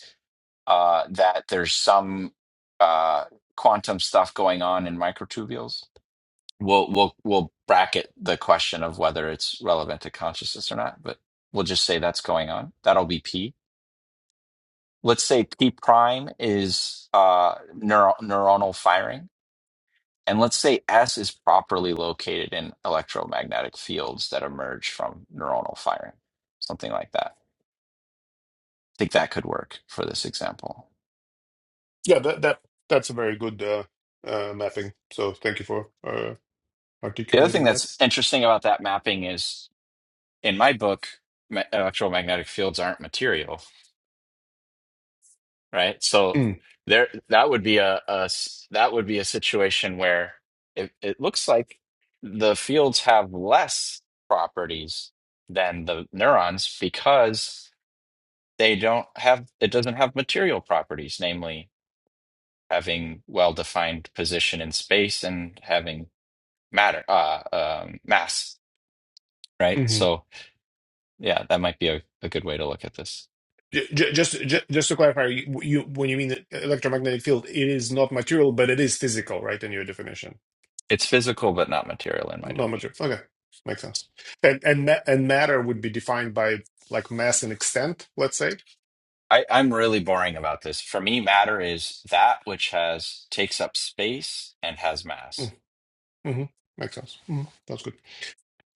[SPEAKER 3] uh, that there's some uh, quantum stuff going on in microtubules We'll we'll we'll bracket the question of whether it's relevant to consciousness or not, but we'll just say that's going on. That'll be P. Let's say P prime is uh neural neuronal firing, and let's say S is properly located in electromagnetic fields that emerge from neuronal firing, something like that. I think that could work for this example.
[SPEAKER 4] Yeah, that that that's a very good uh, uh, mapping. So thank you for uh,
[SPEAKER 3] The other thing
[SPEAKER 4] articulating that.
[SPEAKER 3] that's interesting about that mapping is in my book, ma- electromagnetic fields aren't material. right? So
[SPEAKER 4] Mm,
[SPEAKER 3] there, that would be a, a s- that would be a situation where it, it looks like the fields have less properties than the neurons because they don't have it doesn't have material properties, namely having well-defined position in space and having matter uh, um, mass, right?
[SPEAKER 4] mhm.
[SPEAKER 3] So yeah, that might be a, a good way to look at this.
[SPEAKER 4] J- j- just j- just to clarify, you, you when you mean the electromagnetic field, it is not material, but it is physical, right? In your definition,
[SPEAKER 3] It's physical but not material in my
[SPEAKER 4] not
[SPEAKER 3] definition.
[SPEAKER 4] material. Okay, makes sense. And and ma- and matter would be defined by like mass and extent, let's say.
[SPEAKER 3] I, I'm really boring about this. For me, matter is that which has takes up space and has
[SPEAKER 4] Mm,
[SPEAKER 3] mass.
[SPEAKER 4] mhm. Makes sense. Mhm. That's good.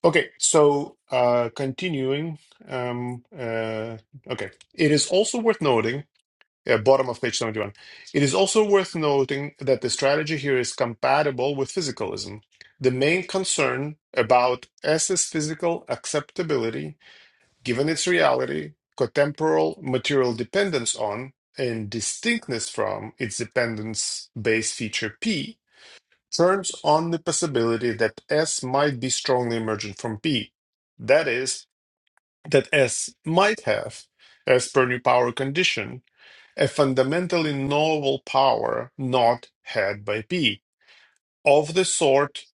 [SPEAKER 4] Okay, so uh, continuing. Um, uh, okay, it is also worth noting. Yeah, bottom of page 71. It is also worth noting that the strategy here is compatible with physicalism. The main concern about S's physical acceptability, given its reality, contemporal material dependence on, and distinctness from its dependence base feature P, turns on the possibility that S might be strongly emergent from P. That is, that S might have, as per new power condition, a fundamentally novel power not had by P, of the sort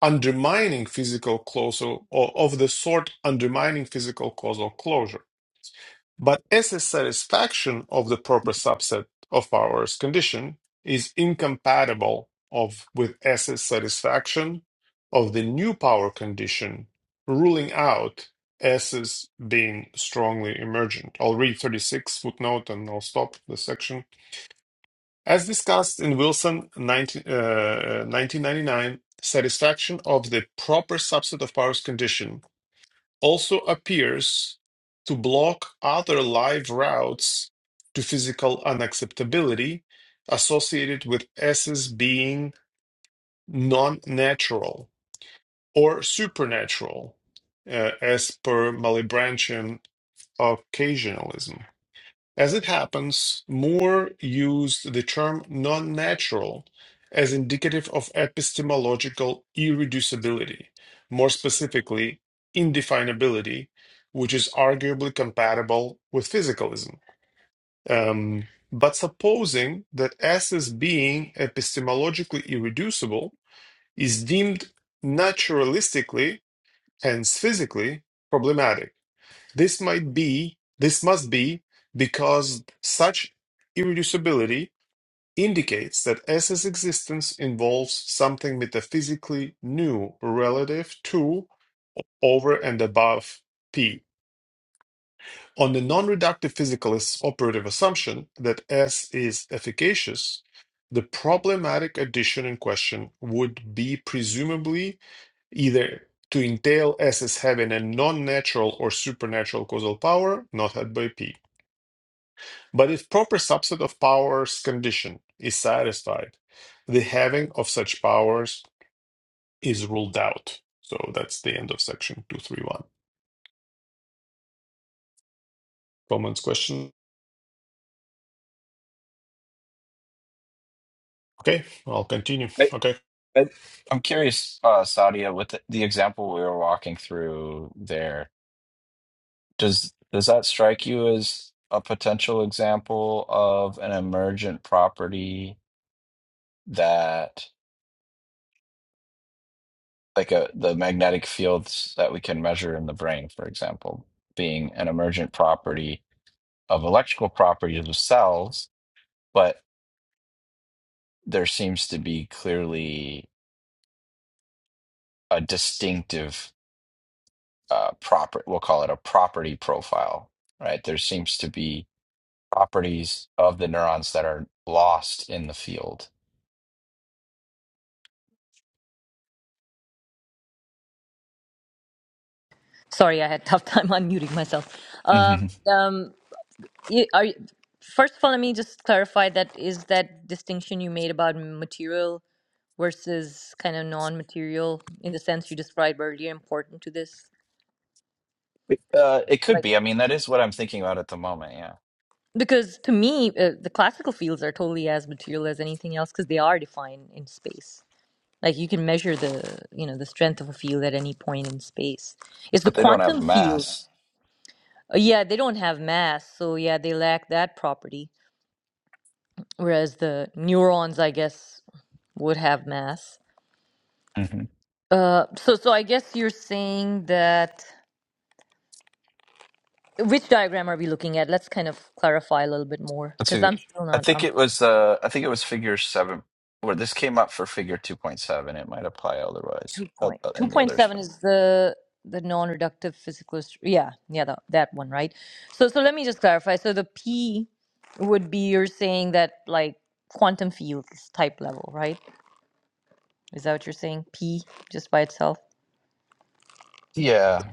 [SPEAKER 4] undermining physical causal or of the sort undermining physical causal closure. But as a satisfaction of the proper subset of powers condition is incompatible of with as a satisfaction of the new power condition, ruling out S as being strongly emergent. I'll read 36 footnote and I'll stop the section. As discussed in Wilson 19, uh, 1999, satisfaction of the proper subset of powers condition also appears to block other live routes to physical unacceptability associated with S's being non natural or supernatural, uh, as per Malebranchian occasionalism. As it happens, Moore used the term non-natural as indicative of epistemological irreducibility, more specifically, indefinability, which is arguably compatible with physicalism. Um, but supposing that S as being epistemologically irreducible is deemed naturalistically, hence physically, problematic this might be, this must be, because such irreducibility indicates that S's existence involves something metaphysically new relative to, over, and above P. On the non reductive physicalist's operative assumption that S is efficacious, the problematic addition in question would be presumably either to entail S as having a non natural or supernatural causal power not had by P But if proper subset of powers condition is satisfied, the having of such powers is ruled out. So that's the end of section 231. Comments, question? Okay, I'll continue.
[SPEAKER 3] I,
[SPEAKER 4] Okay.
[SPEAKER 3] I, I'm curious, uh, Sadia, with the, the example we were walking through there, does does that strike you as a potential example of an emergent property that, like a the magnetic fields that we can measure in the brain, for example, being an emergent property of electrical properties of cells? but there seems to be clearly a distinctive uh, proper, we'll call it a property profile, right? There seems to be properties of the neurons that are lost in the field.
[SPEAKER 1] Sorry, I had tough time unmuting myself. Um,
[SPEAKER 3] Mhm.
[SPEAKER 1] um, you, are you, first of all, let me just clarify that is that distinction you made about material versus kind of non-material in the sense you described earlier important to this?
[SPEAKER 3] Uh, it could
[SPEAKER 1] Like,
[SPEAKER 3] be. I mean, that is what I'm thinking about at the moment. Yeah,
[SPEAKER 1] because to me, uh, the classical fields are totally as material as anything else because they are defined in space. Like you can measure the, you know, the strength of a field at any point in space. It's the
[SPEAKER 3] but they don't have
[SPEAKER 1] quantum fields.
[SPEAKER 3] mass.
[SPEAKER 1] uh, Yeah, they don't have mass, so yeah, they lack that property whereas the neurons, I guess, would have mass.
[SPEAKER 3] hmm
[SPEAKER 1] Uh, so, so I guess you're saying that which diagram are we looking at? Let's kind of clarify a little bit more
[SPEAKER 3] Let's
[SPEAKER 1] because
[SPEAKER 3] see.
[SPEAKER 1] I'm still
[SPEAKER 3] I
[SPEAKER 1] not.
[SPEAKER 3] think
[SPEAKER 1] I'm
[SPEAKER 3] it was. Uh, I think it was figure seven. Where this came up for figure two point seven, it might apply otherwise
[SPEAKER 1] two
[SPEAKER 3] uh,
[SPEAKER 1] point
[SPEAKER 3] uh,
[SPEAKER 1] two
[SPEAKER 3] in the
[SPEAKER 1] point
[SPEAKER 3] others.
[SPEAKER 1] seven
[SPEAKER 3] But
[SPEAKER 1] is the the non-reductive physicalist. Yeah, yeah, that, that one, right? So, so let me just clarify. So the P would be you're saying that like quantum fields type level, right? Is that what you're saying? P just by itself.
[SPEAKER 3] Yeah,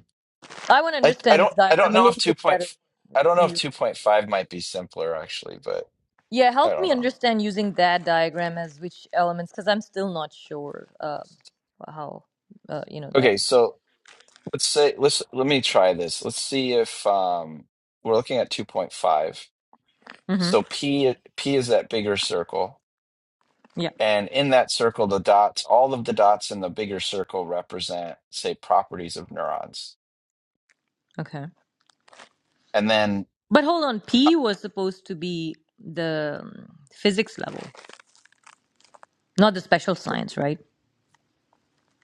[SPEAKER 1] I want to
[SPEAKER 3] I I
[SPEAKER 1] understand
[SPEAKER 3] don't
[SPEAKER 1] this
[SPEAKER 3] I don't
[SPEAKER 1] diagram a
[SPEAKER 3] know if
[SPEAKER 1] little
[SPEAKER 3] two
[SPEAKER 1] bit
[SPEAKER 3] point
[SPEAKER 1] better
[SPEAKER 3] I don't know
[SPEAKER 1] in
[SPEAKER 3] if
[SPEAKER 1] your
[SPEAKER 3] two point five might be simpler actually, but
[SPEAKER 1] Yeah,
[SPEAKER 3] I
[SPEAKER 1] help
[SPEAKER 3] don't
[SPEAKER 1] me
[SPEAKER 3] know.
[SPEAKER 1] understand using that diagram as which elements, because I'm still not sure uh, how, uh, you know, that.
[SPEAKER 3] Okay, so let's say let's let me try this. Let's see if um we're looking at two point five.
[SPEAKER 1] hmm
[SPEAKER 3] So P uh, P is that bigger circle,
[SPEAKER 1] Yeah,
[SPEAKER 3] and in that circle, the dots, all of the dots in the bigger circle represent, say, properties of neurons.
[SPEAKER 1] okay.
[SPEAKER 3] And then
[SPEAKER 1] But hold on, P was supposed to be the um, physics level, not the special science, right?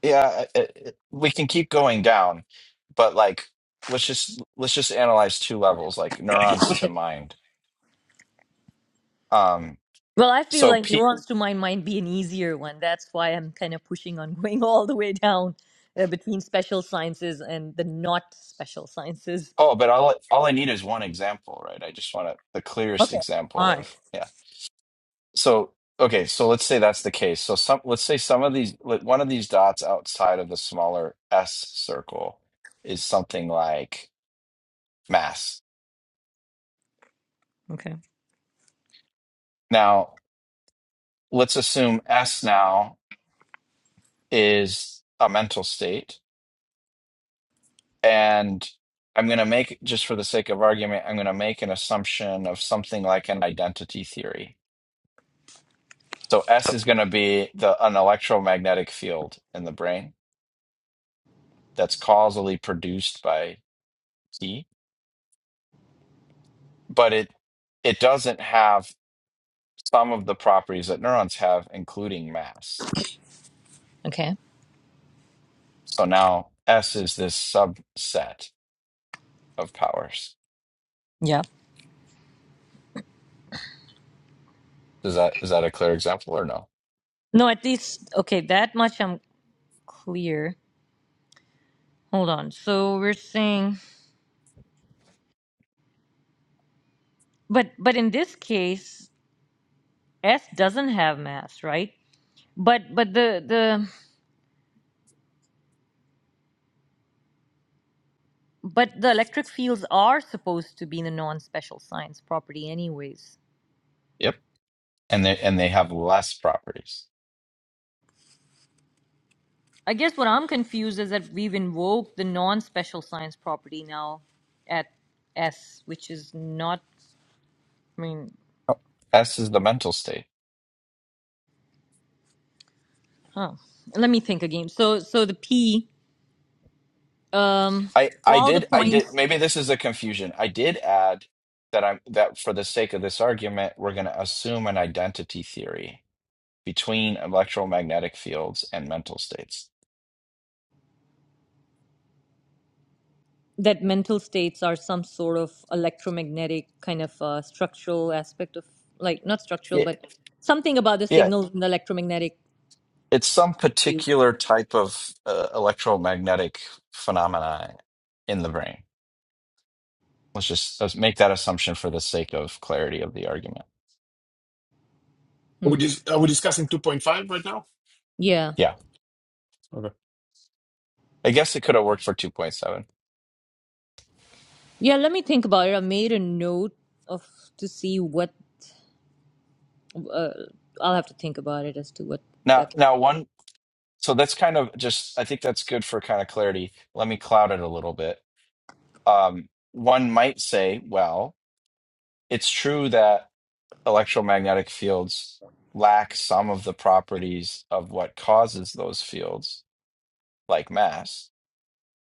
[SPEAKER 3] yeah, it, it, we can keep going down, but like let's just let's just analyze two levels, like neurons to mind. Um,
[SPEAKER 1] Well, I feel
[SPEAKER 3] So
[SPEAKER 1] like
[SPEAKER 3] P
[SPEAKER 1] nuance to my mind be an easier one. That's why I'm kind of pushing on going all the way down uh, between special sciences and the not special sciences.
[SPEAKER 3] oh, but all all I need is one example, right? I just want a, the clearest
[SPEAKER 1] Okay. All
[SPEAKER 3] example
[SPEAKER 1] right.
[SPEAKER 3] of yeah. So okay, so let's say that's the case. So some let's say some of these like, one of these dots outside of the smaller S circle is something like mass.
[SPEAKER 1] Okay.
[SPEAKER 3] Now, let's assume S now is a mental state and I'm going to make just for the sake of argument, I'm going to make an assumption of something like an identity theory So S is going to be the an electromagnetic field in the brain that's causally produced by T, but it it doesn't have some of the properties that neurons have, including mass.
[SPEAKER 1] Okay.
[SPEAKER 3] So now S is this subset of powers.
[SPEAKER 1] Yeah.
[SPEAKER 3] Is that is that a clear example or no?
[SPEAKER 1] No, at least okay. That much I'm clear. Hold on. So we're saying, but but in this case, S doesn't have mass, right? But but the the but the electric fields are supposed to be the non-special science property, anyways.
[SPEAKER 3] Yep. And they and they have less properties.
[SPEAKER 1] I guess what I'm confused is that we've invoked the non-special science property now at S, which is not. I mean,
[SPEAKER 3] Oh, S is the mental state.
[SPEAKER 1] huh. Let me think again. So so the P, um,
[SPEAKER 3] I I
[SPEAKER 1] all the
[SPEAKER 3] did I did
[SPEAKER 1] points.
[SPEAKER 3] maybe this is a confusion. I did add that I'm that for the sake of this argument, we're going to assume an identity theory between electromagnetic fields and mental states.
[SPEAKER 1] that mental states are some sort of electromagnetic kind of uh, structural aspect of like not structural
[SPEAKER 3] Yeah,
[SPEAKER 1] but something about the
[SPEAKER 3] yeah,
[SPEAKER 1] signals in the electromagnetic
[SPEAKER 3] it's some
[SPEAKER 1] field
[SPEAKER 3] particular type of uh, electromagnetic phenomena in the brain. Let's just let's make that assumption for the sake of clarity of the argument.
[SPEAKER 4] Are we,
[SPEAKER 1] hmm.
[SPEAKER 4] dis- are we discussing 2.5 right now?
[SPEAKER 1] yeah
[SPEAKER 3] Yeah,
[SPEAKER 4] Okay.
[SPEAKER 3] I guess it could have worked for two point seven.
[SPEAKER 1] yeah let me think about it i made a note of to see what uh, i'll have to think about it as to what
[SPEAKER 3] Now,
[SPEAKER 1] that
[SPEAKER 3] now one So that's kind of just, I think that's good for kind of clarity. Let me cloud it a little bit. Um, one might say, well, it's true that electromagnetic fields lack some of the properties of what causes those fields, like mass,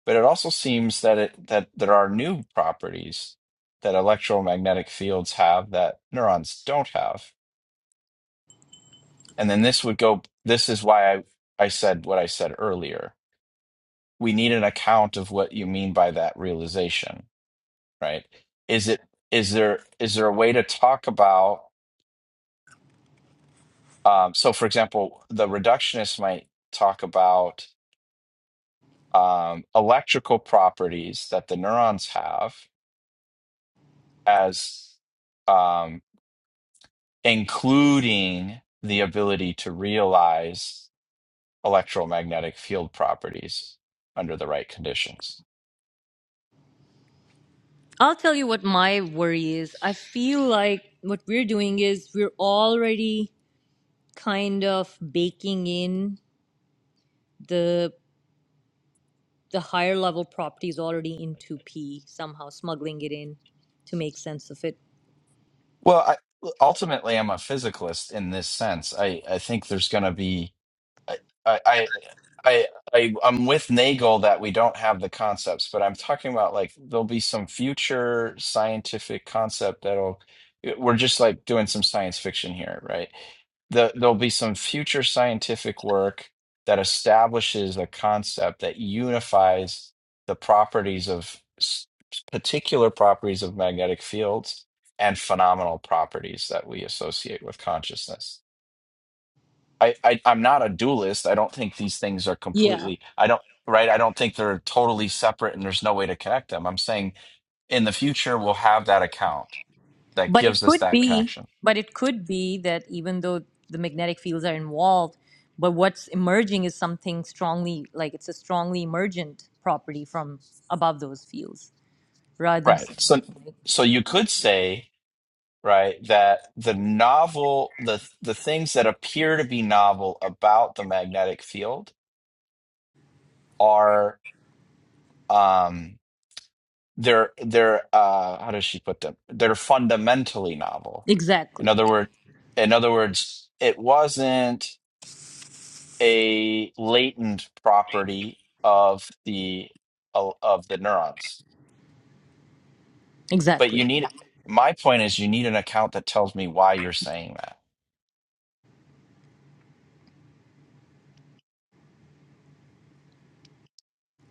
[SPEAKER 3] but it also seems that it that there are new properties that electromagnetic fields have that neurons don't have. And then this would go, this is why I, I said what I said earlier we need an account of what you mean by that realization right is it is there is there a way to talk about um, so for example the reductionist might talk about um, electrical properties that the neurons have as um, including the ability to realize electromagnetic field properties under the right conditions
[SPEAKER 1] i'll tell you what my worry is i feel like what we're doing is we're already kind of baking in the the higher level property is already into P, somehow smuggling it in to make sense of it.
[SPEAKER 3] well I, ultimately i'm a physicalist in this sense i, I think there's going to be I, I, I, I, I'm with Nagel that we don't have the concepts, but I'm talking about like there'll be some future scientific concept that'll. eh, We're just like doing some science fiction here, right? The, there'll be some future scientific work that establishes a concept that unifies the properties of s- particular properties of magnetic fields and phenomenal properties that we associate with consciousness I, I I'm not a dualist. I don't think these things are
[SPEAKER 1] Yeah.
[SPEAKER 3] completely. I don't right. I don't think they're totally separate, and there's no way to connect them. I'm saying in the future we'll have that account that
[SPEAKER 1] But
[SPEAKER 3] gives
[SPEAKER 1] it
[SPEAKER 3] us
[SPEAKER 1] could
[SPEAKER 3] that
[SPEAKER 1] be,
[SPEAKER 3] connection.
[SPEAKER 1] but it could be that even though the magnetic fields are involved, but what's emerging is something strongly, like it's a strongly emergent property from above those fields rather than.
[SPEAKER 3] Right. So so you could say right that the novel the the things that appear to be novel about the magnetic field are um they're they're uh how does she put them they're fundamentally novel in
[SPEAKER 1] Exactly.
[SPEAKER 3] other word in other words it wasn't a latent property of the of the neurons but
[SPEAKER 1] Exactly.
[SPEAKER 3] you need my point is you need an account that tells me why you're saying that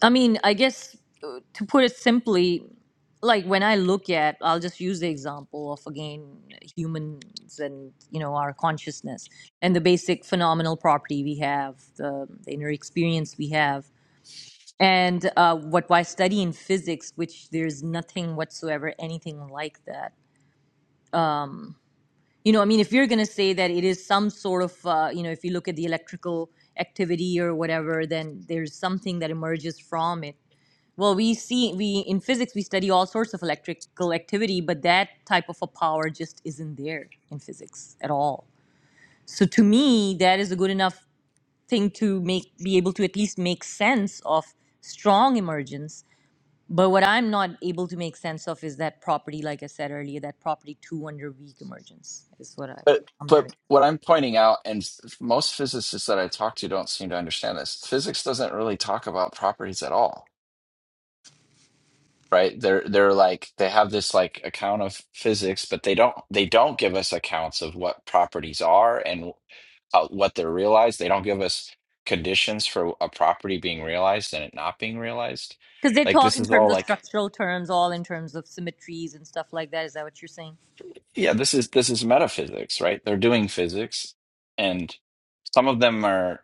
[SPEAKER 1] I mean, I guess uh, to put it simply, like when I look at, I'll just use the example of again humans and you know our consciousness and the basic phenomenal property we have, the, the inner experience we have, and uh, what why study in physics, which there's nothing whatsoever anything like that. You know, I mean, if you're going to say that it is some sort of, uh, you know, if you look at the electrical activity or whatever, then there's something that emerges from it well we see we in physics we study all sorts of electrical activity but that type of a power just isn't there in physics at all so to me that is a good enough thing to make be able to at least make sense of strong emergence but what i'm not able to make sense of is that property like i said earlier that property 2 under weak emergence is what I,
[SPEAKER 3] But
[SPEAKER 1] i'm having
[SPEAKER 3] but what I'm pointing out, and f- most physicists that I talk to don't seem to understand this. Physics doesn't really talk about properties at all, right? They're they're like they have this like account of physics, but they don't they don't give us accounts of what properties are and uh, what they're realized. They don't give us conditions for a property being realized and it not being realized.
[SPEAKER 1] because they
[SPEAKER 3] Like
[SPEAKER 1] talk
[SPEAKER 3] this
[SPEAKER 1] in
[SPEAKER 3] is all
[SPEAKER 1] terms of
[SPEAKER 3] like
[SPEAKER 1] structural terms all in terms of symmetries and stuff like that is that what you're saying
[SPEAKER 3] Yeah, this is this is metaphysics, right? They're doing physics, and some of them are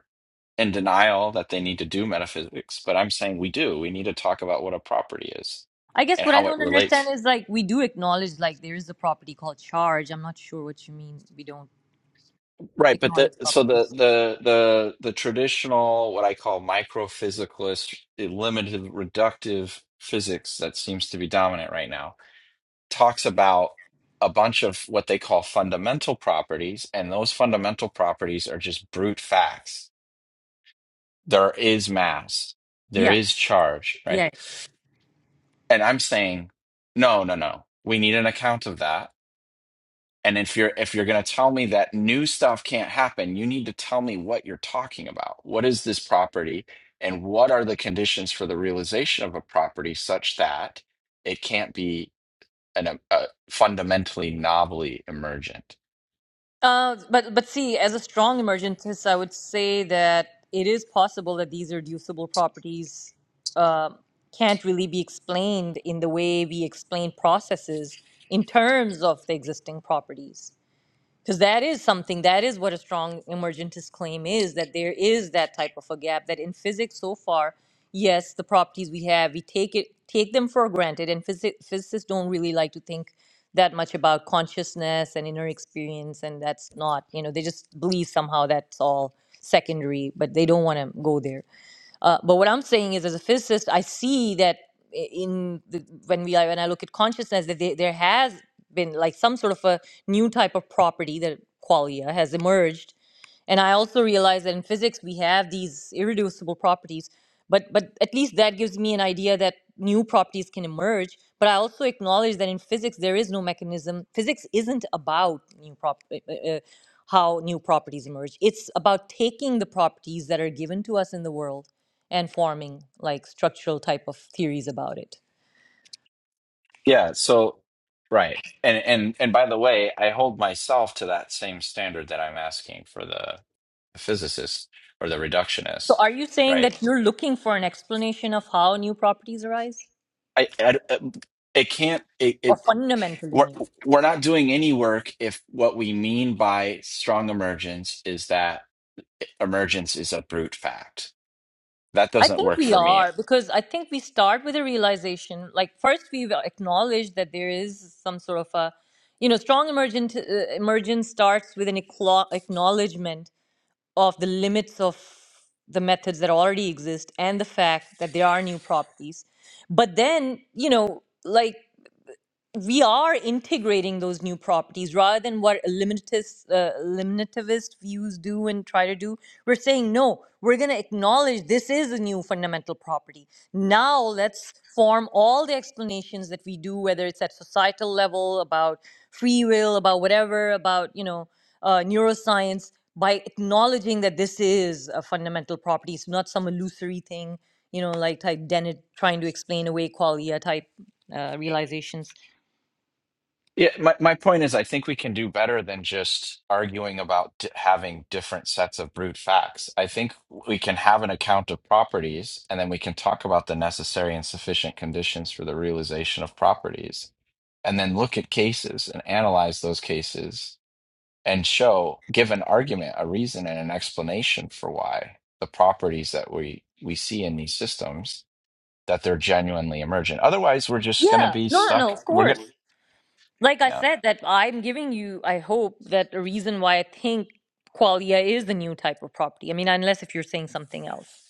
[SPEAKER 3] in denial that they need to do metaphysics, but I'm saying we do. We need to talk about what a property is
[SPEAKER 1] I guess
[SPEAKER 3] and
[SPEAKER 1] what I
[SPEAKER 3] how it
[SPEAKER 1] don't understand
[SPEAKER 3] relates.
[SPEAKER 1] is like we do acknowledge like there is a property called charge. I'm not sure what you mean. We don't
[SPEAKER 3] Right, but the
[SPEAKER 1] acknowledge
[SPEAKER 3] so the
[SPEAKER 1] properties.
[SPEAKER 3] the the the traditional what I call microphysicalist eh, limited reductive physics that seems to be dominant right now talks about a bunch of what they call fundamental properties, and those fundamental properties are just brute facts there is mass, there
[SPEAKER 1] Yeah,
[SPEAKER 3] is charge, right?
[SPEAKER 1] yeah.
[SPEAKER 3] And I'm saying, no, no, no. We need an account of that. And if you're if you're going to tell me that new stuff can't happen, you need to tell me what you're talking about. What is this property and what are the conditions for the realization of a property such that it can't be an a a fundamentally novelly emergent?
[SPEAKER 1] Uh, but but see, as a strong emergentist, I would say that it is possible that these reducible properties uh, can't really be explained in the way we explain processes in terms of the existing properties. because that is something that is what a strong emergentist claim is that there is that type of a gap that in physics so far yes the properties we have we take it take them for granted and physi- physicists don't really like to think that much about consciousness and inner experience and that's not you know they just believe somehow that's all secondary but they don't want to go there uh, but what I'm saying is, as a physicist, I see that i- in the, when we are, when I look at consciousness, that there there has been like some sort of a new type of property that qualia has emerged and I also realize that in physics we have these irreducible properties, but but at least that gives me an idea that new properties can emerge. But I also acknowledge that in physics there is no mechanism. Physics isn't about new prop uh, uh, uh, how new properties emerge. It's about taking the properties that are given to us in the world and forming like structural type of theories about it.
[SPEAKER 3] Yeah, so right. And and and by the way, I hold myself to that same standard that I'm asking for the physicist or the
[SPEAKER 1] So
[SPEAKER 3] reductionist,
[SPEAKER 1] are you saying
[SPEAKER 3] right?
[SPEAKER 1] that you're looking for an explanation of how new properties arise
[SPEAKER 3] I, I um, it can't it,
[SPEAKER 1] or
[SPEAKER 3] it
[SPEAKER 1] fundamentally
[SPEAKER 3] we're
[SPEAKER 1] new?
[SPEAKER 3] we're not doing any work if what we mean by strong emergence is that emergence is a brute fact. That
[SPEAKER 1] I
[SPEAKER 3] doesn't
[SPEAKER 1] think
[SPEAKER 3] work
[SPEAKER 1] we
[SPEAKER 3] for me
[SPEAKER 1] are because I think we start with a realization. Like first, we've acknowledged that there is some sort of a, you know, strong emergent uh, emergence starts with an eclo- acknowledgement of the limits of the methods that already exist and the fact that there are new properties. But then, you know, like we are integrating those new properties rather than what limitists, uh, limitativist views do and try to do. We're saying, no, we're going to acknowledge this is a new fundamental property. Now let's form all the explanations that we do, whether it's at societal level, about free will, about whatever, about, you know, uh, neuroscience, by acknowledging that this is a fundamental property. It's not some illusory thing, you know, like type Dennett trying to explain away qualia type uh, realizations.
[SPEAKER 3] Yeah, my, my point is, I think we can do better than just arguing about d having different sets of brute facts. I think we can have an account of properties, and then we can talk about the necessary and sufficient conditions for the realization of properties, and then look at cases and analyze those cases and show, give an argument, a reason, and an explanation for why the properties that we we see in these systems that they're genuinely emergent. Otherwise, we're just going to
[SPEAKER 1] Yeah,
[SPEAKER 3] be
[SPEAKER 1] no, no, no,
[SPEAKER 3] stuck.
[SPEAKER 1] of
[SPEAKER 3] We're
[SPEAKER 1] course. Like I
[SPEAKER 3] going.
[SPEAKER 1] said, that I'm giving you, I hope, that a reason why I think qualia is the new type of property. I mean, unless if you're saying something else.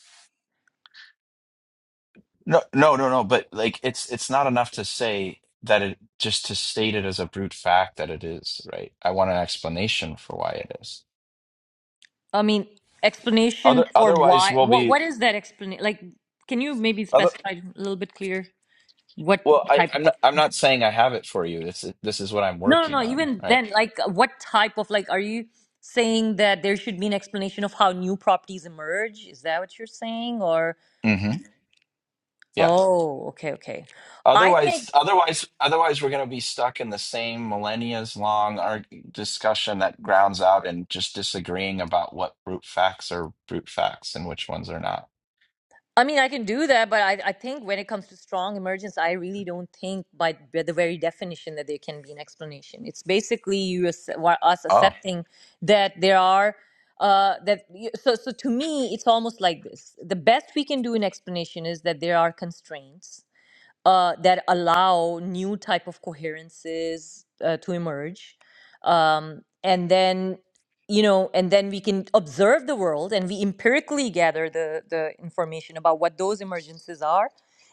[SPEAKER 3] No, no, no, no. But like, it's it's not enough to say that it just to state it as a brute fact that it is, right? I want an explanation for why it is.
[SPEAKER 1] I mean,
[SPEAKER 3] Other
[SPEAKER 1] explanation for
[SPEAKER 3] otherwise,
[SPEAKER 1] why,
[SPEAKER 3] we'll
[SPEAKER 1] what,
[SPEAKER 3] be
[SPEAKER 1] what is that explanation? Like, can you maybe
[SPEAKER 3] other.
[SPEAKER 1] specify a little bit clearer? what
[SPEAKER 3] Well, I,
[SPEAKER 1] type of
[SPEAKER 3] I'm not. I'm
[SPEAKER 1] explanation?
[SPEAKER 3] not saying I have it for you. This this is what I'm
[SPEAKER 1] No,
[SPEAKER 3] working
[SPEAKER 1] no, no,
[SPEAKER 3] on,
[SPEAKER 1] even
[SPEAKER 3] right?
[SPEAKER 1] then, like, what type of, like, are you saying that there should be an explanation of how new properties emerge? Is that what you're saying? Or,
[SPEAKER 3] Mm-hmm. Yeah.
[SPEAKER 1] oh, okay, okay. I think
[SPEAKER 3] Otherwise, otherwise, otherwise, we're gonna be stuck in the same millennia's long arg discussion that grounds out and just disagreeing about what brute facts are brute facts and which ones are not.
[SPEAKER 1] I mean, I can do that, but I, I think when it comes to strong emergence, I really don't think by the very definition that there can be an explanation. It's basically you ac- wa- us
[SPEAKER 3] Oh.
[SPEAKER 1] accepting that there are uh, that y- so so to me, it's almost like this: the best we can do in explanation is that there are constraints, uh, that allow new type of coherences uh, to emerge um, and then you know and then we can observe the world and we empirically gather the the information about what those emergences are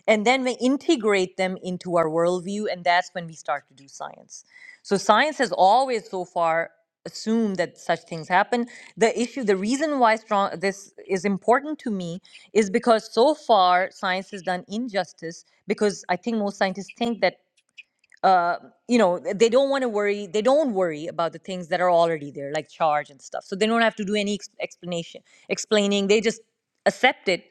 [SPEAKER 1] and then we integrate them into our worldview and that's when we start to do science so science has always so far assumed that such things happen the issue the reason why strong this is important to me is because so far science has done injustice because I think most scientists think that uh, you know they don't want to worry. They don't worry about the things that are already there, like charge and stuff. So they don't have to do any ex- explanation, explaining. They just accept it,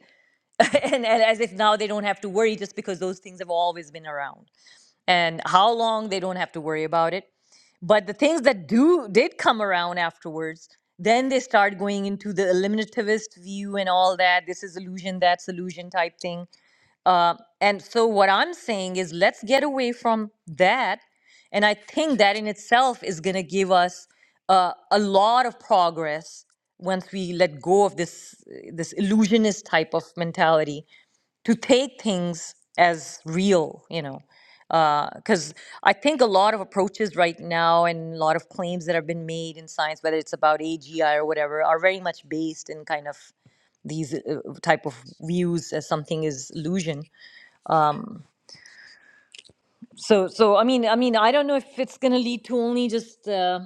[SPEAKER 1] and, and as if now they don't have to worry just because those things have always been around. And how long they don't have to worry about it. But the things that do did come around afterwards, then they start going into the eliminativist view and all that. This is illusion, that's illusion type thing uh, and so what I'm saying is let's get away from that. And I think that in itself is going to give us uh, a lot of progress once we let go of this this illusionist type of mentality to take things as real, you know. Because I think a lot of approaches right now and a lot of claims that have been made in science, whether it's about AGI or whatever, are very much based in kind of these uh, type of views as something is illusion so so i mean i mean i don't know if it's going to lead to only just uh,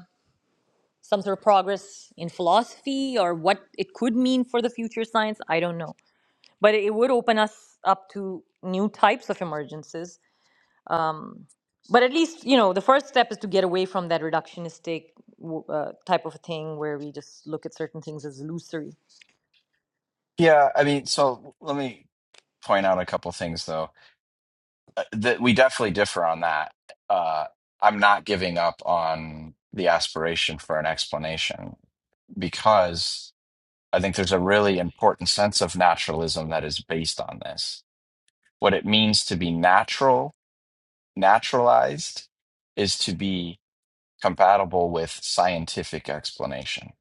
[SPEAKER 1] some sort of progress in philosophy or what it could mean for the future science i don't know but it would open us up to new types of emergences but at least you know the first step is to get away from that reductionistic w- uh, type of a thing where we just look at certain things as illusory
[SPEAKER 3] Yeah, I mean, so let me point out a couple things though Uh, that we definitely differ on that uh, i'm not giving up on the aspiration for an explanation because i think there's a really important sense of naturalism that is based on this what it means to be natural naturalized is to be compatible with scientific explanation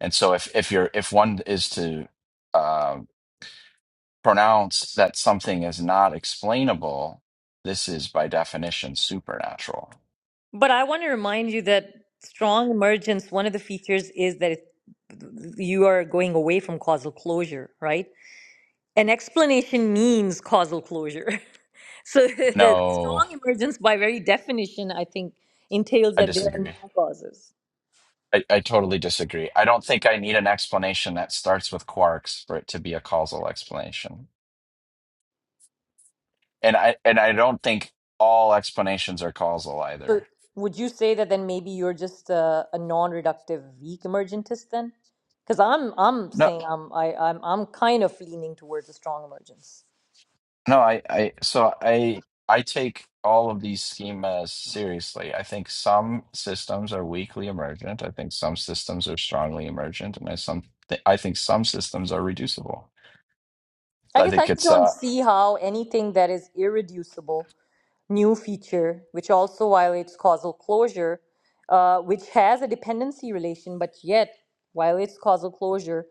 [SPEAKER 3] and so if if you're if one is to um pronounce that something is not explainable, this is by definition supernatural.
[SPEAKER 1] but i want to remind you that strong emergence one of the features is that it, you are going away from causal closure right an explanation means causal closure. so the
[SPEAKER 3] No,
[SPEAKER 1] strong emergence, by very definition, I think entails
[SPEAKER 3] I
[SPEAKER 1] that there are
[SPEAKER 3] disagree.
[SPEAKER 1] no causes.
[SPEAKER 3] I, I totally disagree. I don't think I need an explanation that starts with quarks for it to be a causal explanation. And I and I don't think all explanations are causal either.
[SPEAKER 1] So would you say that then maybe you're just a, a non-reductive weak emergentist then? Because I'm I'm
[SPEAKER 3] No.
[SPEAKER 1] saying I'm I, I'm I'm kind of leaning towards a strong emergence.
[SPEAKER 3] No, I, I so I I take all of these schemas seriously. I think some systems are weakly emergent. I think some systems are strongly emergent, and I some th I think some systems are reducible.
[SPEAKER 1] I
[SPEAKER 3] I
[SPEAKER 1] guess I
[SPEAKER 3] think
[SPEAKER 1] just
[SPEAKER 3] it's
[SPEAKER 1] don't
[SPEAKER 3] uh
[SPEAKER 1] see how anything that is irreducible new feature, which also violates causal closure, uh, which has a dependency relation, but yet violates causal closure,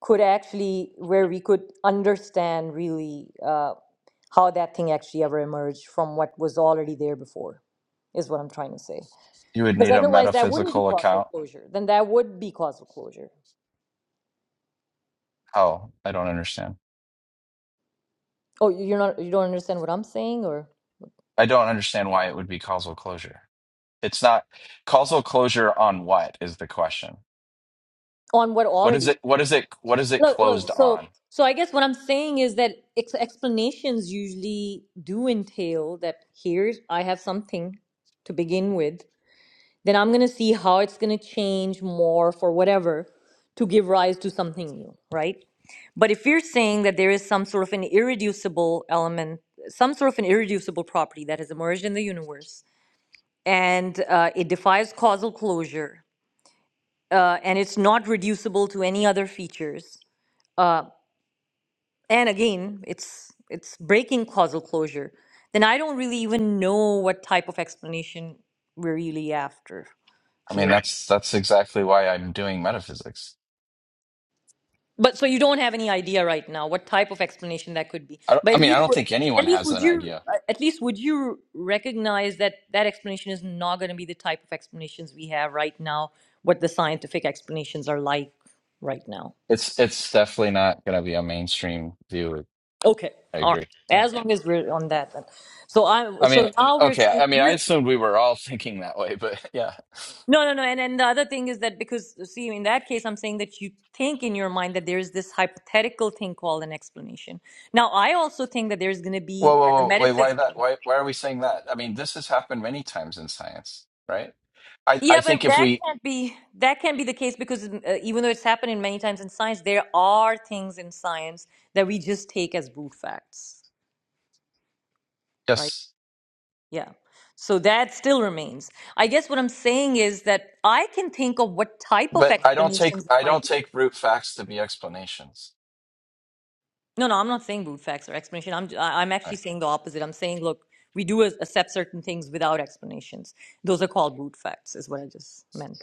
[SPEAKER 1] could actually, where we could understand really uh, how that thing actually ever emerged from what was already there before, is what I'm trying to say.
[SPEAKER 3] you would
[SPEAKER 1] Because
[SPEAKER 3] need a
[SPEAKER 1] otherwise, that wouldn't be
[SPEAKER 3] metaphysical
[SPEAKER 1] causal
[SPEAKER 3] account.
[SPEAKER 1] closure. Then that would be causal closure.
[SPEAKER 3] How? I don't understand.
[SPEAKER 1] Oh, you're not, you don't understand what I'm saying, or
[SPEAKER 3] I don't understand why it would be causal closure. It's not causal closure on what is the question.
[SPEAKER 1] on what
[SPEAKER 3] What is
[SPEAKER 1] already
[SPEAKER 3] it what
[SPEAKER 1] exists.
[SPEAKER 3] is it what is it
[SPEAKER 1] Look, look,
[SPEAKER 3] closed
[SPEAKER 1] so
[SPEAKER 3] on?
[SPEAKER 1] so I guess what I'm saying is that ex explanations usually do entail that here's I have something to begin with, then I'm gonna see how it's gonna change, morph, or whatever to give rise to something new, right? But if you're saying that there is some sort of an irreducible element, some sort of an irreducible property that has emerged in the universe, and uh, it defies causal closure, uh, and it's not reducible to any other features. uh, and again it's it's breaking causal closure then i don't really even know what type of explanation we're really after
[SPEAKER 3] I mean
[SPEAKER 1] here
[SPEAKER 3] that's that's exactly why I'm doing metaphysics.
[SPEAKER 1] but so you don't have any idea right now what type of explanation that could be
[SPEAKER 3] I, don't-
[SPEAKER 1] but
[SPEAKER 3] I
[SPEAKER 1] at
[SPEAKER 3] mean, I
[SPEAKER 1] least
[SPEAKER 3] don't
[SPEAKER 1] would-
[SPEAKER 3] think anyone
[SPEAKER 1] at least
[SPEAKER 3] has
[SPEAKER 1] would
[SPEAKER 3] an
[SPEAKER 1] you
[SPEAKER 3] idea.
[SPEAKER 1] uh, at least would you recognize that that explanation is not going to be the type of explanations we have right now what the scientific explanations are like right now
[SPEAKER 3] It's it's definitely not going to be a mainstream view.
[SPEAKER 1] okay
[SPEAKER 3] I
[SPEAKER 1] all
[SPEAKER 3] agree.
[SPEAKER 1] right
[SPEAKER 3] Yeah.
[SPEAKER 1] as long as we're on that then so i
[SPEAKER 3] I mean,
[SPEAKER 1] so now we're
[SPEAKER 3] okay. I mean, I
[SPEAKER 1] saying
[SPEAKER 3] assumed we were all thinking that way, but yeah.
[SPEAKER 1] No, no, no. And and the other thing is that because see, in that case, I'm saying that you think in your mind that there is this hypothetical thing called an explanation. Now, I also think that there's going to
[SPEAKER 3] Whoa,
[SPEAKER 1] be
[SPEAKER 3] whoa,
[SPEAKER 1] uh, the
[SPEAKER 3] whoa. Wait, why
[SPEAKER 1] metaphysical.
[SPEAKER 3] that? Why why are we saying that? I mean, this has happened many times in science, right? I I
[SPEAKER 1] Yeah, but
[SPEAKER 3] think if
[SPEAKER 1] that
[SPEAKER 3] we
[SPEAKER 1] can't be that can't be the case because uh, even though it's happening many times in science, there are things in science that we just take as brute facts, right?
[SPEAKER 3] yes,
[SPEAKER 1] Yeah. So that still remains. I guess what I'm saying is that I can think of what type of
[SPEAKER 3] but I don't take
[SPEAKER 1] explanations there
[SPEAKER 3] I don't
[SPEAKER 1] might
[SPEAKER 3] take brute facts to be explanations.
[SPEAKER 1] No, no, I'm not saying brute facts or explanation. I'm I- I'm
[SPEAKER 3] I,
[SPEAKER 1] actually saying the opposite. I'm saying, look, we do ac- accept certain things without explanations. Those are called brute facts, is what I just meant.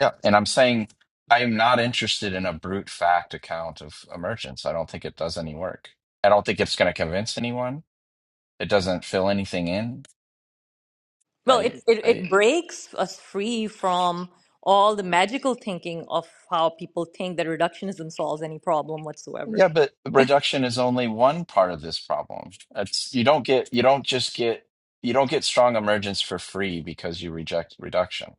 [SPEAKER 3] yeah, and I'm saying I am not interested in a brute fact account of emergence. I don't think it does any work. I don't think it's going to convince anyone. it doesn't fill anything in.
[SPEAKER 1] Well, it
[SPEAKER 3] I,
[SPEAKER 1] it,
[SPEAKER 3] I,
[SPEAKER 1] it breaks us free from all the magical thinking of how people think that reductionism solves any problem whatsoever.
[SPEAKER 3] yeah, but reduction is only one part of this problem. It's you don't get you don't just get you don't get strong emergence for free because you reject reduction.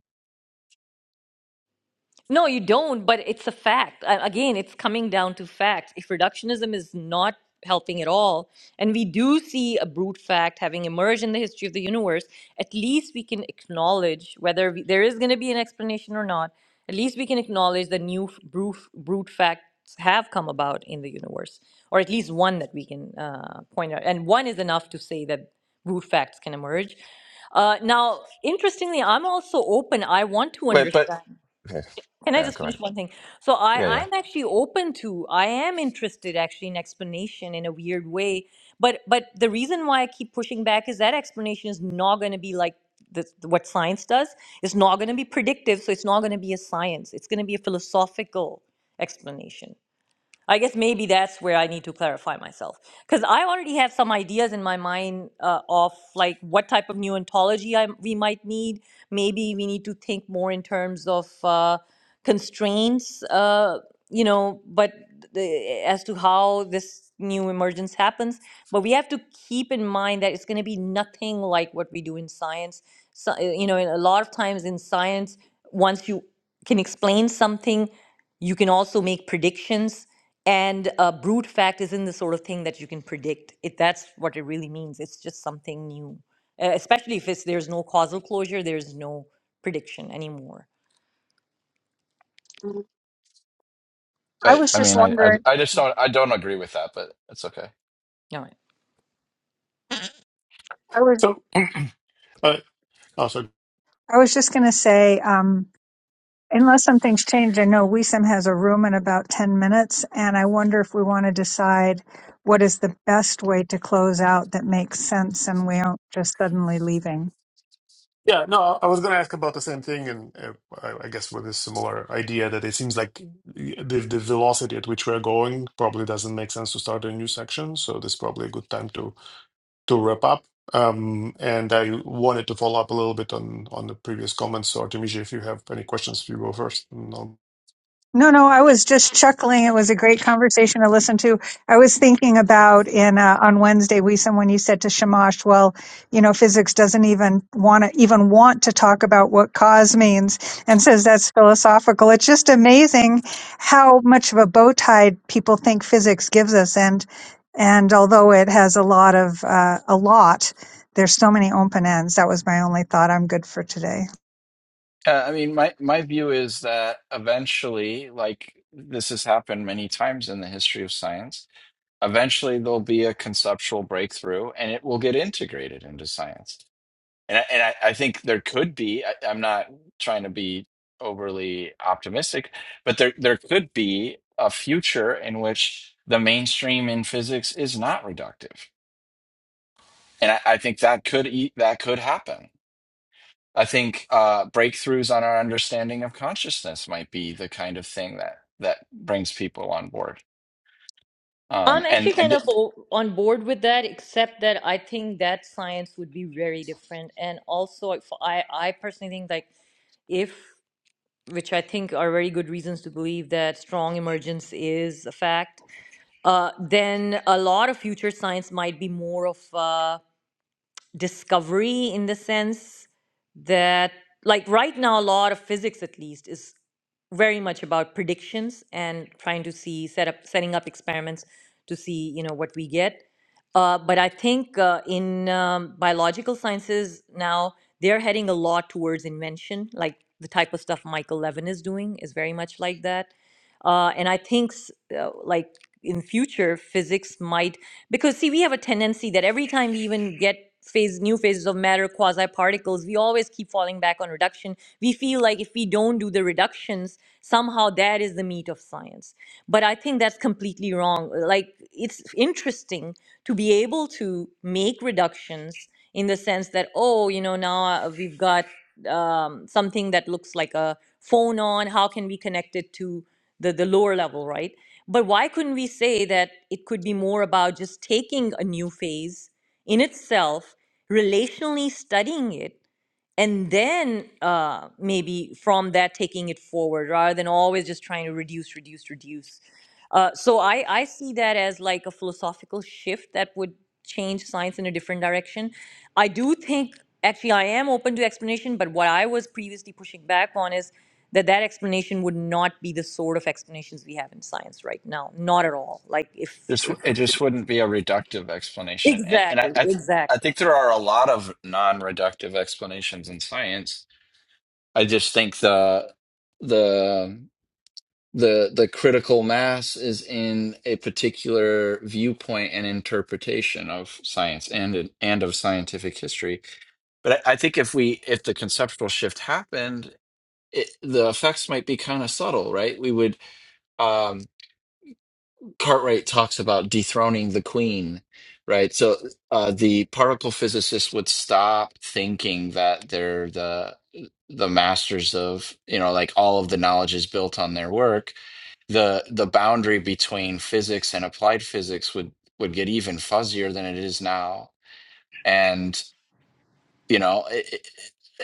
[SPEAKER 1] No, you don't, but it's a fact. A- Again, it's coming down to facts. If reductionism is not helping at all, and we do see a brute fact having emerged in the history of the universe, at least we can acknowledge whether we, there is going to be an explanation or not. At least we can acknowledge that new f- brute, brute facts have come about in the universe, or at least one that we can uh, point out. And one is enough to say that brute facts can emerge. Uh, now, interestingly, I'm also open. I want to
[SPEAKER 3] Wait, but
[SPEAKER 1] understand.
[SPEAKER 3] okay,
[SPEAKER 1] Can I
[SPEAKER 3] yeah,
[SPEAKER 1] just
[SPEAKER 3] go
[SPEAKER 1] finish
[SPEAKER 3] ahead.
[SPEAKER 1] one thing? So
[SPEAKER 3] Yeah,
[SPEAKER 1] I,
[SPEAKER 3] yeah.
[SPEAKER 1] I'm actually open to, I am interested actually in explanation in a weird way. But but the reason why I keep pushing back is that explanation is not going to be like the, what science does. It's not going to be predictive, so it's not going to be a science. It's going to be a philosophical explanation. I guess maybe that's where I need to clarify myself because I already have some ideas in my mind uh, of like what type of new ontology I, we might need. Maybe we need to think more in terms of uh, constraints, uh, you know, but the, as to how this new emergence happens. But we have to keep in mind that it's going to be nothing like what we do in science. So, uh, you know, in a lot of times in science, once you can explain something, you can also make predictions and uh, brute fact isn't the sort of thing that you can predict. If that's what it really means, it's just something new, uh, especially if it's, there's no causal closure, there's no prediction anymore.
[SPEAKER 2] I
[SPEAKER 3] I,
[SPEAKER 2] was
[SPEAKER 3] I
[SPEAKER 2] just
[SPEAKER 3] mean, I, I,
[SPEAKER 2] wondering.
[SPEAKER 3] I just don't, I don't agree with that, but it's okay.
[SPEAKER 1] All right.
[SPEAKER 2] I was
[SPEAKER 4] So, uh, oh, sorry.
[SPEAKER 2] I was just gonna say. Um, Unless something's changed, I know WISM has a room in about 10 minutes, and I wonder if we want to decide what is the best way to close out that makes sense and we aren't just suddenly leaving.
[SPEAKER 4] Yeah, no, I was going to ask about the same thing, and uh, I I guess with a similar idea that it seems like the, the velocity at which we're going probably doesn't make sense to start a new section. So, this is probably a good time to to wrap up. Um, and I wanted to follow up a little bit on on the previous comments. So, Artemisia, if you have any questions, you go first. And I'll...
[SPEAKER 2] No, no, I was just chuckling. It was a great conversation to listen to. I was thinking about in uh, on Wednesday, we when you said to Shamash, well, you know, physics doesn't even want to even want to talk about what cause means, and says that's philosophical. It's just amazing how much of a bow tie people think physics gives us, and and although it has a lot of uh, a lot, there's so many open ends. That was my only thought. I'm good for today.
[SPEAKER 3] Uh, I mean, my my view is that eventually, like this has happened many times in the history of science, eventually there'll be a conceptual breakthrough, and it will get integrated into science And I, and I, I think there could be, I, I'm not trying to be overly optimistic, but there, there could be a future in which the mainstream in physics is not reductive. And I, I think that could e- that could happen. I think uh, breakthroughs on our understanding of consciousness might be the kind of thing that that brings people on board. Um,
[SPEAKER 1] I'm
[SPEAKER 3] and
[SPEAKER 1] actually
[SPEAKER 3] and
[SPEAKER 1] kind of
[SPEAKER 3] th-
[SPEAKER 1] o- on board with that, except that I think that science would be very different. And also, if I, I personally think like if, which I think are very good reasons to believe that strong emergence is a fact, uh, then a lot of future science might be more of. uh. discovery in the sense that like right now a lot of physics at least is very much about predictions and trying to see set up setting up experiments to see you know what we get uh, but i think uh, in um, biological sciences now they're heading a lot towards invention like the type of stuff michael levin is doing is very much like that uh, and i think s- uh, like in future physics might because see we have a tendency that every time we even get phase new phases of matter quasi particles we always keep falling back on reduction we feel like if we don't do the reductions somehow that is the meat of science but i think that's completely wrong like it's interesting to be able to make reductions in the sense that oh you know now uh, we've got um, something that looks like a phone on how can we connect it to the the lower level right but why couldn't we say that it could be more about just taking a new phase in itself, relationally studying it, and then uh, maybe from that taking it forward rather than always just trying to reduce reduce reduce uh, so I, I see that as like a philosophical shift that would change science in a different direction i do think actually i am open to explanation but what i was previously pushing back on is that that explanation would not be the sort of explanations we have in science right now not at all like if
[SPEAKER 3] this it just wouldn't be a reductive explanation. And and I,
[SPEAKER 1] exactly
[SPEAKER 3] I th-
[SPEAKER 1] exactly
[SPEAKER 3] I think there are a lot of non-reductive explanations in science I just think the the the the critical mass is in a particular viewpoint and interpretation of science and and of scientific history. But I, I think if we if the conceptual shift happened, it, the effects might be kind of subtle, right? We would. Um, Cartwright talks about dethroning the queen, right? So uh, the particle physicists would stop thinking that they're the the masters of you know like all of the knowledge is built on their work. The the boundary between physics and applied physics would would get even fuzzier than it is now, and you know. It, it,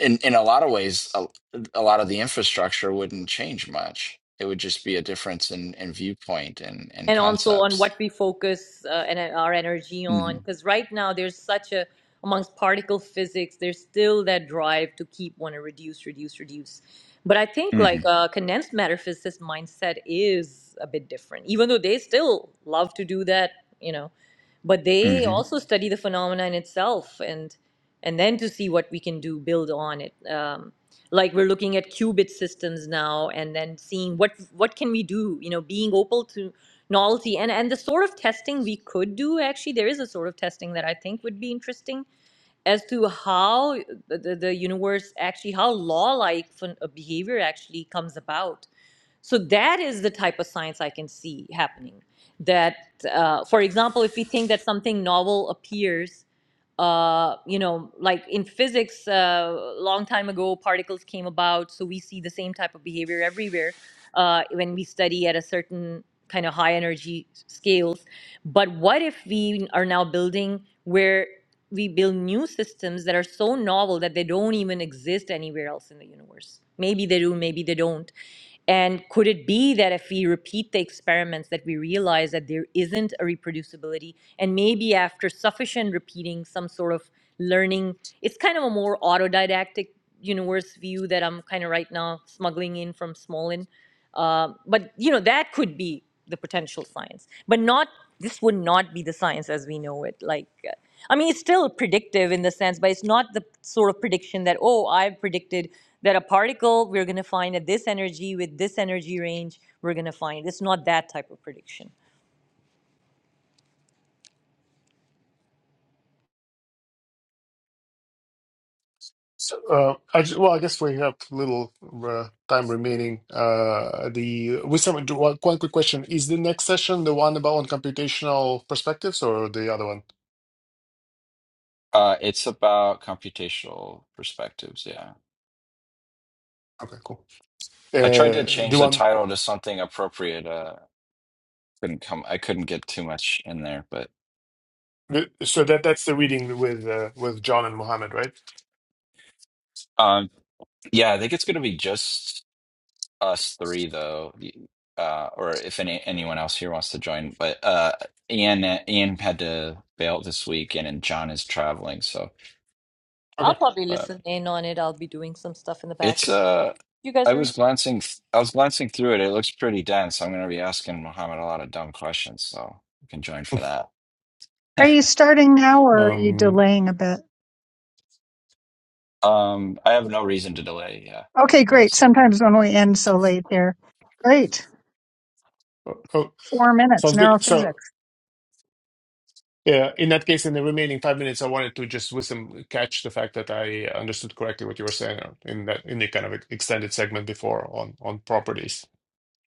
[SPEAKER 3] in, in a lot of ways, a, a lot of the infrastructure wouldn't change much. It would just be a difference in, in viewpoint and, and
[SPEAKER 1] and also on
[SPEAKER 3] concepts
[SPEAKER 1] what we focus uh, and uh, our energy
[SPEAKER 3] hmm
[SPEAKER 1] on because right now there's such a amongst particle physics there's still that drive to keep want to reduce reduce reduce but i think
[SPEAKER 3] hmm
[SPEAKER 1] like uh, condensed matter physicist mindset is a bit different even though they still love to do that you know but they
[SPEAKER 3] hmm
[SPEAKER 1] also study the phenomena in itself and and then to see what we can do build on it um, like we're looking at qubit systems now and then seeing what what can we do you know being open to novelty and and the sort of testing we could do actually there is a sort of testing that i think would be interesting as to how the, the the universe actually how law like behavior actually comes about so that is the type of science I can see happening. That, uh, for example, if we think that something novel appears, uh, you know, like in physics, uh, long time ago, particles came about, so we see the same type of behavior everywhere uh, when we study at a certain kind of high energy scales. But what if we are now building where we build new systems that are so novel that they don't even exist anywhere else in the universe? Maybe they do, maybe they don't and could it be that if we repeat the experiments that we realize that there isn't a reproducibility and maybe after sufficient repeating some sort of learning, it's kind of a more autodidactic universe view that I'm kind of right now smuggling in from small um, but you know that could be the potential science, but not this would not be the science as we know it. Like, uh, I mean, it's still predictive in the sense, but it's not the sort of prediction that oh, I've predicted that a particle we're going to find at this energy with this energy range we're going to find. It's not that type of prediction.
[SPEAKER 4] So, uh, I, ju- well, I guess we have little uh, time remaining. Uh, the with some do one, one quick question: Is the next session the one about on computational perspectives or the other one?
[SPEAKER 3] Uh, it's about computational perspectives. Yeah,
[SPEAKER 4] Okay, cool.
[SPEAKER 3] I tried to
[SPEAKER 4] Uh, the
[SPEAKER 3] change the
[SPEAKER 4] one.
[SPEAKER 3] title to something appropriate. Uh, couldn't come. I couldn't get too much in there, but
[SPEAKER 4] So that that's the reading with uh, with John and Mohammed, right?
[SPEAKER 3] um, yeah, I think it's gonna be just us three though. Uh, or if any anyone else here wants to join, but uh, Ian Ian had to bail this week, and, and John is traveling, so
[SPEAKER 1] I'll
[SPEAKER 4] Okay.
[SPEAKER 1] probably
[SPEAKER 3] but
[SPEAKER 1] listen in on it. I'll be doing some stuff in the
[SPEAKER 3] it's
[SPEAKER 1] background.
[SPEAKER 3] uh
[SPEAKER 1] You guys
[SPEAKER 3] I
[SPEAKER 1] are.
[SPEAKER 3] was glancing, th- I was glancing through it. It looks pretty dense. I'm going to be asking Mohammed a lot of dumb questions, so you can join for that.
[SPEAKER 2] Are you starting now, or are you
[SPEAKER 4] Um,
[SPEAKER 2] delaying a bit?
[SPEAKER 3] Um, I have no reason to delay. Yeah, I,
[SPEAKER 2] Okay,
[SPEAKER 3] I can
[SPEAKER 2] great.
[SPEAKER 3] start now.
[SPEAKER 2] Sometimes when we end so late there. Great.
[SPEAKER 4] oh, oh,
[SPEAKER 2] Four minutes,
[SPEAKER 4] sounds good.
[SPEAKER 2] neurophysics.
[SPEAKER 4] So Yeah, in that case, in the remaining five minutes, I wanted to just with some catch the fact that I understood correctly what you were saying uh, in that in the kind of extended segment before on on properties.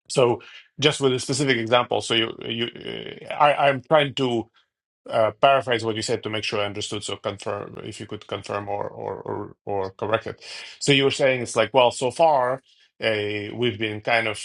[SPEAKER 4] So just with a specific example, so you you uh, I I'm trying to uh, paraphrase what you said to make sure I understood. So confirm if you could confirm or or or, or correct it. So you were saying it's like, well, so far uh, we've been kind of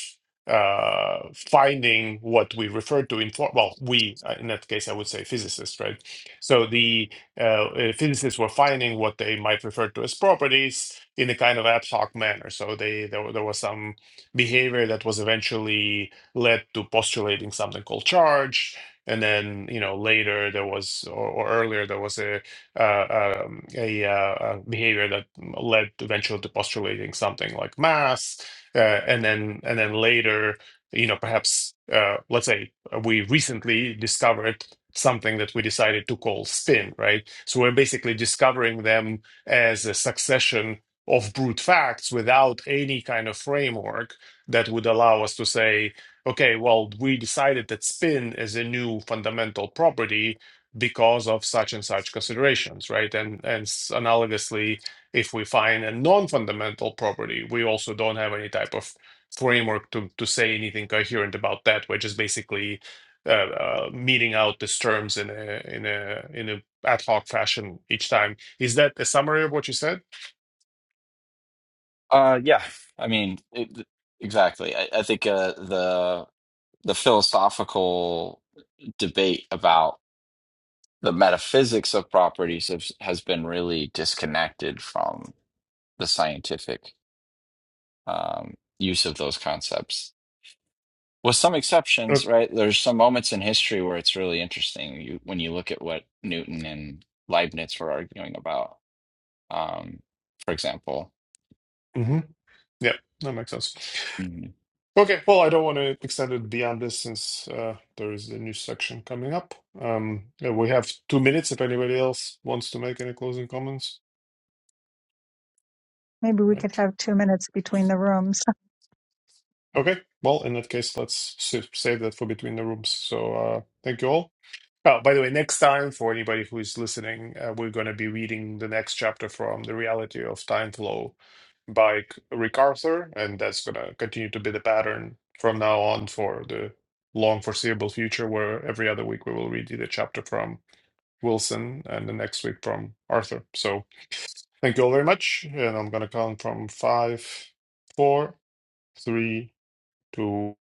[SPEAKER 4] uh, finding what we refer to in for well, we uh, in that case I would say physicists, right? So the uh, uh, physicists were finding what they might refer to as properties in a kind of ad hoc manner. So they there, there was some behavior that was eventually led to postulating something called charge and then you know later there was or, or earlier there was a uh, um, a, uh, a behavior that led eventually to postulating something like mass, uh, and then and then later you know perhaps uh, let's say we recently discovered something that we decided to call spin right so we're basically discovering them as a succession of brute facts without any kind of framework that would allow us to say Okay, well, we decided that spin is a new fundamental property because of such and such considerations, right? And and s- analogously, if we find a non-fundamental property, we also don't have any type of framework to to say anything coherent about that. We're just basically uh, uh, meeting out these terms in a in a in a ad hoc fashion each time. Is that a summary of what you said?
[SPEAKER 3] Uh, yeah. I mean, it, exactly. I, I think uh, the the philosophical debate about the metaphysics of properties has, has been really disconnected from the scientific um, use of those concepts. with some
[SPEAKER 4] Uh,
[SPEAKER 3] exceptions, right? There's some moments in history where it's really interesting. You when you look at what Newton and Leibniz were arguing about, um, for example.
[SPEAKER 4] mhm. Yeah, that makes sense. Okay, well, I don't want to extend it beyond this since uh, there is a news section coming up. Um, yeah, we have two minutes if anybody else wants to make any closing comments.
[SPEAKER 2] Maybe we could
[SPEAKER 4] Right.
[SPEAKER 2] have two minutes between the rooms.
[SPEAKER 4] Okay, well, in that case, let's sa- save that for between the rooms. So uh, thank you all. Oh, by the way, next time, for anybody who's listening, uh, we're going to be reading the next chapter from The Reality of Time Flow by C- Rick Arthur, and that's going to continue to be the pattern from now on for the long foreseeable future, where every other week we will read the chapter from Wilson and the next week from Arthur. So thank you all very much, and I'm going to count from five, four, three, two.